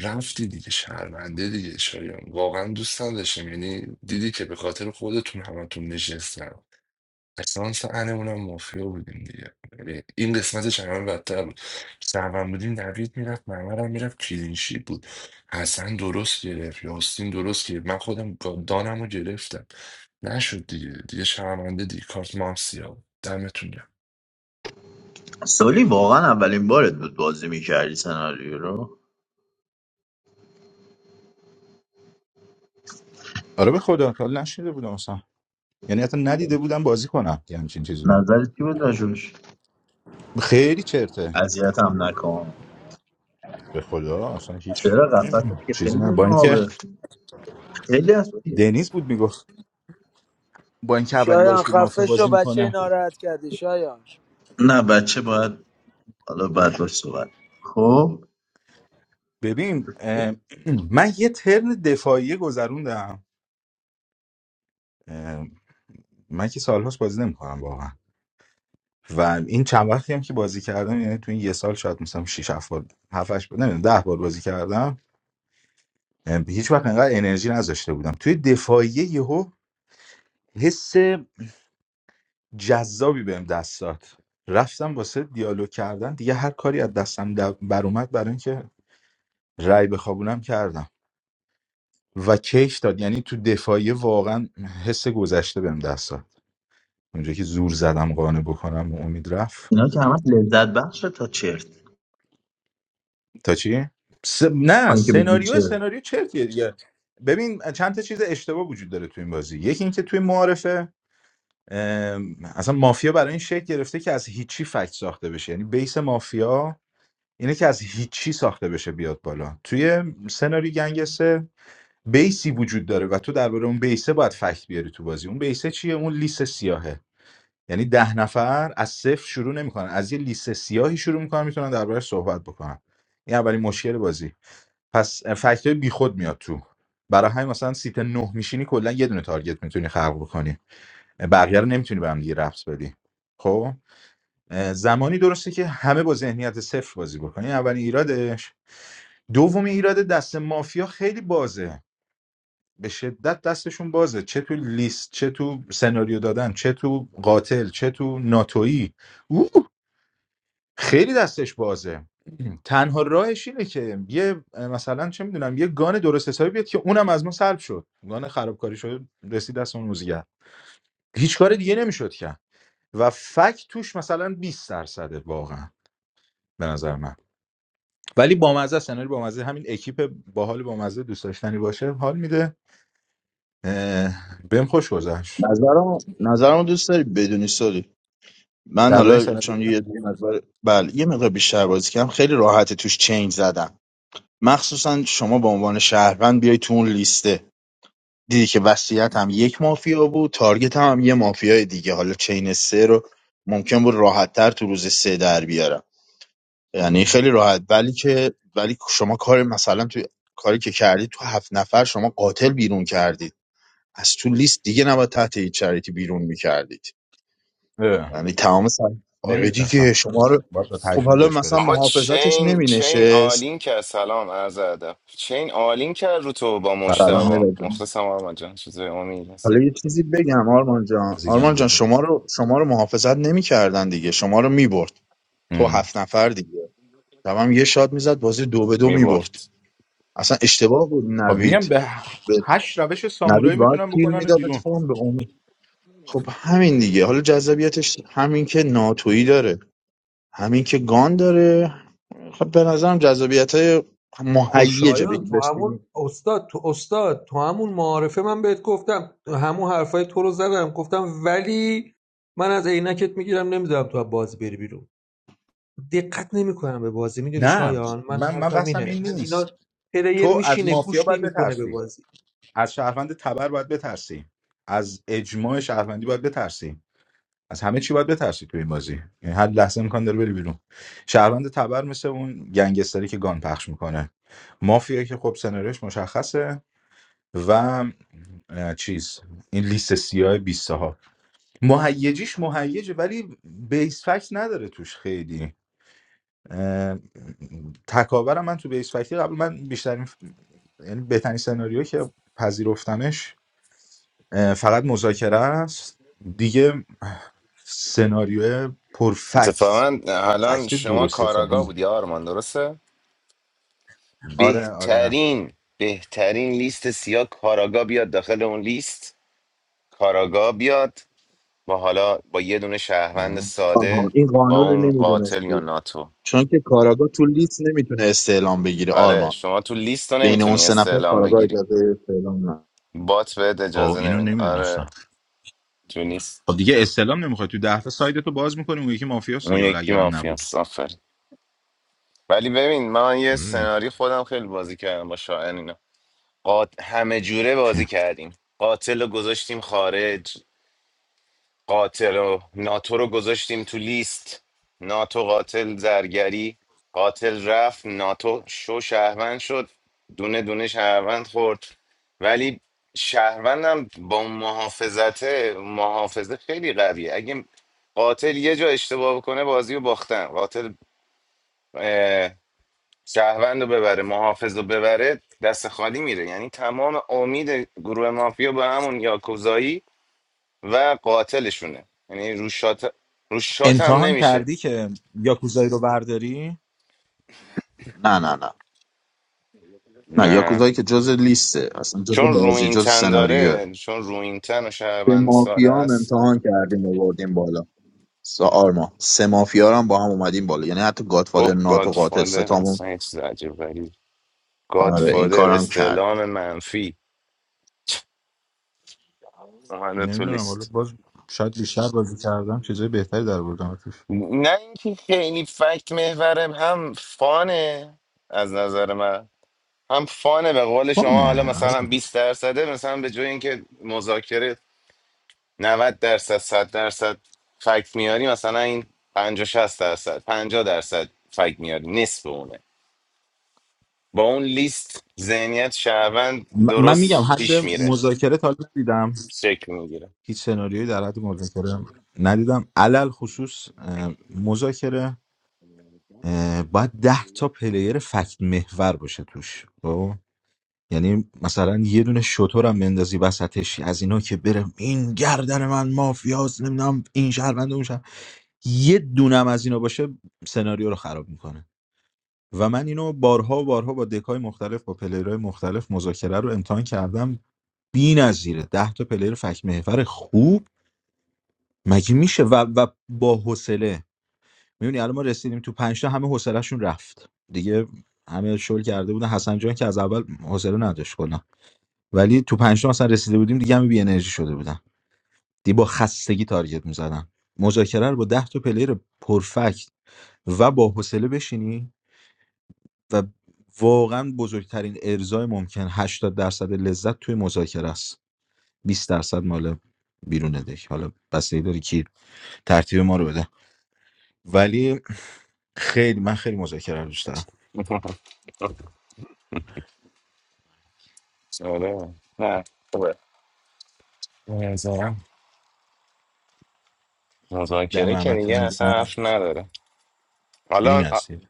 Speaker 10: رفتی دیگه شرمنده دیگه شایان واقعا دوست نداشتم یعنی دیدی که به خاطر خودتون همتون نشستم اسانس انمونم مافیا بودیم دیگه یعنی این قسمتش همه بدتر بود شهروند بودیم نوید میرفت معمر هم میرفت کلینشی بود حسن درست گرفت یاستین درست گرفت من خودم گا- دانم رو گرفتم نشد دیگه دیگه شرمنده دیگه کارت ما هم سیاه بود. دمتون گرم
Speaker 1: سالی واقعا اولین بارت بود بازی میکردی سناریو رو
Speaker 7: آره به خدا تا حالا نشیده بودم اصلا یعنی حتی ندیده بودم بازی کنم یه همچین چیزی رو
Speaker 1: نظرت چی بود راجبش
Speaker 7: خیلی چرته
Speaker 1: اذیتم نکن
Speaker 7: به خدا اصلا هیچ
Speaker 1: چرا قفص که
Speaker 7: چیزی
Speaker 1: خیلی
Speaker 7: نه با اینکه
Speaker 1: نابه خیلی از
Speaker 7: دنیز بود میگفت با اینکه اولین
Speaker 16: شایان
Speaker 7: بارش بود مافیا
Speaker 16: خفه شو
Speaker 7: بازی
Speaker 16: بچه
Speaker 7: میکنه
Speaker 16: ناراحت کردی شایان
Speaker 1: نه بچه باید حالا بعد باش صحبت خب
Speaker 7: ببین اه، من یه ترن دفاعیه گذروندم اه، من که سالهاست بازی نمیکنم واقعا و این چند وقتی هم که بازی کردم یعنی تو این یه سال شاید مثلا شش 7 بار 7 8 بار نمیدونم 10 بار بازی کردم ام، هیچ وقت انقدر انرژی نذاشته بودم توی دفاعیه یهو حس جذابی بهم دست داد رفتم واسه دیالوگ کردن دیگه هر کاری از دستم در- بر اومد برای اینکه رأی بخوابونم کردم و کیش داد یعنی تو دفاعیه واقعا حس گذشته بهم دست داد اونجا که زور زدم قانع بکنم و امید رفت
Speaker 1: اینا که همه لذت بخشه تا چرت
Speaker 7: تا چی؟ س... نه
Speaker 1: اون که بگی
Speaker 7: سناریو
Speaker 1: چرت
Speaker 7: سناریو چرتیه دیگه ببین چند تا چیز اشتباه وجود داره تو این بازی یکی اینکه توی معارفه ام، اصلا مافیا برای این شکل گرفته که از هیچی فکت ساخته بشه یعنی بیس مافیا اینه که از هیچی ساخته بشه بیاد بالا توی سناریو گنگسه بیسی وجود داره و تو درباره اون بیسه باید فکت بیاری تو بازی اون بیسه چیه اون لیست سیاهه یعنی ده نفر از صفر شروع نمیکنن از یه لیست سیاهی شروع میکنن میتونن درباره صحبت بکنن این اولین مشکل بازی پس فکت های بیخود میاد تو برای همین مثلا سیت نه میشینی کلا یه دونه تارگت میتونی خلق بکنی بقیه رو نمیتونی به هم دیگه ربط بدی خب اه، زمانی درسته که همه با ذهنیت صفر بازی بکنی اولین ایرادش دومی ایراد دست مافیا خیلی بازه به شدت دستشون بازه چه تو لیست چه تو سناریو دادن چه تو قاتل چه تو ناتویی اوه خیلی دستش بازه تنها راهش اینه که یه مثلا چه میدونم یه گان درست حسابی بیاد که اونم از ما سلب شد گان خرابکاری شد رسید دست اون موزیگر هیچ کار دیگه نمیشد کرد و فک توش مثلا 20 درصده واقعا به نظر من ولی بامزه است یعنی بامزه همین اکیپ باحال بامزه دوست داشتنی باشه حال میده اه، بهم خوش گذشت
Speaker 1: نظرم نظرم دوست داری بدونی سالی من
Speaker 7: درباره این
Speaker 1: حالا
Speaker 7: سناریو
Speaker 1: چون یه یه مقدار بله یه مقدار بیشتر بازی کردم خیلی راحت توش چنج زدم مخصوصا شما به عنوان شهروند بیای تو اون لیسته دیدی که وصیت هم یک مافیا بود تارگت هم, هم یه مافیای دیگه حالا چین سه رو ممکن بود راحت تر تو روز سه در بیارم یعنی خیلی راحت ولی که ولی شما کار مثلا توی کاری که کردید تو هفت نفر شما قاتل بیرون کردید از تو لیست دیگه نباید تحت هیچ شرایطی بیرون میکردید یعنی تمام سر آره
Speaker 7: نمیدونستم
Speaker 1: دیگه شما رو
Speaker 7: باید به
Speaker 1: خب
Speaker 7: تجربه
Speaker 1: حالا
Speaker 7: بهش
Speaker 1: مثلا
Speaker 7: برسیم
Speaker 1: محافظتش نمینشست سلام
Speaker 7: سلام
Speaker 1: میلاد حالا یه چیزی بگم آرمان جان
Speaker 7: عزیزم
Speaker 1: آرمان جان
Speaker 7: گفت
Speaker 1: شما رو شما رو محافظت نمیکردن دیگه شما رو میبرد تو هفت نفر دیگه تمام یه شات میزد بازی دو به دو میبرد اصلا اشتباه بود
Speaker 7: خب میگم
Speaker 1: نوید
Speaker 7: به هشت روش
Speaker 1: نوید
Speaker 7: سامورایی
Speaker 1: باید
Speaker 7: میتونن
Speaker 1: کیل
Speaker 7: بکنن
Speaker 1: میداد
Speaker 7: بیرون
Speaker 1: اتفاقا به امید خب همین دیگه حالا جذابیتش همین که ناتویی داره همین که گان داره خب به نظرم جذابیت های مهیجه
Speaker 8: خوشایند
Speaker 1: بگید
Speaker 8: تو
Speaker 1: بهش بگیم.
Speaker 8: همون استاد تو استاد تو همون معارفه من بهت گفتم همون حرفای تو رو زدم گفتم ولی من از عینکت میگیرم نمیذارم تو از بازی بری بیرون دقت نمیکنم به بازی میدونی
Speaker 7: نه
Speaker 8: شایان من
Speaker 7: من من
Speaker 8: حرفم
Speaker 7: بحثم
Speaker 8: اینه
Speaker 7: این
Speaker 8: من
Speaker 7: نیست
Speaker 8: اینا پلیر
Speaker 7: تو از
Speaker 8: میشینه
Speaker 7: مافیا
Speaker 8: گوش
Speaker 7: باید
Speaker 8: نمیکنه به
Speaker 7: بترسی
Speaker 8: بازی
Speaker 7: از شهروند تبر باید بترسی از اجماع شهروندی باید بترسی از همه چی باید بترسی تو این بازی یعنی هر لحظه امکان داره بری بیرون شهروند تبر مثل اون گنگستری که گان پخش میکنه مافیا که خب سناریوش مشخصه و اه، چیز این لیست سیاه 20 ها مهیجیش مهیجه ولی بیس فکت نداره توش خیلی اه، تکاورم من تو بیس فکتی قبل من بیشترین ف- یعنی بهترین سناریو که پذیرفتمش اه، فقط مذاکره است دیگه سناریو پرفکت فکت درست حسابی آره آره اه.
Speaker 1: آها این قانون رو نمیدونستی چون که کاراگاه تو لیست نمیتونه استعلام بگیره آرما بین اون سه نفر کاراگاه اجازه استعلام نه
Speaker 7: آه اینو نمیدونستم خب دیگه استلام نمیخواد تو ده تا سایت تو باز میکنیم اون یکی مافیاست دیگه حالا اگرم نبود آره. چی؟ امتحان کردی که یاکوزایی رو برداری
Speaker 1: نه نه نه نه یاکوزایی که جز لیسته اصلا جز بازی جز سناریو به مافیا هم امتحان کردیم و بالا سه آرما سه مافیا رو هم با هم اومدیم بالا یعنی حتی گادفادر ناتو قاتل ستامون آره این کارم کرد
Speaker 7: نمیدونم حالا باز شاید بیشتر بازی کردم چیزای بهتری در بردم ازش فانه آره م- من میگم حد مذاکره تا حالا ندیدم هیچ سناریویی در حد مذاکره ندیدم علل خصوص اه، مذاکره اه، باید ده تا پلیر فکت محور باشه توش خب؟ یعنی مثلا یه دونه شطور هم بندازی وسطش از اینا که بره این گردن من مافیاس نمیدونم این شهروند اون شهر یه دونم از اینا باشه سناریو رو خراب میکنه و من اینو بارها و بارها با دکای مختلف با پلیرهای مختلف مذاکره رو امتحان کردم بی‌نظیره 10 تا پلیر فک محور خوب مگه میشه و, و با حوصله میبینی الان ما رسیدیم تو 5 تا همه حوصلهشون رفت دیگه همه شل کرده بودن حسن جان که از اول حوصله نداشت کلا ولی تو 5 تا مثلا رسیده بودیم دیگه همه بی انرژی شده بودن دیگه با خستگی تارگت میزدن مذاکره رو با 10 تا پلیر پرفکت و با حوصله بشینی و واقعا بزرگترین ارزای ممکن 80 درصد لذت توی مذاکره است 20 درصد مال بیرون دک حالا بستگی داره کی ترتیب ما رو بده ولی خیلی من خیلی مذاکره رو دوست دارم دم همتون گرم بی‌نظیر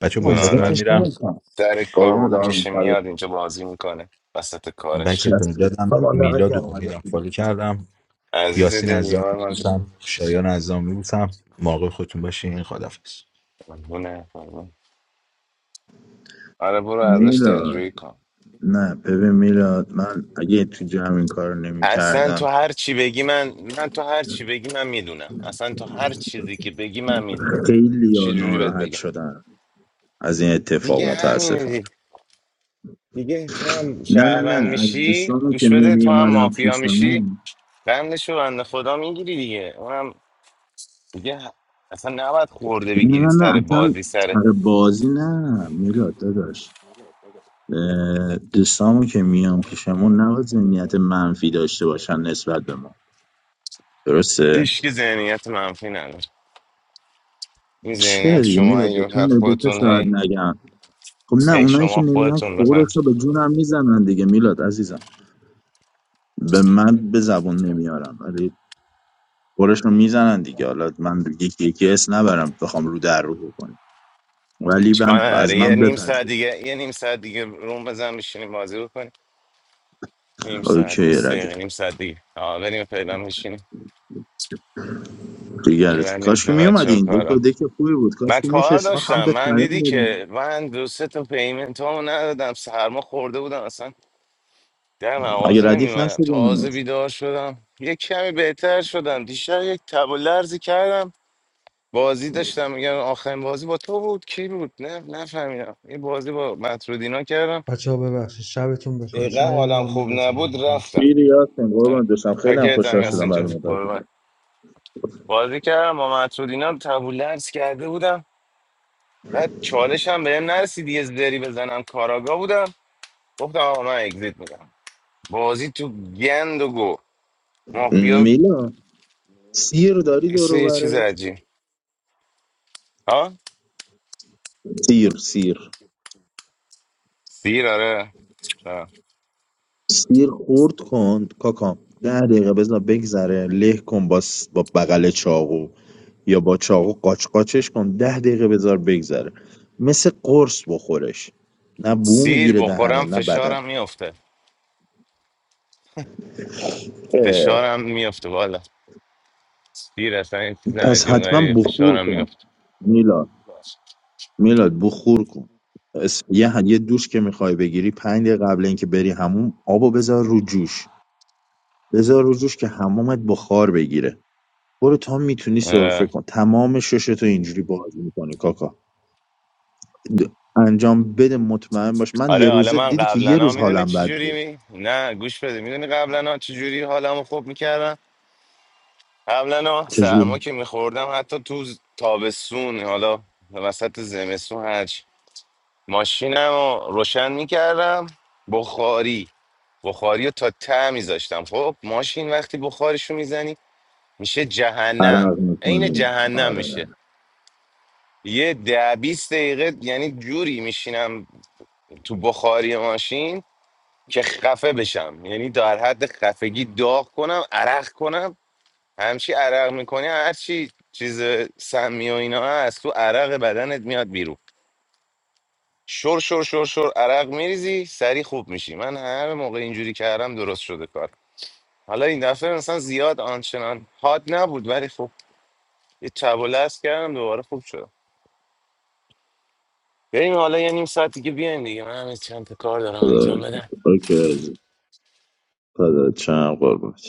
Speaker 7: بچه
Speaker 1: نه
Speaker 7: با عزت من
Speaker 1: اذیتش
Speaker 7: میرم
Speaker 1: نمیکنم قربون دارم
Speaker 7: بکتون رو دادم
Speaker 1: دمت
Speaker 7: میلاد و
Speaker 1: گرم اومدی
Speaker 7: امیدم
Speaker 1: خدا.
Speaker 7: فالو کردم یاسین عزام میبوسم شایان عزام میبوسم مراقب خودتون باشین خدافظ
Speaker 1: میلاد نه ببین میلاد من اگه تو جمع این کار نمی کردم خیلی ناراحت شدم از این اتفاق متاسفانه نه نه نه از دوستانم که نمی اومدم پیش من نه نه نه اصلا سر بازی نه میلاد داداش اه، دوستامون که میان پیشمون نباید ذهنیت منفی داشته باشن نسبت به ما درسته چرا دیگه میلاد به تو نه، به تو شاید نگم خب نه اونایی که نمیان قورش رو به جونم میزنن دیگه میلاد عزیزم به من به زبون نمیارم ولی قورش رو میزنن دیگه حالا من یکی یکی اس نبرم بخوام رو در رو بکنم ولی من از من بپذیر اوکی ردیف دیگر کاش که میومدی این دک دک خوبی بود کاش که میشه من هم بهت پیام دادم اگه ردیف نشده
Speaker 8: بچه ها ببخشید شبتون بخیر
Speaker 1: خیلی یاسین قربونت دوستم خیلی هم خوشحال شدم بعد مدت میلا سیر داری دور و برت سیر سیر سیر خورد کن کاکا ده دقیقه بزن بگذره له کن با, س- با بغل چاقو یا با چاقو قاچ قاچش کن ده دقیقه بذار بگذره مثل قرص بخورش نه بو میگیره دهنه نه بدن اه، پس حتما بخور کن میلا میلاد بخور کن اس- یه ه- یه دوش که میخوای بگیری پنج دقیقه قبل اینکه بری هموم آبو بذار رو جوش بذار رو جوش که همومت بخار بگیره برو تا میتونی سرفه کن تمام ششتو اینجوری باز میکنی کاکا د- انجام بده مطمئن باش من یه روزه دیدی که یه روز حالم بد بود چجوری عرق میکنی آره خدا- اوکی پدر چم قربونت